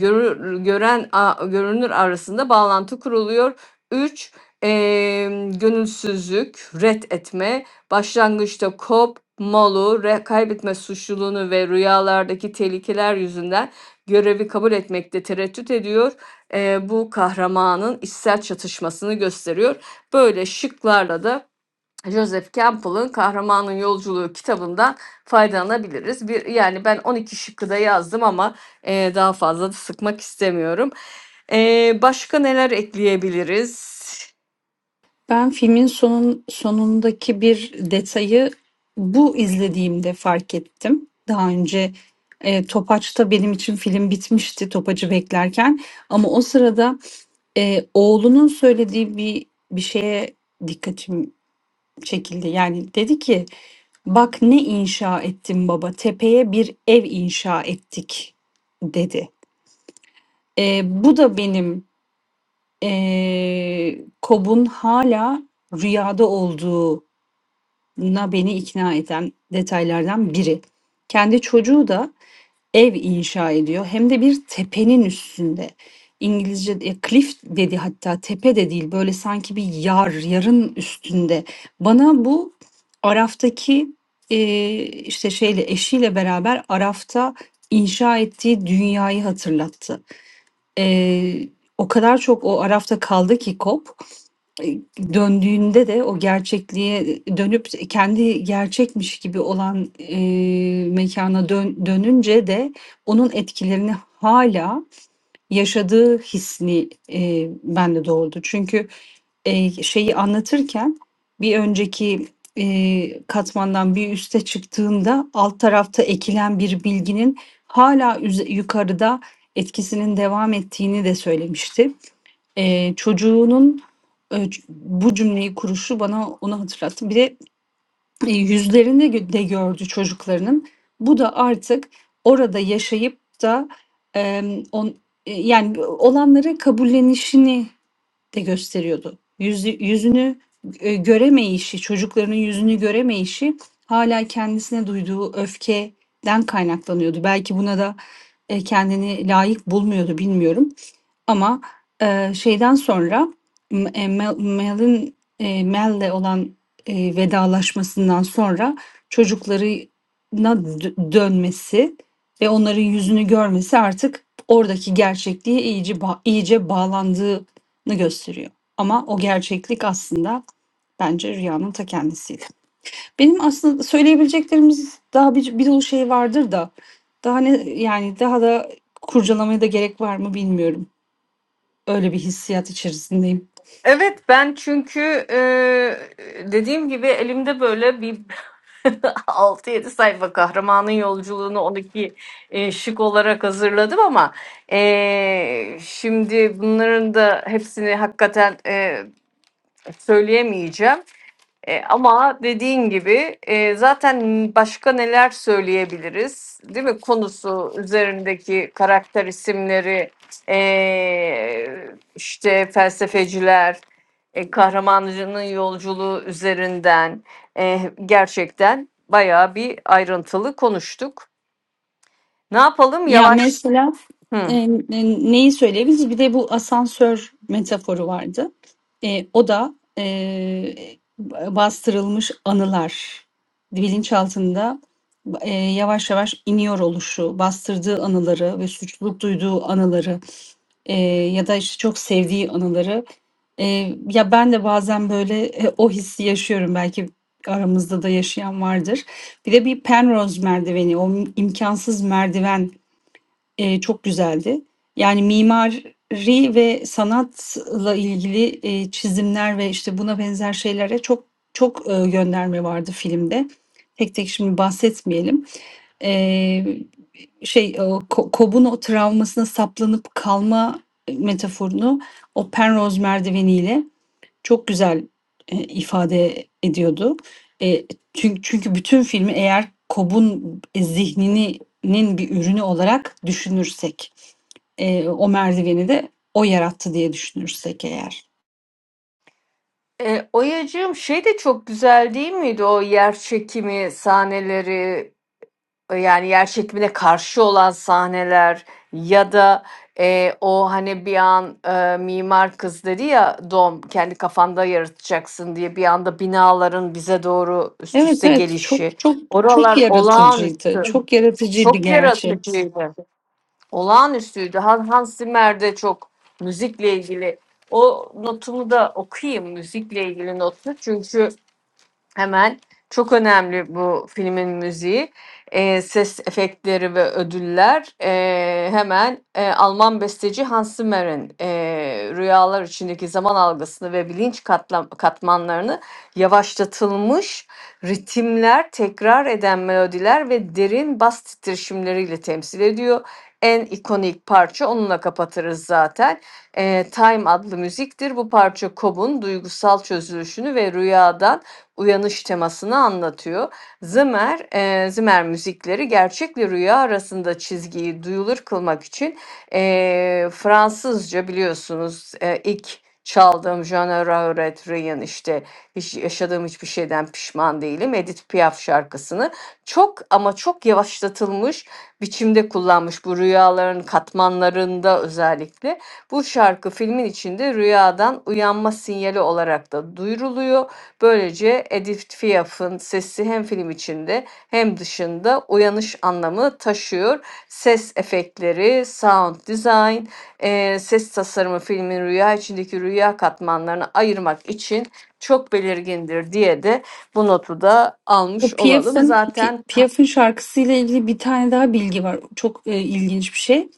görür, gören a- görünür arasında bağlantı kuruluyor. 3. gönülsüzlük, ret etme Başlangıçta kop malu re- kaybetme suçluluğunu ve rüyalardaki tehlikeler yüzünden görevi kabul etmekte tereddüt ediyor. Eee, bu kahramanın içsel çatışmasını gösteriyor. Böyle şıklarla da Joseph Campbell'ın Kahramanın Yolculuğu kitabından faydalanabiliriz. Bir, yani ben 12 şıkkı da yazdım ama eee, daha fazla da sıkmak istemiyorum. Eee, başka neler ekleyebiliriz?
Ben filmin sonun sonundaki bir detayı bu izlediğimde fark ettim. Daha önce e, Topaç'ta benim için film bitmişti Topaç'ı beklerken ama o sırada e, oğlunun söylediği bir bir şeye dikkatim çekildi. Yani dedi ki bak ne inşa ettim baba tepeye bir ev inşa ettik dedi. Eee, bu da benim, eee, KOB'un hâlâ rüyada olduğuna beni ikna eden detaylardan biri. Kendi çocuğu da ev inşa ediyor hem de bir tepenin üstünde. İngilizce de cliff dedi hatta, tepe de değil, böyle sanki bir yar, yarın üstünde. Bana bu Araf'taki, eee, işte şeyle, eşiyle beraber Araf'ta inşa ettiği dünyayı hatırlattı. Eee, o kadar çok o arafta kaldı ki kop, eee, döndüğünde de o gerçekliğe, dönüp kendi gerçekmiş gibi olan, eee, mekâna dön dönünce de onun etkilerini hâlâ yaşadığı hisni e, bende doğurdu. Çünkü e, şeyi anlatırken bir önceki e, katmandan bir üste çıktığında alt tarafta ekilen bir bilginin hala üze- yukarıda etkisinin devam ettiğini de söylemişti. E, çocuğunun e, ç- bu cümleyi kuruşu bana onu hatırlattı. Bir de e, yüzlerini gö- de gördü çocuklarının. Bu da artık orada yaşayıp da em, on, e, yani olanları kabullenişini de gösteriyordu. Yüzü, yüzünü e, göremeyişi, çocuklarının yüzünü göremeyişi hala kendisine duyduğu öfkeden kaynaklanıyordu. Belki buna da e, kendini layık bulmuyordu bilmiyorum. Ama, eee, şeyden sonra m eee, Mel Mel'in, eee, Mel'le olan, eee, vedalaşmasından sonra çocuklarına dö dönmesi ve onların yüzünü görmesi artık oradaki gerçekliğe iyice ba iyice bağlandığını gösteriyor. Ama o gerçeklik aslında bence rüyanın ta kendisiydi. Benim aslında söyleyebileceklerimiz daha bir bir dolu şey vardır da daha ne yani daha da kurcalamaya da gerek var mı bilmiyorum. Öyle bir hissiyat içerisindeyim.
Evet ben çünkü e, dediğim gibi elimde böyle bir altı yedi sayfa kahramanın yolculuğunu 12 e, şık olarak hazırladım ama e, şimdi bunların da hepsini hakikaten e, söyleyemeyeceğim. E, ama dediğin gibi e, zaten başka neler söyleyebiliriz, değil mi? Konusu üzerindeki karakter isimleri, e, işte felsefeciler, e, kahramanının yolculuğu üzerinden e, gerçekten bayağı bir ayrıntılı konuştuk. Ne yapalım?
Ya
Yavaş.
mesela
Hı.
e, e, neyi söyleyebiliriz? Bir de bu asansör metaforu vardı. E, o da e, bastırılmış anılar. Bilinçaltında e, yavaş yavaş iniyor oluşu, bastırdığı anıları ve suçluluk duyduğu anıları e, ya da işte çok sevdiği anıları. E, ya ben de bazen böyle e, o hissi yaşıyorum. Belki aramızda da yaşayan vardır. Bir de bir Penrose merdiveni, o imkansız merdiven Eee, çok güzeldi. Yani mimari ve sanatla ilgili, eee, çizimler ve, işte, buna benzer şeylere çok çok, eee, gönderme vardı filmde. Tek tek şimdi bahsetmeyelim. Eee, şey, o ko Cobb'un o travmasına saplanıp kalma, metaforunu o Penrose merdiveniyle çok güzel, eee, ifade ediyordu. Eee, çünkü çünkü bütün filmi eğer Cobb'un zihnini bir ürünü olarak düşünürsek, eee, o merdiveni de o yarattı diye düşünürsek eğer.
E, Oyacığım şey de çok güzel değil miydi o yer çekimi sahneleri Ee, yani yer çekimine karşı olan sahneler ya da e, o hani bir an e, mimar kız dedi ya Dom kendi kafanda yaratacaksın diye bir anda binaların bize doğru üst
Evet,
üste
evet,
gelişi.
çok çok çok
Oralar
yaratıcıydı.
olağanüstü.
Çok yaratıcıydı
Çok
gerçi.
yaratıcıydı. Olağanüstüydü. Han- Hans Zimmer de çok müzikle ilgili. O notumu da okuyayım müzikle ilgili notu. Çünkü Hemen. Çok önemli bu filmin müziği. Eee, ses efektleri ve ödüller, eee, hemen, eee, Alman besteci Hans Zimmer'in, eee, rüyalar içindeki zaman algısını ve bilinç katlam katmanlarını yavaşlatılmış ritimler, tekrar eden melodiler ve derin bas titreşimleriyle temsil ediyor. En ikonik parça onunla kapatırız zaten. Eee, Time adlı müziktir. Bu parça Cobb'un duygusal çözülüşünü ve rüyadan uyanış temasını anlatıyor. Zimmer, eee, Zimmer müzikleri gerçekle rüya arasında çizgiyi duyulur kılmak için eee, Fransızca biliyorsunuz eee, ilk çaldığım Jean Regret Rien işte hiç yaşadığım hiçbir şeyden pişman değilim Edith Piaf şarkısını çok ama çok yavaşlatılmış biçimde kullanmış bu rüyaların katmanlarında özellikle. Bu şarkı filmin içinde rüyadan uyanma sinyali olarak da duyuruluyor Böylece Edith Piaf'ın sesi hem film içinde hem dışında uyanış anlamı taşıyor. Ses efektleri, sound design, eee, ses tasarımı filmin rüya içindeki rüya katmanlarını ayırmak için çok belirgindir diye de bu notu da almış
O
olalım.
Piaf'ın Pi-
Zaten
Piaf'ın şarkısıyla ilgili bir tane daha bilgi var. Çok e, ilginç bir şey.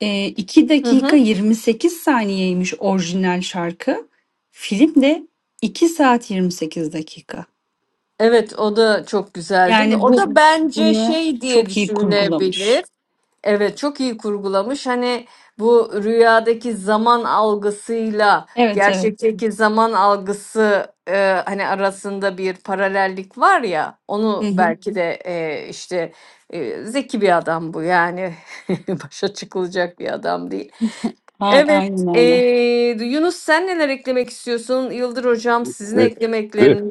E, 2
Hı
dakika
hı.
28 saniyeymiş orijinal şarkı. Film de 2 saat 28 dakika.
Evet o da çok güzel değil mi?
Yani
O
bu
da bence
bunu
şey diye
çok iyi
düşünülebilir.
kurgulamış.
Evet çok iyi kurgulamış. Hani bu rüyadaki zaman algısıyla
Evet evet.
gerçekteki zaman algısı e, hani arasında bir paralellik var ya onu
Hı hı.
belki de e, işte e, zeki bir adam bu yani başa çıkılacak bir adam değil.
A-
Evet
Aynen
e,
aynen.
Yunus sen neler eklemek istiyorsun? Yıldır hocam sizin
Ve ve
eklemekleriniz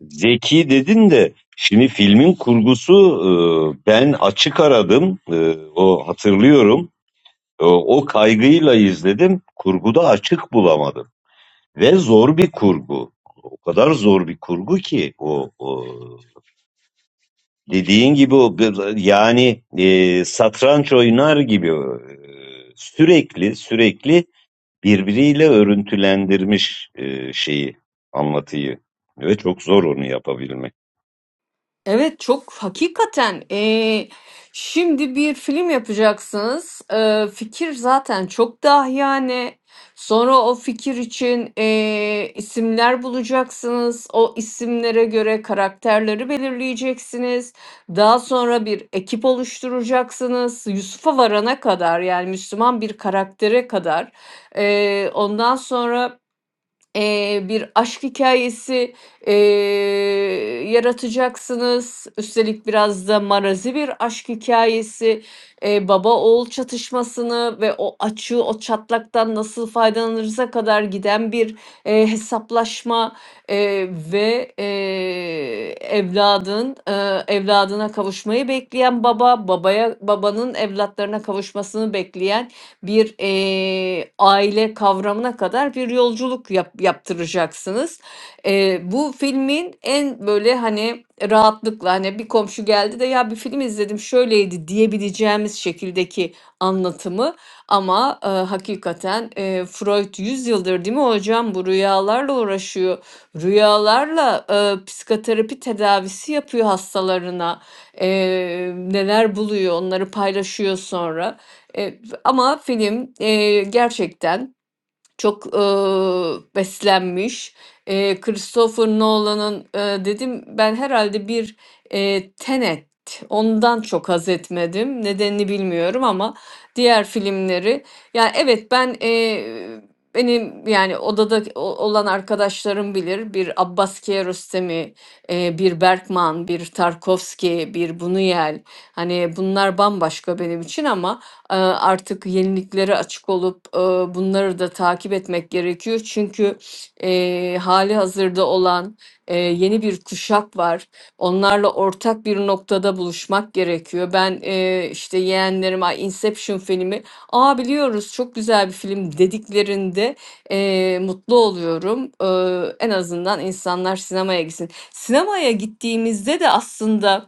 Zeki dedin de şimdi filmin kurgusu e, ben açık aradım E, o hatırlıyorum E, o kaygıyla izledim kurguda açık bulamadım ve zor bir kurgu o kadar zor bir kurgu ki o, o dediğin gibi o bir- yani e, satranç oynar gibi e, sürekli sürekli birbiriyle örüntülendirmiş e, şeyi anlatıyı ve çok zor onu yapabilmek.
Evet çok hakikaten eee, şimdi bir film yapacaksınız. Eee, fikir zaten çok dahiyane. Sonra o fikir için eee, isimler bulacaksınız. O isimlere göre karakterleri belirleyeceksiniz. Daha sonra bir ekip oluşturacaksınız. Yusuf'a varana kadar yani Müslüman bir karaktere kadar. Eee, ondan sonra eee, bir aşk hikâyesi, eee, yaratacaksınız. Üstelik biraz da marazi bir aşk hikâyesi, eee, baba oğul çatışmasını ve o açığı, o çatlaktan nasıl faydalanırıza kadar giden bir, eee, hesaplaşma, eee, ve, eee, evladın, eee, evladına kavuşmayı bekleyen baba, babaya babanın evlatlarına kavuşmasını bekleyen bir eee, aile kavramına kadar bir yolculuk yap- yaptıracaksınız. Eee, bu filmin en böyle hani rahatlıkla hani bir komşu geldi de ya bir film izledim şöyleydi diyebileceğimiz şekildeki anlatımı ama eee, hakikaten eee, Freud 100 yıldır değil mi hocam bu rüyalarla uğraşıyor. Rüyalarla eee, psikoterapi tedavisi yapıyor hastalarına. Eee, neler buluyor onları paylaşıyor sonra. E, ama film, eee, gerçekten çok, ııı, beslenmiş. Eee, Christopher Nolan'ın, eee, dedim ben herhalde bir, eee, Tenet, ondan çok haz etmedim. Nedenini bilmiyorum ama diğer filmleri Yani evet, ben, eee, benim, yani, odada o olan arkadaşlarım bilir. Bir Abbas Kiarostami, eee, bir Bergman, bir Tarkovski, bir Buñuel, hani, bunlar bambaşka benim için ama e, artık yeniliklere açık olup e, bunları da takip etmek gerekiyor. Çünkü e, hali hazırda olan e, yeni bir kuşak var. Onlarla ortak bir noktada buluşmak gerekiyor. Ben e, işte yeğenlerim "Ay, Inception filmi, aa biliyoruz çok güzel bir film dediklerinde e, mutlu oluyorum. E, en azından insanlar sinemaya gitsin. Sinemaya gittiğimizde de aslında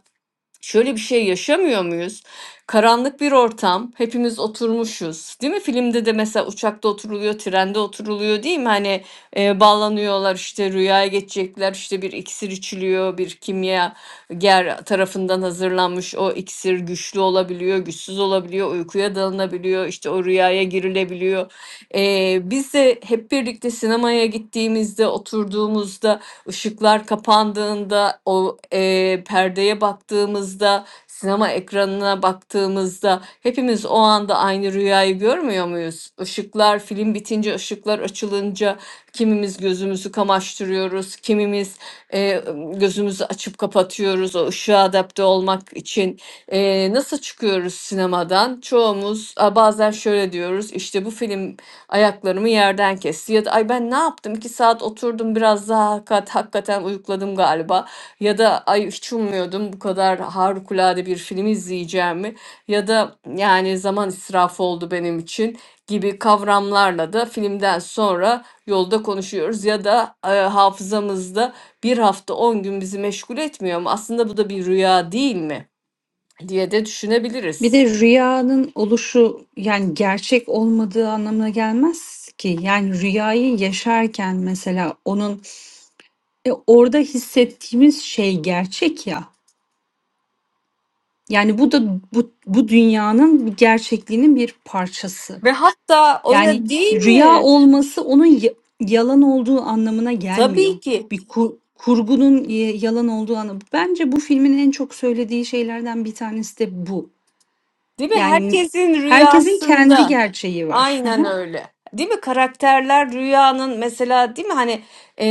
Şöyle bir şey yaşamıyor muyuz? Karanlık bir ortam, hepimiz oturmuşuz. Değil mi? Filmde de mesela uçakta oturuluyor, trende oturuluyor değil mi? Hani e, bağlanıyorlar işte rüyaya geçecekler, işte bir iksir içiliyor, bir kimya ger tarafından hazırlanmış o iksir güçlü olabiliyor, güçsüz olabiliyor, uykuya dalınabiliyor, işte o rüyaya girilebiliyor. E, biz de hep birlikte sinemaya gittiğimizde, oturduğumuzda Işıklar kapandığında, o eee, perdeye baktığımızda, sinema ekranına baktığımızda hepimiz o anda aynı rüyayı görmüyor muyuz? Işıklar film bitince, ışıklar açılınca kimimiz gözümüzü kamaştırıyoruz, kimimiz eee, gözümüzü açıp kapatıyoruz o ışığa adapte olmak için. Eee, nasıl çıkıyoruz sinemadan? Çoğumuz a, bazen şöyle diyoruz işte bu film Ayaklarımı yerden kesti ya da ay ben ne yaptım? 2 saat oturdum biraz daha hakikat, hakikaten uyukladım galiba. Ya da ay hiç ummuyordum bu kadar harikulade bir film izleyeceğimi ya da yani zaman israfı oldu benim için gibi kavramlarla da filmden sonra yolda konuşuyoruz ya da e, hafızamızda bir hafta 10 gün bizi meşgul etmiyor mu? Aslında bu da bir rüya değil mi? diye de
Bir
düşünebiliriz.
de rüyanın oluşu yani gerçek olmadığı anlamına gelmez ki. Yani rüyayı yaşarken mesela onun E, orada hissettiğimiz şey gerçek ya. Yani bu da bu, bu dünyanın bir gerçekliğinin bir parçası.
Ve hatta
Yani
öyle değil
rüya
mi?
olması onun y- yalan olduğu anlamına gelmiyor.
Tabii ki.
Bir ku- kurgunun y- yalan olduğu anlamı. Bence bu filmin en çok söylediği şeylerden bir tanesi de bu.
Değil mi?
Yani
Herkesin
herkesin kendi
rüyasında.
gerçeği var.
Aynen öyle. Değil mi? Karakterler rüyanın mesela değil mi hani e,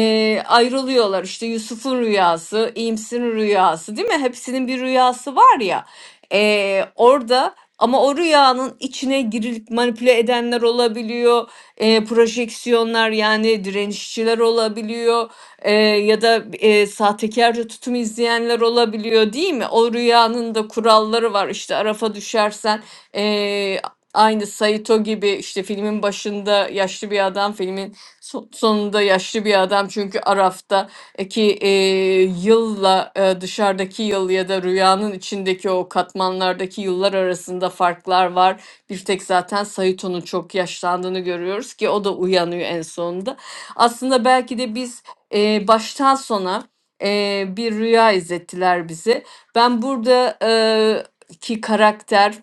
ayrılıyorlar işte Yusuf'un rüyası, İyimser'in rüyası değil mi? Hepsinin bir rüyası var ya E, orada ama o rüyanın içine girilip manipüle edenler olabiliyor. E, projeksiyonlar yani direnişçiler olabiliyor E, ya da e, sahtekarca tutum izleyenler olabiliyor değil mi? O rüyanın da kuralları var işte Araf'a düşersen. Aynı Saito gibi işte filmin başında yaşlı bir adam, filmin so- sonunda yaşlı bir adam. Çünkü Araf'ta e, ki e, yılla e, dışarıdaki yıl ya da rüyanın içindeki o katmanlardaki yıllar arasında farklar var. Bir tek zaten Saito'nun çok yaşlandığını görüyoruz ki o da uyanıyor en sonunda. Aslında belki de biz e, baştan sona e, bir rüya izlettiler bize. Ben burada e, ki karakter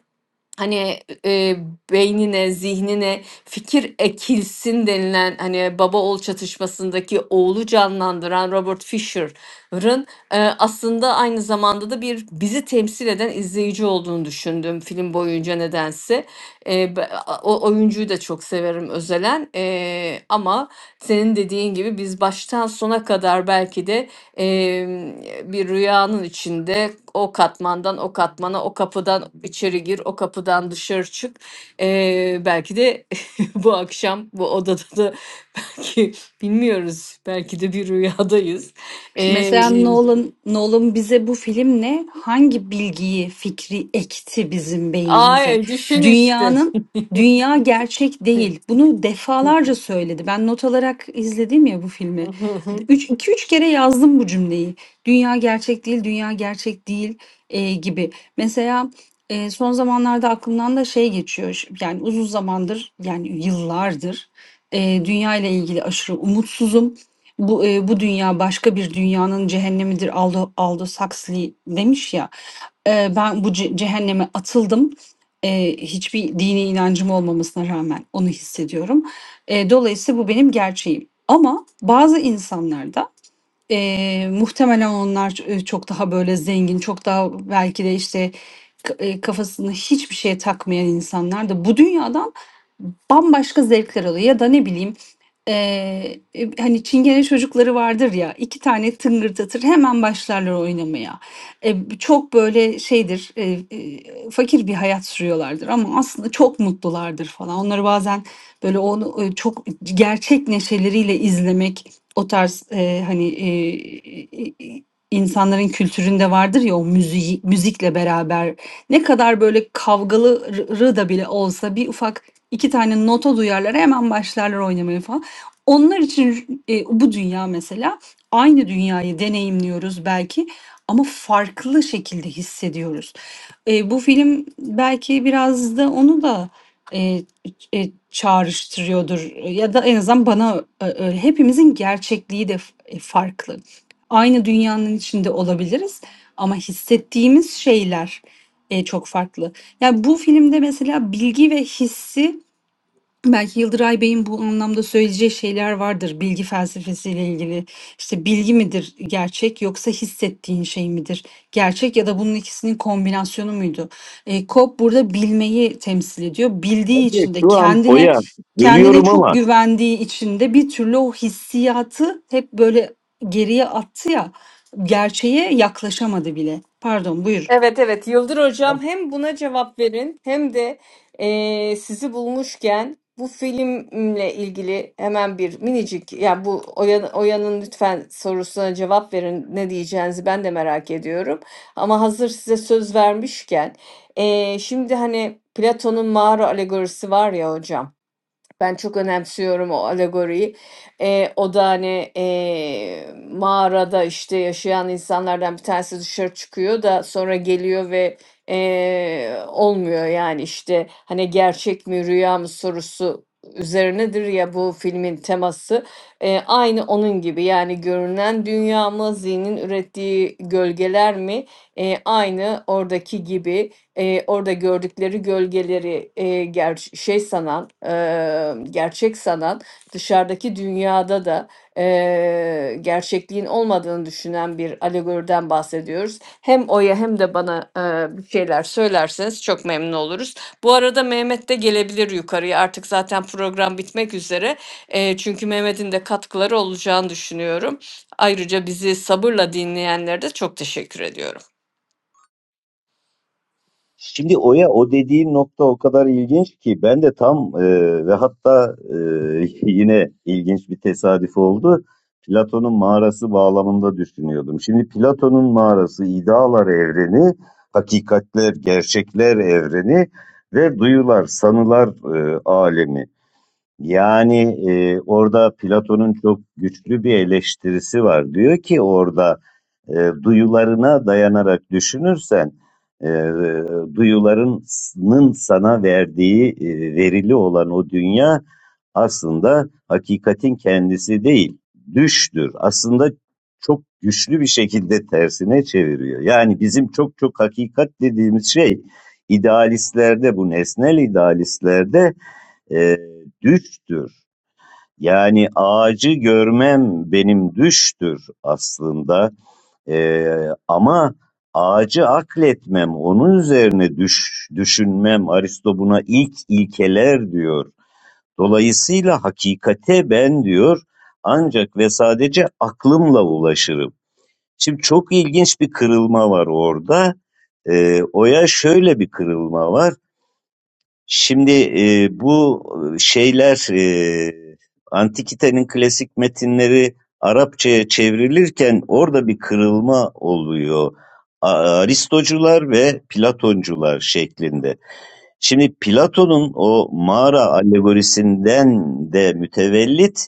hani e, beynine, zihnine fikir ekilsin denilen hani baba oğul çatışmasındaki oğlu canlandıran Robert Fisher'ın e, aslında aynı zamanda da bir bizi temsil eden izleyici olduğunu düşündüm film boyunca nedense. E, be- o oyuncuyu da çok severim özelen E, ama senin dediğin gibi biz baştan sona kadar belki de Em, bir rüyanın içinde o katmandan o katmana, o kapıdan içeri gir, o kapıdan dışarı çık. Eee, belki de bu akşam bu odada da ki bilmiyoruz. Belki de bir rüyadayız. Eee
Mesela Nolan, Nolan bize bu filmle hangi bilgiyi, fikri ekti bizim beynimize?
ay düşün işte.
Dünyanın, dünya gerçek değil. Bunu defalarca söyledi. Ben not alarak izledim ya bu filmi. 3 2 3 kere yazdım bu cümleyi. Dünya gerçek değil, dünya gerçek değil e, gibi. Mesela e, son zamanlarda aklımdan da şey geçiyor. Ş- Yani uzun zamandır, yani yıllardır e, dünya ile ilgili aşırı umutsuzum bu, eee, bu dünya başka bir dünyanın cehennemidir Aldo, Aldous Huxley demiş ya. Eee, ben bu ce- cehenneme atıldım. Eee, hiçbir dini inancım olmamasına rağmen onu hissediyorum. Eee, dolayısıyla bu benim gerçeğim. Ama bazı insanlarda Eee, muhtemelen onlar e, çok daha böyle zengin, çok daha belki de işte k- e, kafasını hiçbir şeye takmayan insanlar da bu dünyadan bambaşka zevkler alıyor. Ya da ne bileyim eee, e, hani çingene çocukları vardır ya iki tane tıngırdatır hemen başlarlar oynamaya. E, b- çok böyle şeydir e, e, fakir bir hayat sürüyorlardır ama aslında çok mutlulardır falan. Onları bazen böyle onu e, çok gerçek neşeleriyle izlemek o tarz, eee, hani, eee, insanların kültüründe vardır ya o müziği müzikle beraber ne kadar böyle kavgalı rı da bile olsa bir ufak 2 tane nota duyarlar, hemen başlarlar oynamaya falan. Onlar için, eee, bu dünya mesela aynı dünyayı deneyimliyoruz belki ama farklı şekilde hissediyoruz. Eee, bu film belki biraz da onu da, eee eee, çağrıştırıyordur ya da en azından bana ö öyle. Hepimizin gerçekliği de f eee, farklı. Aynı dünyanın içinde olabiliriz ama hissettiğimiz şeyler, eee, çok farklı. Yani, bu filmde mesela bilgi ve hissi Belki Yıldıray Bey'in bu anlamda söyleyeceği şeyler vardır bilgi felsefesiyle ilgili. İşte bilgi midir gerçek yoksa hissettiğin şey midir? Gerçek ya da bunun ikisinin kombinasyonu muydu? E, Kop burada bilmeyi temsil ediyor. Bildiği
Şimdi
için de
şu an
kendine
Oya
kendine
bölüyorum
çok
ama
güvendiği için de bir türlü o hissiyatı hep böyle geriye attı ya gerçeğe yaklaşamadı bile. Pardon buyur.
Evet evet Yıldır Hocam hem buna cevap verin hem de eee, sizi bulmuşken bu filmle ilgili hemen bir minicik yani bu Oya- Oya'nın lütfen sorusuna cevap verin ne diyeceğinizi ben de merak ediyorum. Ama hazır size söz vermişken eee, şimdi hani Platon'un mağara alegorisi var ya hocam. Ben çok önemsiyorum o alegoriyi. Eee, o da, hani, eee, mağarada, işte, yaşayan insanlardan bir tanesi dışarı çıkıyor da sonra geliyor ve, eee, olmuyor, yani, işte, hani, gerçek mi rüya mı sorusu üzerinedir ya bu filmin teması. Eee, aynı onun gibi, yani, görünen dünya mı, zihnin ürettiği gölgeler mi? Eee, aynı oradaki gibi e, orada gördükleri gölgeleri e, ger- şey sanan, e, gerçek sanan, dışarıdaki dünyada da e, gerçekliğin olmadığını düşünen bir alegoriden bahsediyoruz. Hem O'ya hem de bana e, bir şeyler söylerseniz çok memnun oluruz. Bu arada Mehmet de gelebilir yukarıya. Artık zaten program bitmek üzere. E, çünkü Mehmet'in de katkıları olacağını düşünüyorum. Ayrıca bizi sabırla dinleyenlere de çok teşekkür ediyorum.
şimdi Oya o dediğin nokta o kadar ilginç ki ben de tam e, ve hatta e, yine ilginç bir tesadüf oldu. Platon'un mağarası bağlamında düşünüyordum. Şimdi Platon'un mağarası idealar evreni, hakikatler, gerçekler evreni ve duyular, sanılar e, alemi. Yani, eee, orada Platon'un çok güçlü bir eleştirisi var. Diyor ki orada, eee, duyularına dayanarak düşünürsen, eee, duyuların sana verdiği, eee, verili olan o dünya aslında hakikatin kendisi değil, düştür. Aslında çok güçlü bir şekilde tersine çeviriyor. Yani bizim çok çok hakikat dediğimiz şey idealistlerde, bu nesnel idealistlerde e, düştür. Yani ağacı görmem benim düştür aslında. E, ama ağacı akletmem, onun üzerine düş, düşünmem. Aristo buna ilk ilkeler diyor. Dolayısıyla hakikate ben diyor ancak ve sadece aklımla ulaşırım. Şimdi çok ilginç bir kırılma var orada. E, Oya şöyle bir kırılma var Şimdi e, bu e, şeyler e, Antikite'nin klasik metinleri Arapçaya çevrilirken orada bir kırılma oluyor. A- Aristocular ve Platoncular şeklinde. Şimdi Platon'un o mağara alegorisinden de mütevellit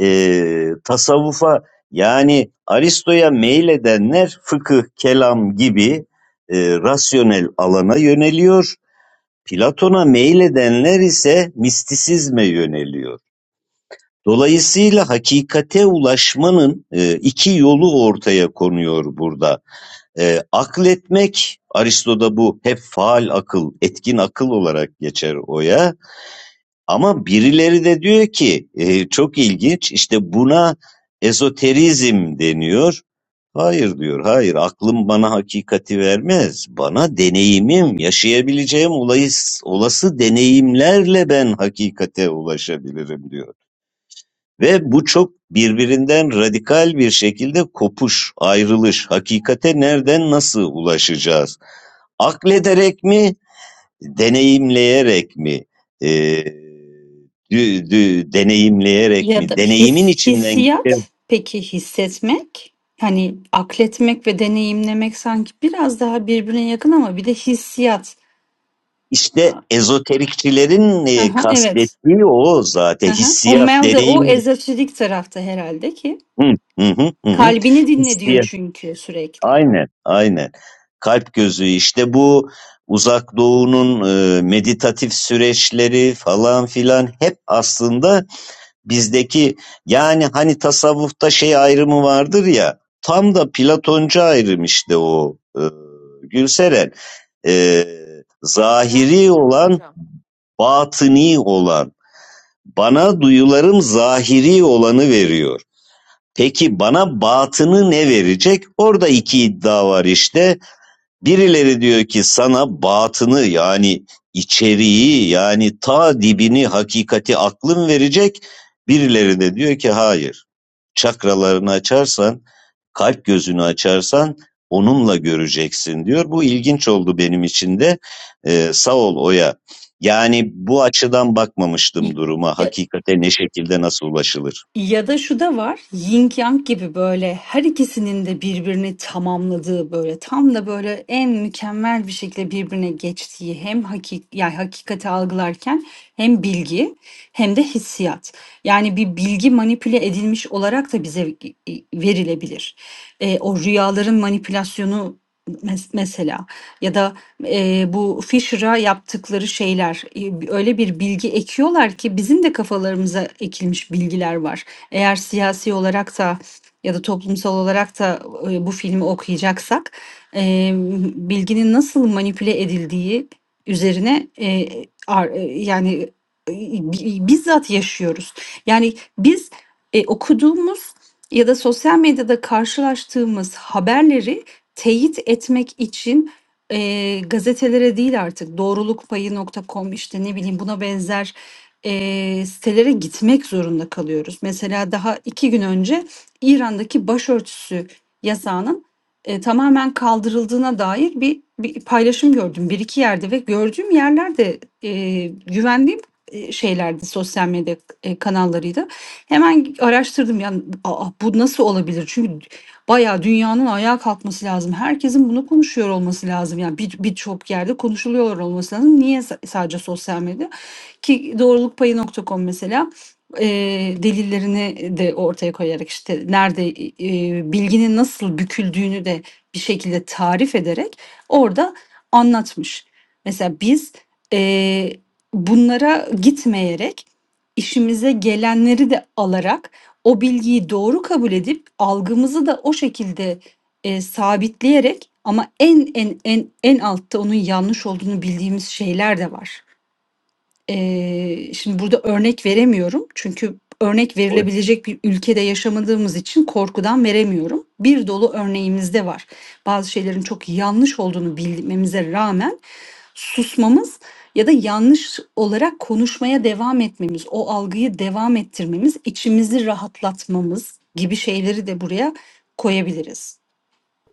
e, tasavvufa yani Aristo'ya meyledenler fıkıh, kelam gibi e, rasyonel alana yöneliyor. Platon'a meyledenler ise mistisizme yöneliyor. Dolayısıyla hakikate ulaşmanın e, iki yolu ortaya konuyor burada. E, akletmek, Aristo'da bu hep faal akıl, etkin akıl olarak geçer oya. Ama birileri de diyor ki e, çok ilginç işte buna ezoterizm deniyor. Hayır diyor, hayır aklım bana hakikati vermez. Bana deneyimim, yaşayabileceğim olayı- olası deneyimlerle ben hakikate ulaşabilirim diyor. Ve bu çok birbirinden radikal bir şekilde kopuş, ayrılış, hakikate nereden nasıl ulaşacağız? Aklederek mi, deneyimleyerek mi? Ee, dü- dü- deneyimleyerek
Ya
mi?
da
Deneyimin
his
içinden
hissiyat, peki hissetmek? Hani akletmek ve deneyimlemek sanki biraz daha birbirine yakın ama bir de hissiyat.
İşte
A
ezoterikçilerin e,
evet.
kastettiği o zaten
Hı O
hissiyat,
Mel de o
deneyim.
ezoterik tarafta herhalde ki.
Hı, hı, hı, hı,
Kalbini dinle diyor
Hissiyat.
çünkü sürekli.
Aynen, aynen. Kalp gözü işte bu uzak doğunun e, meditatif süreçleri falan filan hep aslında bizdeki yani hani tasavvufta şey ayrımı vardır ya tam da Platoncu ayrım işte o e, Gülseren E, zahiri
Efendim canım
olan
hocam.
batini olan bana duyularım zahiri olanı veriyor. Peki bana batını ne verecek? Orada iki iddia var işte. Birileri diyor ki sana batını yani içeriği yani ta dibini hakikati aklın verecek. Birileri de diyor ki hayır. Çakralarını açarsan, kalp gözünü açarsan onunla göreceksin diyor. Bu ilginç oldu benim için de. Ee, sağ ol Oya. Yani bu açıdan bakmamıştım
İ
duruma.
ya
Hakikate ne şekilde nasıl ulaşılır?
Ya da şu da var. Yin Yang gibi böyle her ikisinin de birbirini tamamladığı böyle tam da böyle en mükemmel bir şekilde birbirine geçtiği hem hakik yani hakikati algılarken hem bilgi hem de hissiyat. Yani bir bilgi manipüle edilmiş olarak da bize verilebilir. E, o rüyaların manipülasyonu mes- mesela ya da e, bu Fisher'a yaptıkları şeyler e, öyle bir bilgi ekiyorlar ki bizim de kafalarımıza ekilmiş bilgiler var. Eğer siyasi olarak da ya da toplumsal olarak da e, bu filmi okuyacaksak e, bilginin nasıl manipüle edildiği üzerine e, ar- e, yani e, bi- bizzat yaşıyoruz. Yani biz e, okuduğumuz ya da sosyal medyada karşılaştığımız haberleri teyit etmek için e, gazetelere değil artık doğrulukpayı.com işte ne bileyim buna benzer eee, sitelere gitmek zorunda kalıyoruz. Mesela daha iki gün önce İran'daki başörtüsü yasağının e, tamamen kaldırıldığına dair bir, bir paylaşım gördüm bir iki yerde ve gördüğüm yerlerde e, güvendiğim e, şeylerdi sosyal medya e, kanallarıydı. Hemen araştırdım yani "Aa, bu nasıl olabilir? Çünkü bayağı dünyanın ayağa kalkması lazım. Herkesin bunu konuşuyor olması lazım. Yani bir- birçok yerde konuşuluyor olması lazım. Niye sa- sadece sosyal medya? Ki doğruluk payı.com mesela e, delillerini de ortaya koyarak işte nerede e, e, bilginin nasıl büküldüğünü de bir şekilde tarif ederek orada anlatmış. Mesela biz e, bunlara gitmeyerek işimize gelenleri de alarak o bilgiyi doğru kabul edip algımızı da o şekilde e, sabitleyerek ama en en en en altta onun yanlış olduğunu bildiğimiz şeyler de var. Eee, şimdi burada örnek veremiyorum. Çünkü örnek
Oy-
verilebilecek bir ülkede yaşamadığımız için korkudan veremiyorum. Bir dolu örneğimiz de var. Bazı şeylerin çok yanlış olduğunu bilmemize rağmen susmamız ya da yanlış olarak konuşmaya devam etmemiz, o algıyı devam ettirmemiz, içimizi rahatlatmamız gibi şeyleri de buraya koyabiliriz.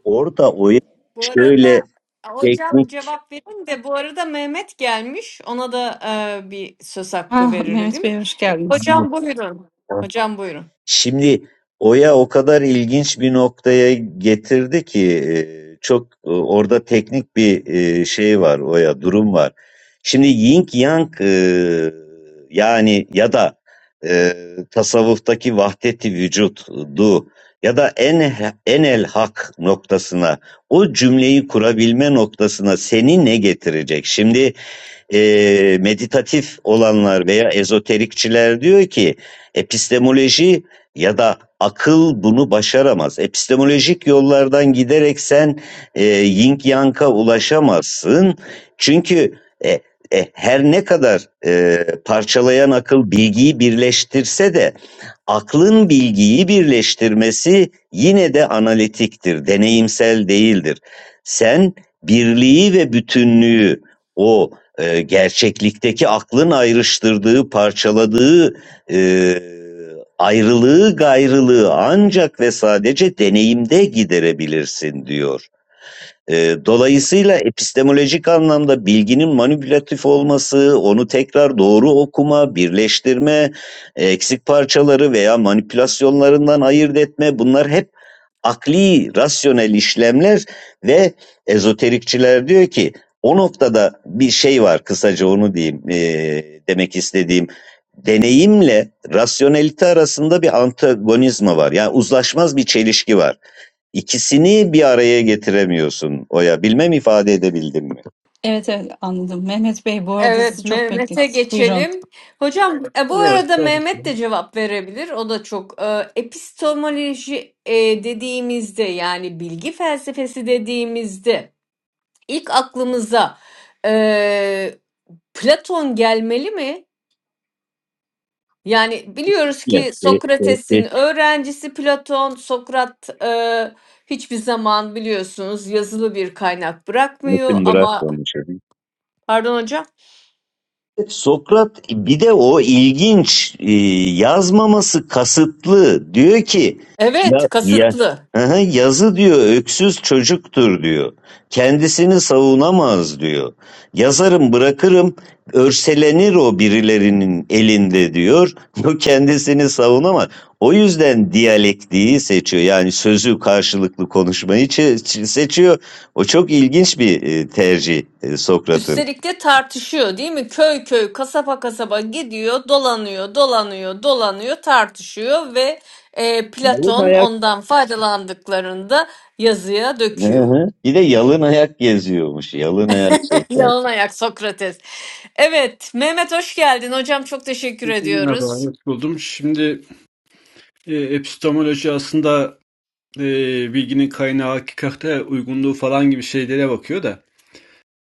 Orada Oya
Bu arada
şöyle
hocam
teknik
cevap verin de bu arada Mehmet gelmiş. Ona da e, bir söz hakkı
Ah, Mehmet
verelim.
Bey hoş
E,
geldiniz.
hocam buyurun. Hocam buyurun.
Şimdi Oya o kadar ilginç bir noktaya getirdi ki e, çok e, orada teknik bir e, şey var Oya durum var. Şimdi Yin Yang e, yani ya da e, tasavvuftaki vahdeti vücut du ya da en enel hak noktasına o cümleyi kurabilme noktasına seni ne getirecek? Şimdi e, meditatif olanlar veya ezoterikçiler diyor ki epistemoloji ya da akıl bunu başaramaz. Epistemolojik yollardan giderek sen e, yin yang'a ulaşamazsın. Çünkü e, e, her ne kadar e, parçalayan akıl bilgiyi birleştirse de aklın bilgiyi birleştirmesi yine de analitiktir, deneyimsel değildir. Sen birliği ve bütünlüğü o eee, gerçeklikteki aklın ayrıştırdığı, parçaladığı eee, ayrılığı, gayrılığı ancak ve sadece deneyimde giderebilirsin diyor. Eee, dolayısıyla epistemolojik anlamda bilginin manipülatif olması, onu tekrar doğru okuma, birleştirme, eksik parçaları veya manipülasyonlarından ayırt etme bunlar hep akli, rasyonel işlemler ve ezoterikçiler diyor ki o noktada bir şey var kısaca onu diyeyim eee, demek istediğim. Deneyimle rasyonelite arasında bir antagonizma var. Yani uzlaşmaz bir çelişki var. İkisini bir araya getiremiyorsun Oya. Bilmem ifade edebildim mi?
Evet evet anladım. Mehmet Bey bu arada sizi
Evet,
çok
Mehmet'e
beklettik. Buyurun.
geçelim. Hocam, e, bu
Yok,
arada Mehmet de cevap verebilir. O da çok e, epistemoloji e, dediğimizde yani bilgi felsefesi dediğimizde ilk aklımıza e, Platon gelmeli mi? Yani biliyoruz
Ya,
ki
e, e, e,
Sokrates'in öğrencisi Platon, Sokrat e, hiçbir zaman biliyorsunuz yazılı bir kaynak bırakmıyor ama pardon hocam.
Sokrat bir de o ilginç e, yazmaması kasıtlı diyor ki ya,
Evet,
ya
kasıtlı.
Hı yazı diyor öksüz çocuktur diyor. Kendisini savunamaz diyor. Yazarım bırakırım örselenir o birilerinin elinde diyor. O kendisini savunamaz. O yüzden diyalektiği seçiyor. Yani sözü karşılıklı konuşmayı çe- seçiyor. O çok ilginç bir e, tercih e, Sokrat'ın.
Üstelik de tartışıyor değil mi? Köy köy, kasaba kasaba gidiyor, dolanıyor, dolanıyor, dolanıyor, tartışıyor ve e,
Yalnız
Platon
hayat
ondan faydalandıklarında yazıya
Hı
döküyor.
hı. Bir de yalın ayak geziyormuş. Yalın ayak sosyal.
Yalın ayak Sokrates. Evet, Mehmet hoş geldin. Hocam çok teşekkür
merhaba,
ediyoruz.
hoş buldum. Şimdi e, epistemoloji aslında e, bilginin kaynağı, hakikate uygunluğu falan gibi şeylere bakıyor da.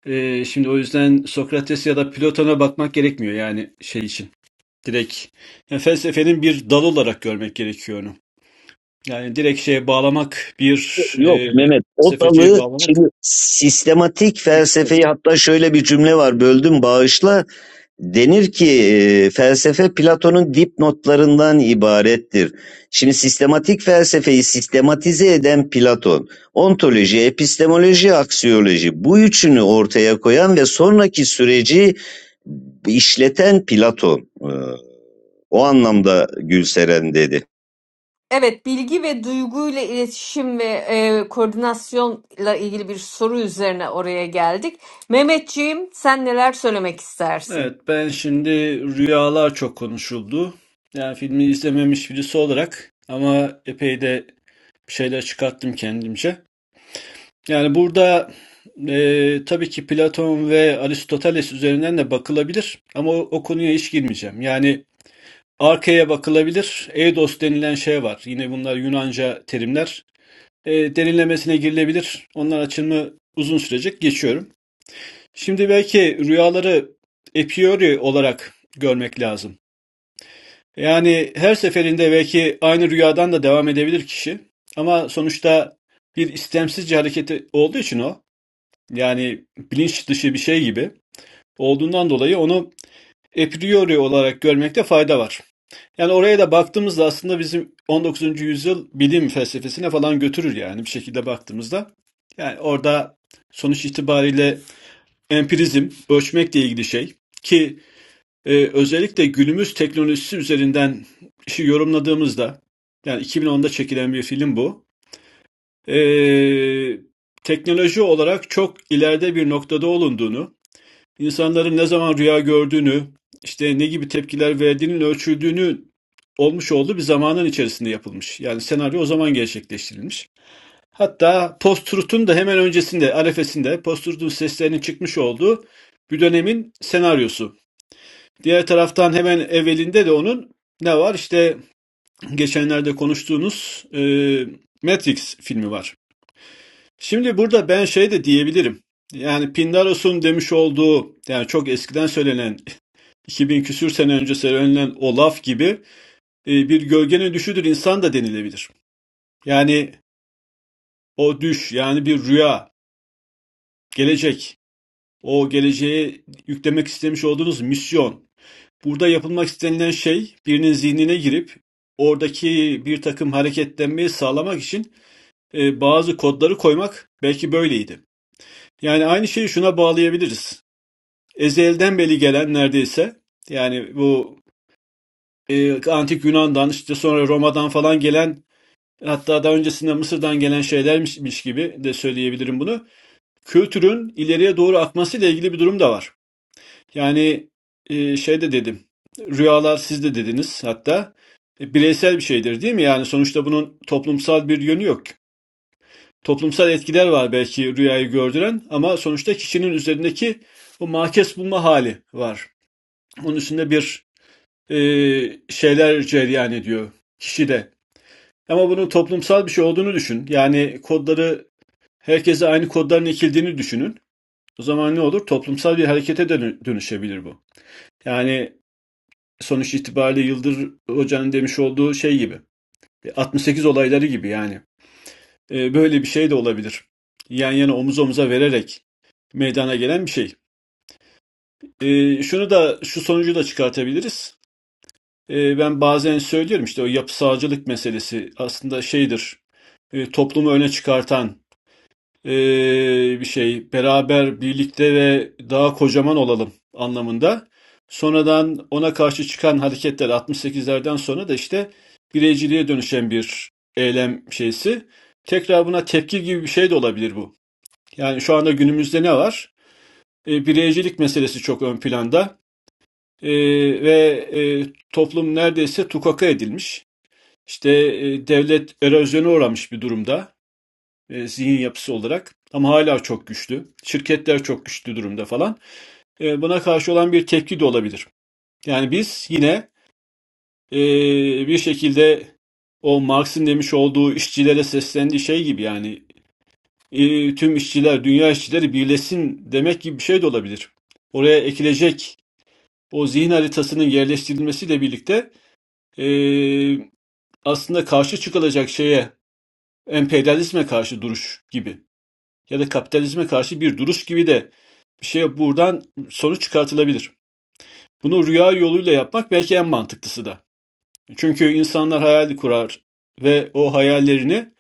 e, şimdi o yüzden Sokrates ya da Platon'a bakmak gerekmiyor yani şey için. Direkt yani felsefenin bir dalı olarak görmek gerekiyor onu. Yani direkt şeye bağlamak, bir
Yok
e,
Mehmet o
felsefeciye
dalı şimdi
bağlamak.
sistematik felsefeyi hatta şöyle bir cümle var böldüm bağışla denir ki e, felsefe Platon'un dipnotlarından ibarettir. Şimdi sistematik felsefeyi sistematize eden Platon ontoloji, epistemoloji, aksiyoloji bu üçünü ortaya koyan ve sonraki süreci işleten Platon. E, O anlamda Gülseren dedi.
Evet, bilgi ve duyguyla iletişim ve e, koordinasyonla ilgili bir soru üzerine oraya geldik. Mehmetciğim, sen neler söylemek istersin?
Evet, ben şimdi rüyalar çok konuşuldu. Yani filmi izlememiş birisi olarak ama epey de bir şeyler çıkarttım kendimce. Yani burada e, tabii ki Platon ve Aristoteles üzerinden de bakılabilir ama o, o konuya hiç girmeyeceğim. Yani arkaya bakılabilir. Eidos denilen şey var. Yine bunlar Yunanca terimler. E, derinlemesine girilebilir. Onlar açımı uzun sürecek. Geçiyorum. Şimdi belki rüyaları a priori olarak görmek lazım. Yani her seferinde belki aynı rüyadan da devam edebilir kişi. Ama sonuçta bir istemsizce hareketi olduğu için o, yani bilinç dışı bir şey gibi olduğundan dolayı onu a priori olarak görmekte fayda var. Yani oraya da baktığımızda aslında bizim on dokuzuncu yüzyıl bilim felsefesine falan götürür yani bir şekilde baktığımızda. Yani orada sonuç itibariyle empirizm, ölçmekle ilgili şey ki Eee, özellikle günümüz teknolojisi üzerinden işi yorumladığımızda, yani 2010'da çekilen bir film bu. Eee, teknoloji olarak çok ileride bir noktada olunduğunu, insanların ne zaman rüya gördüğünü, işte ne gibi tepkiler verdiğinin ölçüldüğünü olmuş olduğu bir zamanın içerisinde yapılmış. Yani senaryo o zaman gerçekleştirilmiş. Hatta post-truth'un da hemen öncesinde, arefesinde post-truth'un seslerinin çıkmış olduğu bir dönemin senaryosu. Diğer taraftan hemen evvelinde de onun ne var? İşte geçenlerde konuştuğunuz e, Matrix filmi var. Şimdi burada ben şey de diyebilirim. Yani Pindaros'un demiş olduğu yani çok eskiden söylenen 2000 küsür sene önce söylenen o laf gibi e, bir gölgenin düşüdür insan da denilebilir. Yani o düş yani bir rüya, gelecek, o geleceğe yüklemek istemiş olduğunuz misyon Burada yapılmak istenilen şey, birinin zihnine girip oradaki bir takım hareketlenmeyi sağlamak için e, bazı kodları koymak belki böyleydi. Yani aynı şeyi şuna bağlayabiliriz. Ezelden beri gelen neredeyse yani bu e, antik Yunan'dan işte sonra Roma'dan falan gelen hatta daha öncesinde Mısır'dan gelen şeylermiş gibi de söyleyebilirim bunu. Kültürün ileriye doğru akmasıyla ilgili bir durum da var. Yani e, şey de dedim. Rüyalar siz de dediniz hatta. E, bireysel bir şeydir değil mi? Yani sonuçta bunun toplumsal bir yönü yok. Toplumsal etkiler var belki rüyayı gördüren ama sonuçta kişinin üzerindeki o makes bulma hali var. Onun üstünde bir e, şeyler cereyan ediyor kişide. Ama bunun toplumsal bir şey olduğunu düşün. Yani kodları herkese aynı kodların ekildiğini düşünün. O zaman ne olur? Toplumsal bir harekete dönü- dönüşebilir bu. Yani sonuç itibariyle Yıldır Hoca'nın demiş olduğu şey gibi. 68 olayları gibi yani. E, böyle bir şey de olabilir. Yan yana omuz omuza vererek meydana gelen bir şey. E, şunu da şu sonucu da çıkartabiliriz. E, ben bazen söylüyorum işte o yapısalcılık meselesi aslında şeydir. E, toplumu öne çıkartan eee, bir şey beraber birlikte ve daha kocaman olalım anlamında. Sonradan ona karşı çıkan hareketler 68'lerden sonra da işte bireyciliğe dönüşen bir eylem şeysi. Tekrar buna tepki gibi bir şey de olabilir bu. Yani şu anda günümüzde ne var? E, bireycilik meselesi çok ön planda E, ve e, toplum neredeyse tukaka edilmiş. İşte e, devlet erozyona uğramış bir durumda e, zihin yapısı olarak ama hala çok güçlü. Şirketler çok güçlü durumda falan. E, buna karşı olan bir tepki de olabilir. Yani biz yine e, bir şekilde o Marx'ın demiş olduğu işçilere seslendiği şey gibi yani e, tüm işçiler, dünya işçileri birleşsin demek gibi bir şey de olabilir. Oraya ekilecek o zihin haritasının yerleştirilmesiyle birlikte e, aslında karşı çıkılacak şeye emperyalizme karşı duruş gibi. ya da kapitalizme karşı bir duruş gibi de bir şey buradan sonuç çıkartılabilir. Bunu rüya yoluyla yapmak belki en mantıklısı da. Çünkü insanlar hayal kurar ve o hayallerini,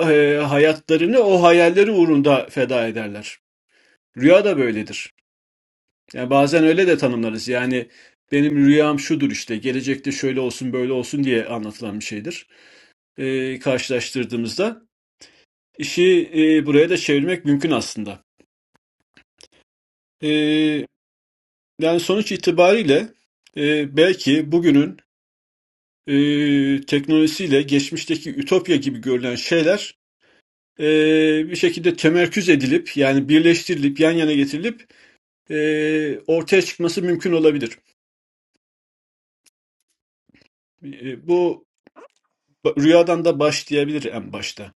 eee, hayatlarını o hayalleri uğrunda feda ederler. Rüya da böyledir. Yani bazen öyle de tanımlarız. Yani benim rüyam şudur işte, gelecekte şöyle olsun böyle olsun diye anlatılan bir şeydir. Eee, karşılaştırdığımızda işi eee, buraya da çevirmek mümkün aslında. Eee Yani sonuç itibariyle e, belki bugünün e, teknolojisiyle geçmişteki ütopya gibi görülen şeyler e, bir şekilde temerküz edilip yani birleştirilip yan yana getirilip e, ortaya çıkması mümkün olabilir. E, bu rüyadan da başlayabilir en başta.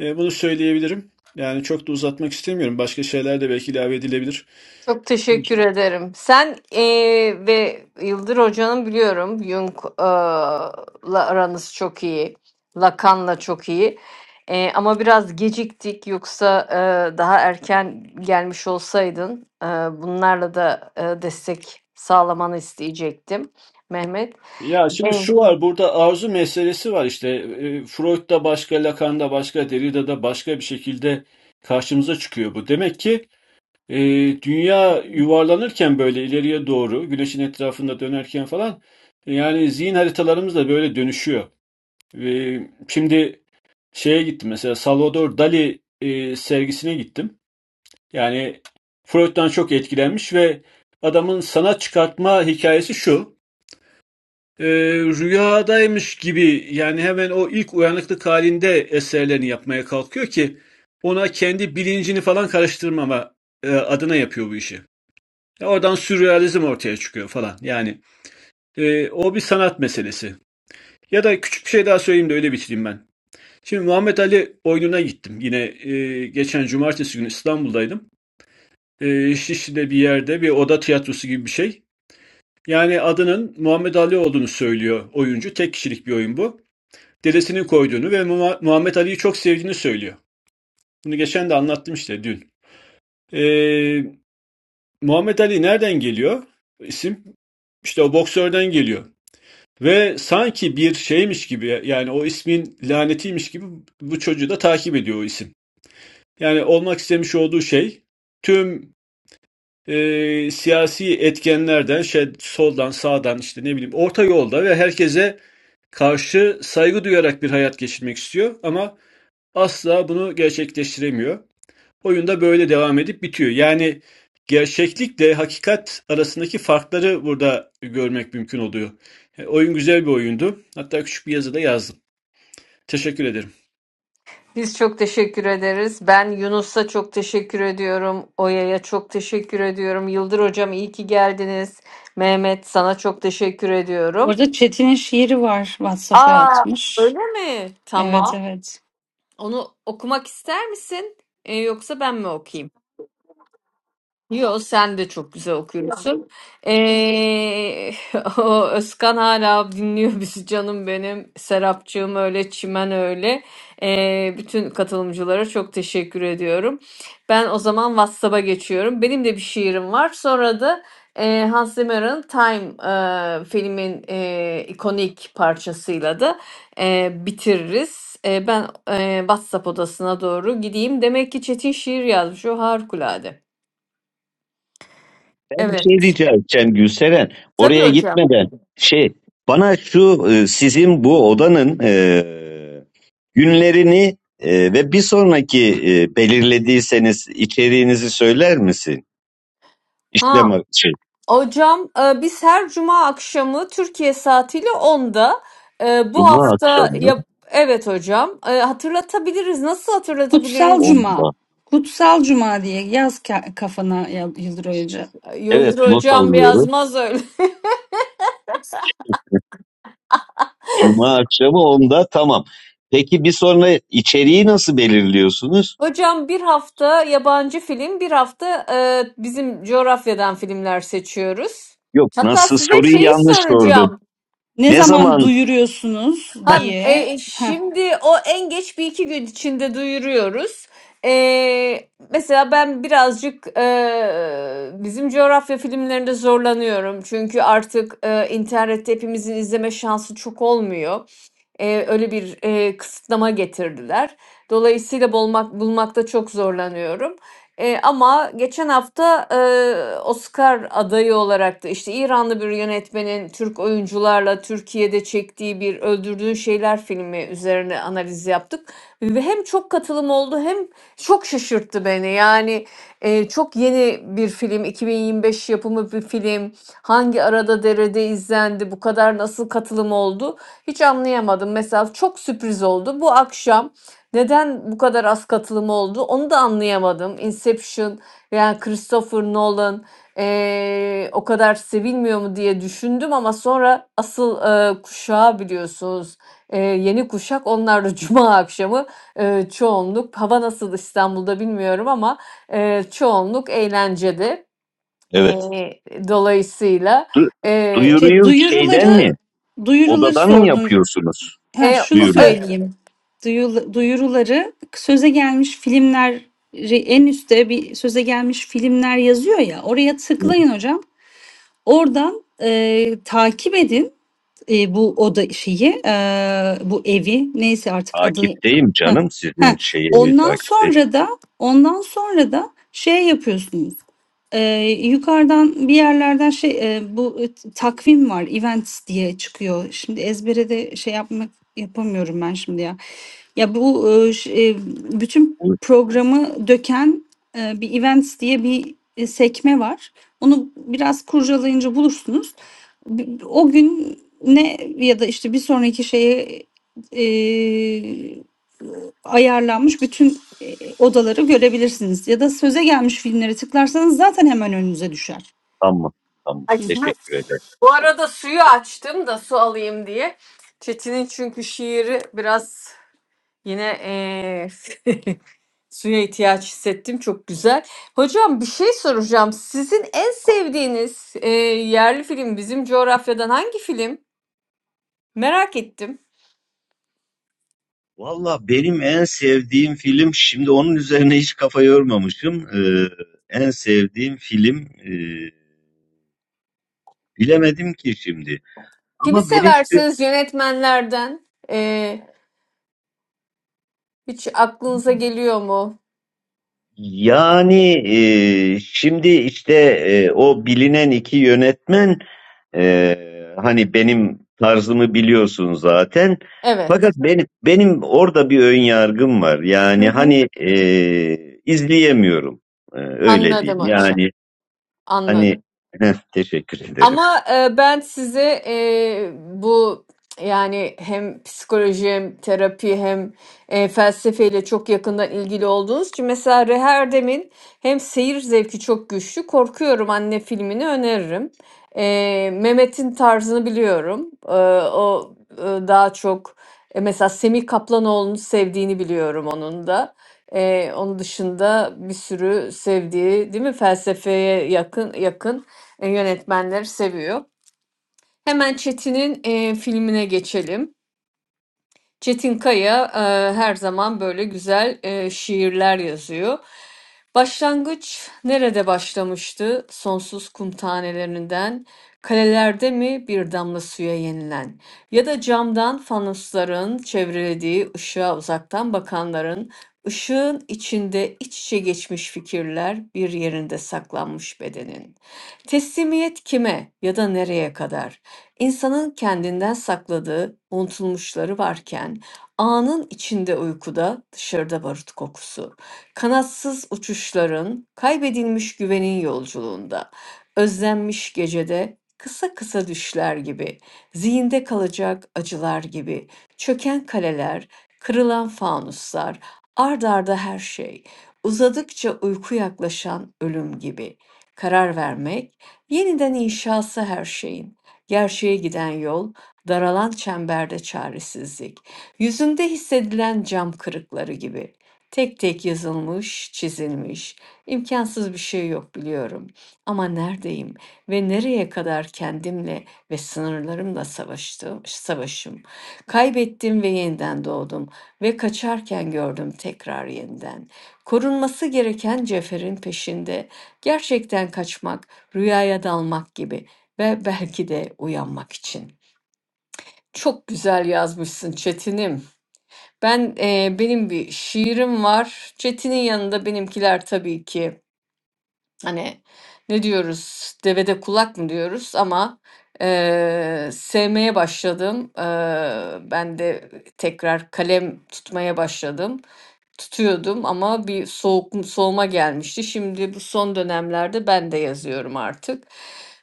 E, bunu söyleyebilirim. Yani çok da uzatmak istemiyorum. Başka şeyler de belki ilave edilebilir.
Çok teşekkür ederim. Sen eee, ve Yıldır Hoca'nın biliyorum Jung'la aranız çok iyi. Lacan'la çok iyi. Eee, ama biraz geciktik. Yoksa eee, daha erken gelmiş olsaydın eee, bunlarla da eee, destek sağlamanı isteyecektim Mehmet.
Ya şimdi şu var burada arzu meselesi var işte E, Freud da başka Lacan da başka Derrida da başka bir şekilde karşımıza çıkıyor bu. Demek ki e, dünya yuvarlanırken böyle ileriye doğru güneşin etrafında dönerken falan yani zihin haritalarımız da böyle dönüşüyor. E, şimdi şeye gittim mesela Salvador Dali e, sergisine gittim. Yani Freud'dan çok etkilenmiş ve adamın sanat çıkartma hikayesi şu. Eee, rüyadaymış gibi yani hemen o ilk uyanıklık halinde eserlerini yapmaya kalkıyor ki ona kendi bilincini falan karıştırmama e, adına yapıyor bu işi. Ya Oradan sürrealizm ortaya çıkıyor falan. Yani e, o bir sanat meselesi. Ya da küçük bir şey daha söyleyeyim de öyle bitireyim ben. Şimdi Muhammed Ali oyununa gittim. Yine e, geçen cumartesi günü İstanbul'daydım. E, Şişli'de bir yerde bir oda tiyatrosu gibi bir şey. Yani adının Muhammed Ali olduğunu söylüyor oyuncu. Tek kişilik bir oyun bu. dedesinin koyduğunu ve Muhammed Ali'yi çok sevdiğini söylüyor. Bunu geçen de anlattım işte dün. Ee, Muhammed Ali nereden geliyor? İsim işte o boksörden geliyor. Ve sanki bir şeymiş gibi yani o ismin lanetiymiş gibi bu çocuğu da takip ediyor o isim. Yani olmak istemiş olduğu şey tüm e, siyasi etkenlerden şey soldan sağdan işte ne bileyim orta yolda ve herkese karşı saygı duyarak bir hayat geçirmek istiyor ama asla bunu gerçekleştiremiyor. Oyun da böyle devam edip bitiyor. Yani gerçeklikle hakikat arasındaki farkları burada görmek mümkün oluyor. E, Oyun güzel bir oyundu. Hatta küçük bir yazı da yazdım. Teşekkür ederim.
Biz çok teşekkür ederiz. Ben Yunus'a çok teşekkür ediyorum. Oya'ya çok teşekkür ediyorum. Yıldır hocam iyi ki geldiniz. Mehmet sana çok teşekkür ediyorum.
Orada Çetin'in şiiri var WhatsApp'a
Aa,
atmış.
öyle mi?
Evet
Tamam.
evet.
Onu okumak ister misin? Ee, yoksa ben mi okuyayım? Yo sen de çok güzel okuyorsun. Ee, o Özkan hala dinliyor bizi canım benim. Serapcığım öyle, Çimen öyle. Ee, bütün katılımcılara çok teşekkür ediyorum. Ben o zaman WhatsApp'a geçiyorum. Benim de bir şiirim var. Sonra da e, Hans Zimmer'ın Time e, filmin e, ikonik parçasıyla da e, bitiririz. E, ben e, WhatsApp odasına doğru gideyim. Demek ki Çetin şiir yazmış. O harikulade.
Ben bir
Evet.
şey diyeceğim edeceğim Gülseren.
Tabii
Oraya
hocam.
gitmeden şey bana şu e, sizin bu odanın e, günlerini e, ve bir sonraki e, belirlediyseniz içeriğinizi söyler misin? İşlem
Ha
ak- şey,
hocam e, biz her cuma akşamı Türkiye saatiyle onda. e, bu
Cuma
hafta
akşamı
yap evet hocam E, hatırlatabiliriz. Nasıl
Kutsal
hatırlatabiliriz?
Cuma.
onda
Kutsal Cuma diye yaz ka- kafana ya- Yıldır Hoca.
E,
Evet
Yıldır
not
hocam
alıyorum.
yazmaz öyle.
Cuma akşamı onda tamam. Peki bir sonra içeriği nasıl belirliyorsunuz?
Hocam bir hafta yabancı film, bir hafta e, bizim coğrafyadan filmler seçiyoruz.
Yok
Hatta
nasıl
size
soruyu
şeyi
yanlış sordum.
soracağım.
Ne
Ne
zaman
zaman?
duyuruyorsunuz
Ha,
diye.
e,
Heh.
şimdi o en geç bir iki gün içinde duyuruyoruz. E, mesela ben birazcık e, bizim coğrafya filmlerinde zorlanıyorum. Çünkü artık e, internette hepimizin izleme şansı çok olmuyor. Eee, öyle bir, eee, kısıtlama getirdiler. Dolayısıyla bulmak bulmakta çok zorlanıyorum. Eee, ama geçen hafta, eee, Oscar adayı olarak da, işte, İranlı bir yönetmenin Türk oyuncularla Türkiye'de çektiği bir Öldürdüğün Şeyler filmi üzerine analiz yaptık ve hem çok katılım oldu hem çok şaşırttı beni. Yani, eee, çok yeni bir film, 2025 yapımı bir film. Hangi arada derede izlendi, bu kadar nasıl katılım oldu? Hiç anlayamadım. Mesela çok sürpriz oldu. Bu akşam neden bu kadar az katılım oldu onu da anlayamadım. Inception yani Christopher Nolan eee, o kadar sevilmiyor mu diye düşündüm ama sonra asıl eee, kuşağı biliyorsunuz eee, yeni kuşak onlar da cuma akşamı eee, çoğunluk hava nasıl İstanbul'da bilmiyorum ama eee, çoğunluk eğlencede.
Evet.
Eee, dolayısıyla
Du-
eee,
Şey
duyuruyor kim
duyuruları duyuruları
Odadan mı
sordun.
yapıyorsunuz?
e,
Ha şunu
Duyur.
söyleyeyim. Duyul- duyuruları söze gelmiş filmler en üstte bir söze gelmiş filmler yazıyor ya. Oraya tıklayın hocam. Oradan, eee, takip edin, eee, bu oda şeyi, eee, bu evi, neyse artık adı
Takipteyim
Heh,
canım sizin
heh.
şeyi evi
Ondan
takipteyim.
sonra da ondan sonra da şey yapıyorsunuz, eee, yukarıdan bir yerlerden şey, eee, bu t takvim var, events diye çıkıyor. Şimdi ezbere de şey yapmak yapamıyorum ben şimdi ya. Ya bu, eee, ş eee, bütün
Buyur,
programı döken, eee, bir events diye bir, eee, sekme var. Onu biraz kurcalayınca bulursunuz. B- O gün ne ya da işte bir sonraki şeye eee, ayarlanmış bütün e, odaları görebilirsiniz. Ya da söze gelmiş filmleri tıklarsanız zaten hemen önünüze düşer.
Tamam tamam
Hı hı.
e,
teşekkür ederim.
Bu arada suyu açtım da su alayım diye. Çetin'in çünkü şiiri biraz yine eee, suya ihtiyaç hissettim. Çok güzel. Hocam bir şey soracağım. Sizin en sevdiğiniz eee, yerli film bizim coğrafyadan hangi film? Merak ettim.
Valla benim en sevdiğim film şimdi onun üzerine hiç kafa yormamışım. Ee, en sevdiğim film e, bilemedim ki şimdi.
Kimi
Ama benim
seversiniz yönetmenlerden? Eee, hiç aklınıza geliyor mu?
Yani e, şimdi işte e, o bilinen iki yönetmen e, hani benim tarzımı biliyorsun zaten. Fakat
Evet.
benim benim orada bir ön yargım var.
Hı
Yani
hı.
hani e, izleyemiyorum. E, öyle
Anladım
diyeyim.
hocam.
Yani
Anladım.
hani heh, teşekkür ederim.
Ama e, ben size e, bu yani hem psikoloji hem terapi hem e, felsefeyle çok yakından ilgili olduğunuz için mesela Reherdem'in hem seyir zevki çok güçlü Korkuyorum Anne filmini öneririm. E, Mehmet'in tarzını biliyorum. E, o e, daha çok e, mesela Semih Kaplanoğlu'nu sevdiğini biliyorum onun da. E, onun dışında bir sürü sevdiği değil mi felsefeye yakın yakın e, yönetmenleri seviyor. Hemen Çetin'in e, filmine geçelim. Çetin Kaya e, her zaman böyle güzel e, şiirler yazıyor. Başlangıç nerede başlamıştı? Sonsuz kum tanelerinden, kalelerde mi bir damla suya yenilen? Ya da camdan fanusların çevrelediği ışığa uzaktan bakanların, ışığın içinde iç içe geçmiş fikirler bir yerinde saklanmış bedenin. Teslimiyet kime ya da nereye kadar? İnsanın kendinden sakladığı unutulmuşları varken, anın içinde uykuda, dışarıda barut kokusu. Kanatsız uçuşların, kaybedilmiş güvenin yolculuğunda, özlenmiş gecede, kısa kısa düşler gibi, zihinde kalacak acılar gibi, çöken kaleler, kırılan fanuslar, ard arda her şey, uzadıkça uyku yaklaşan ölüm gibi. Karar vermek, yeniden inşası her şeyin Gerçeğe giden yol, daralan çemberde çaresizlik. Yüzünde hissedilen cam kırıkları gibi. Tek tek yazılmış, çizilmiş. İmkansız bir şey yok biliyorum. Ama neredeyim ve nereye kadar kendimle ve sınırlarımla savaştım, savaşım. Kaybettim ve yeniden doğdum ve kaçarken gördüm tekrar yeniden. Korunması gereken Cefer'in peşinde gerçekten kaçmak, rüyaya dalmak gibi ve belki de uyanmak için. Çok güzel yazmışsın Çetin'im. Ben e, benim bir şiirim var. Çetin'in yanında benimkiler tabii ki hani ne diyoruz? Devede kulak mı diyoruz? Ama e, sevmeye başladım. E, ben de tekrar kalem tutmaya başladım. Tutuyordum ama bir soğuk soğuma gelmişti. Şimdi bu son dönemlerde ben de yazıyorum artık.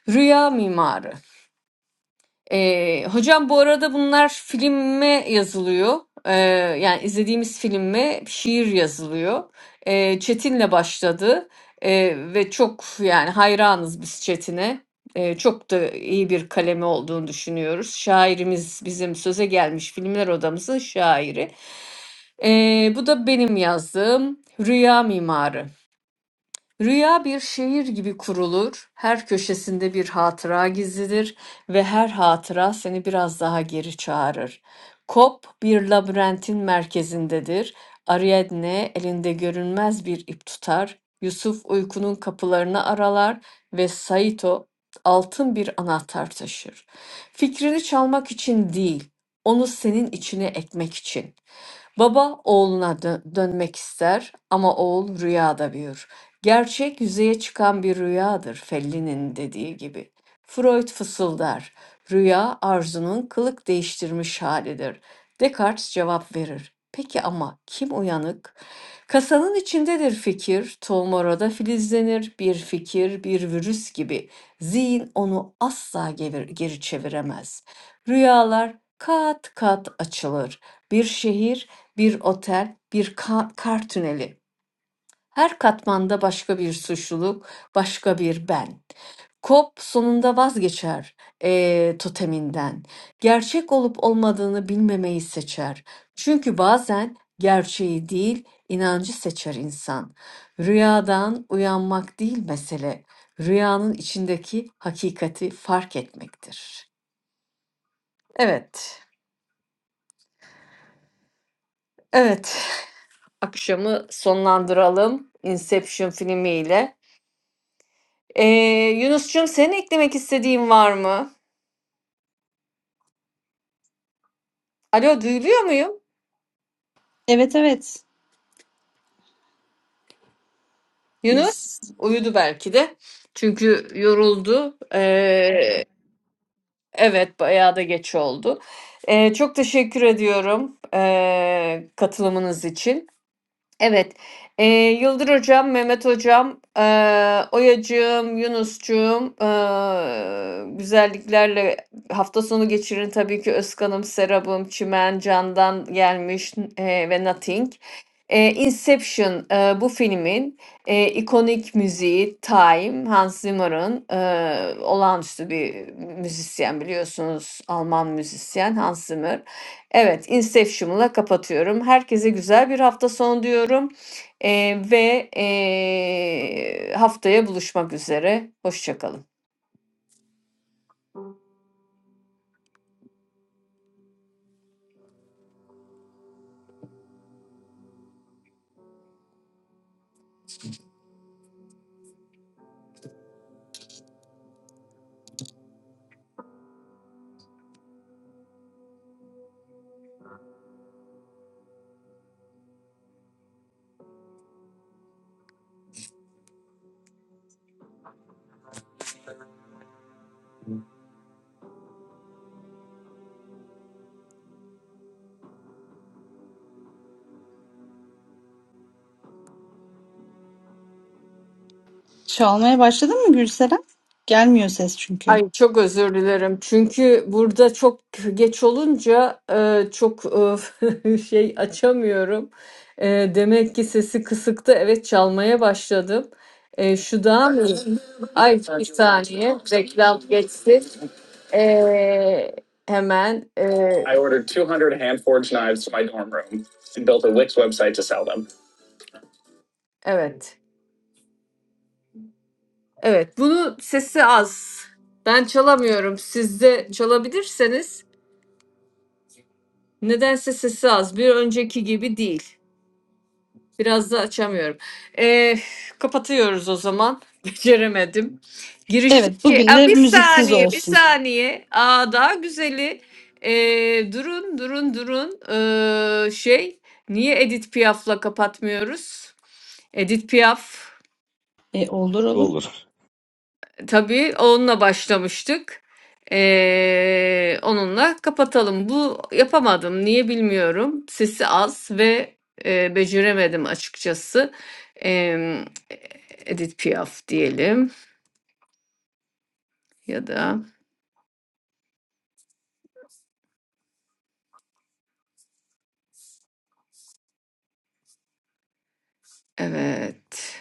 Rüya mimarı. Ee, hocam bu arada bunlar filme yazılıyor. Ee, yani izlediğimiz filme şiir yazılıyor. Ee, Çetin'le başladı Ee, ve çok yani hayranız biz Çetin'e. Ee, çok da iyi bir kalemi olduğunu düşünüyoruz. Şairimiz bizim söze gelmiş Filmler Odamızın şairi. Ee, bu da benim yazdığım Rüya Mimarı. Rüya bir şehir gibi kurulur, her köşesinde bir hatıra gizlidir ve her hatıra seni biraz daha geri çağırır. Kop bir labirentin merkezindedir. Ariadne elinde görünmez bir ip tutar. Yusuf uykunun kapılarını aralar ve Saito altın bir anahtar taşır. Fikrini çalmak için değil, onu senin içine ekmek için. Baba oğluna dö- dönmek ister ama oğul rüyada büyür. Gerçek yüzeye çıkan bir rüyadır Fellini'nin dediği gibi. Freud fısıldar. Rüya arzunun kılık değiştirmiş halidir. Descartes cevap verir. Peki ama kim uyanık? Kasanın içindedir fikir, tomorada filizlenir, bir fikir, bir virüs gibi. Zihin onu asla gevir- geri çeviremez. Rüyalar kat kat açılır. Bir şehir, bir otel, bir ka- kar tüneli. Her katmanda başka bir suçluluk, başka bir ben. Kop sonunda vazgeçer eee, toteminden. Gerçek olup olmadığını bilmemeyi seçer. Çünkü bazen gerçeği değil, inancı seçer insan. Rüyadan uyanmak değil mesele. Rüyanın içindeki hakikati fark etmektir. Evet, evet. Akşamı sonlandıralım Inception filmiyle. Ee, Yunus'cum senin eklemek istediğin var mı? Alo duyuluyor muyum?
Evet evet.
Yunus uyudu belki de. Çünkü yoruldu. Ee, evet bayağı da geç oldu. Ee, çok teşekkür ediyorum ee, katılımınız için. Evet, eee, Yıldır hocam, Mehmet hocam, eee, Oya'cığım, Yunus'cuğum, eee, güzelliklerle hafta sonu geçirin. Tabii ki Özkan'ım, Serap'ım, Çimen, Can'dan gelmiş eee, ve Nothing. Eee, Inception eee, bu filmin eee, ikonik müziği Time, Hans Zimmer'ın eee, olağanüstü bir müzisyen biliyorsunuz Alman müzisyen Hans Zimmer. Evet, Inception'la kapatıyorum. Herkese güzel bir hafta sonu diyorum. Eee, ve eee, haftaya buluşmak üzere. Hoşça kalın.
Çalmaya başladın mı Gülseren? Gelmiyor ses çünkü.
Ay çok özür dilerim. Çünkü burada çok geç olunca eee, çok eee, şey açamıyorum. Eee, demek ki sesi kısıktı. Evet çalmaya başladım. Eee, şu daha mı? Ay bir saniye. Reklam geçsin. Ee, hemen ee, I ordered two hundred hand forged knives to my dorm room and built a Wix website to sell them. evet. Evet bunu sesi az. Ben çalamıyorum. Siz de çalabilirseniz nedense sesi az. Bir önceki gibi değil. Biraz da açamıyorum. Ee, kapatıyoruz o zaman. Beceremedim.
Evet
Girişteki
bugün
Aa,
de
bir
müziksiz
saniye, bir
olsun.
saniye. Aa, daha güzeli. Ee, durun, durun, durun. Ee, şey, niye Edith Piaf'la kapatmıyoruz? Edith Piaf
E, olur olur.
Olur.
Tabii onunla başlamıştık. Ee, onunla kapatalım. Bu yapamadım. Niye bilmiyorum. Sesi az ve e, beceremedim açıkçası. Ee, Edith Piaf diyelim ya da evet.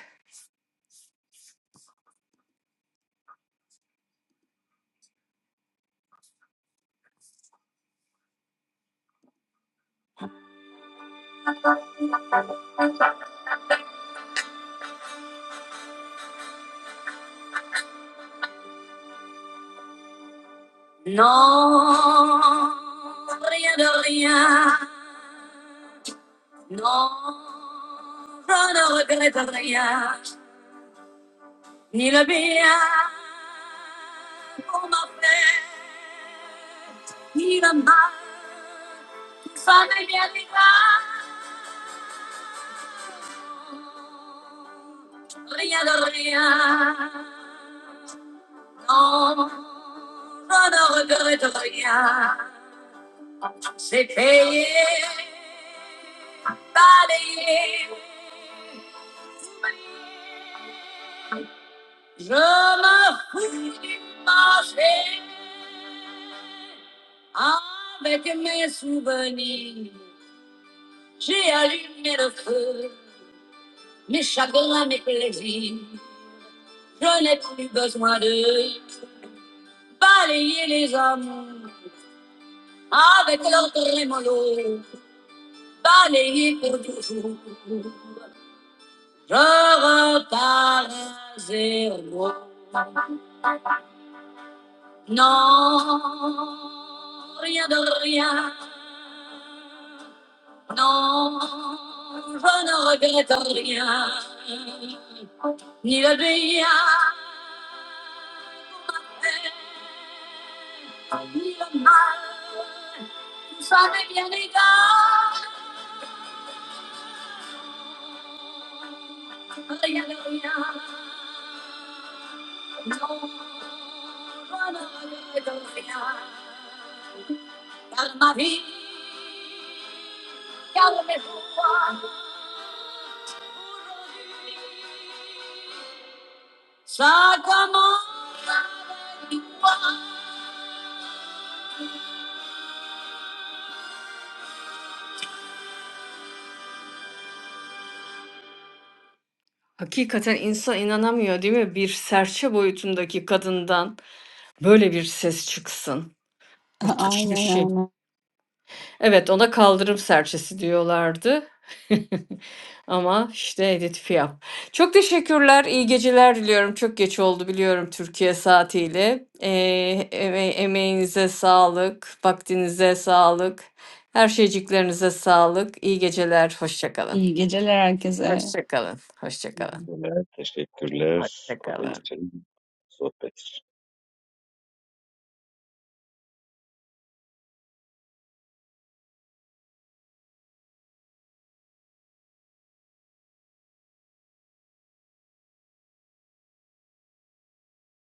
Hakikaten insan inanamıyor değil mi? Bir serçe boyutundaki kadından böyle bir ses çıksın. Müthiş bir
Aynen
şey.
aynen.
Evet, ona kaldırım serçesi diyorlardı. Ama işte Edith Piaf. Çok teşekkürler. iyi geceler diliyorum. Çok geç oldu biliyorum Türkiye saatiyle. Ee, eme- emeğinize sağlık, vaktinize sağlık, her şeyciklerinize sağlık. İyi geceler. Hoşça kalın.
İyi geceler herkese.
Hoşça kalın. Hoşça kalın.
Teşekkürler.
Hoşça
O
kalın.
için. sohbet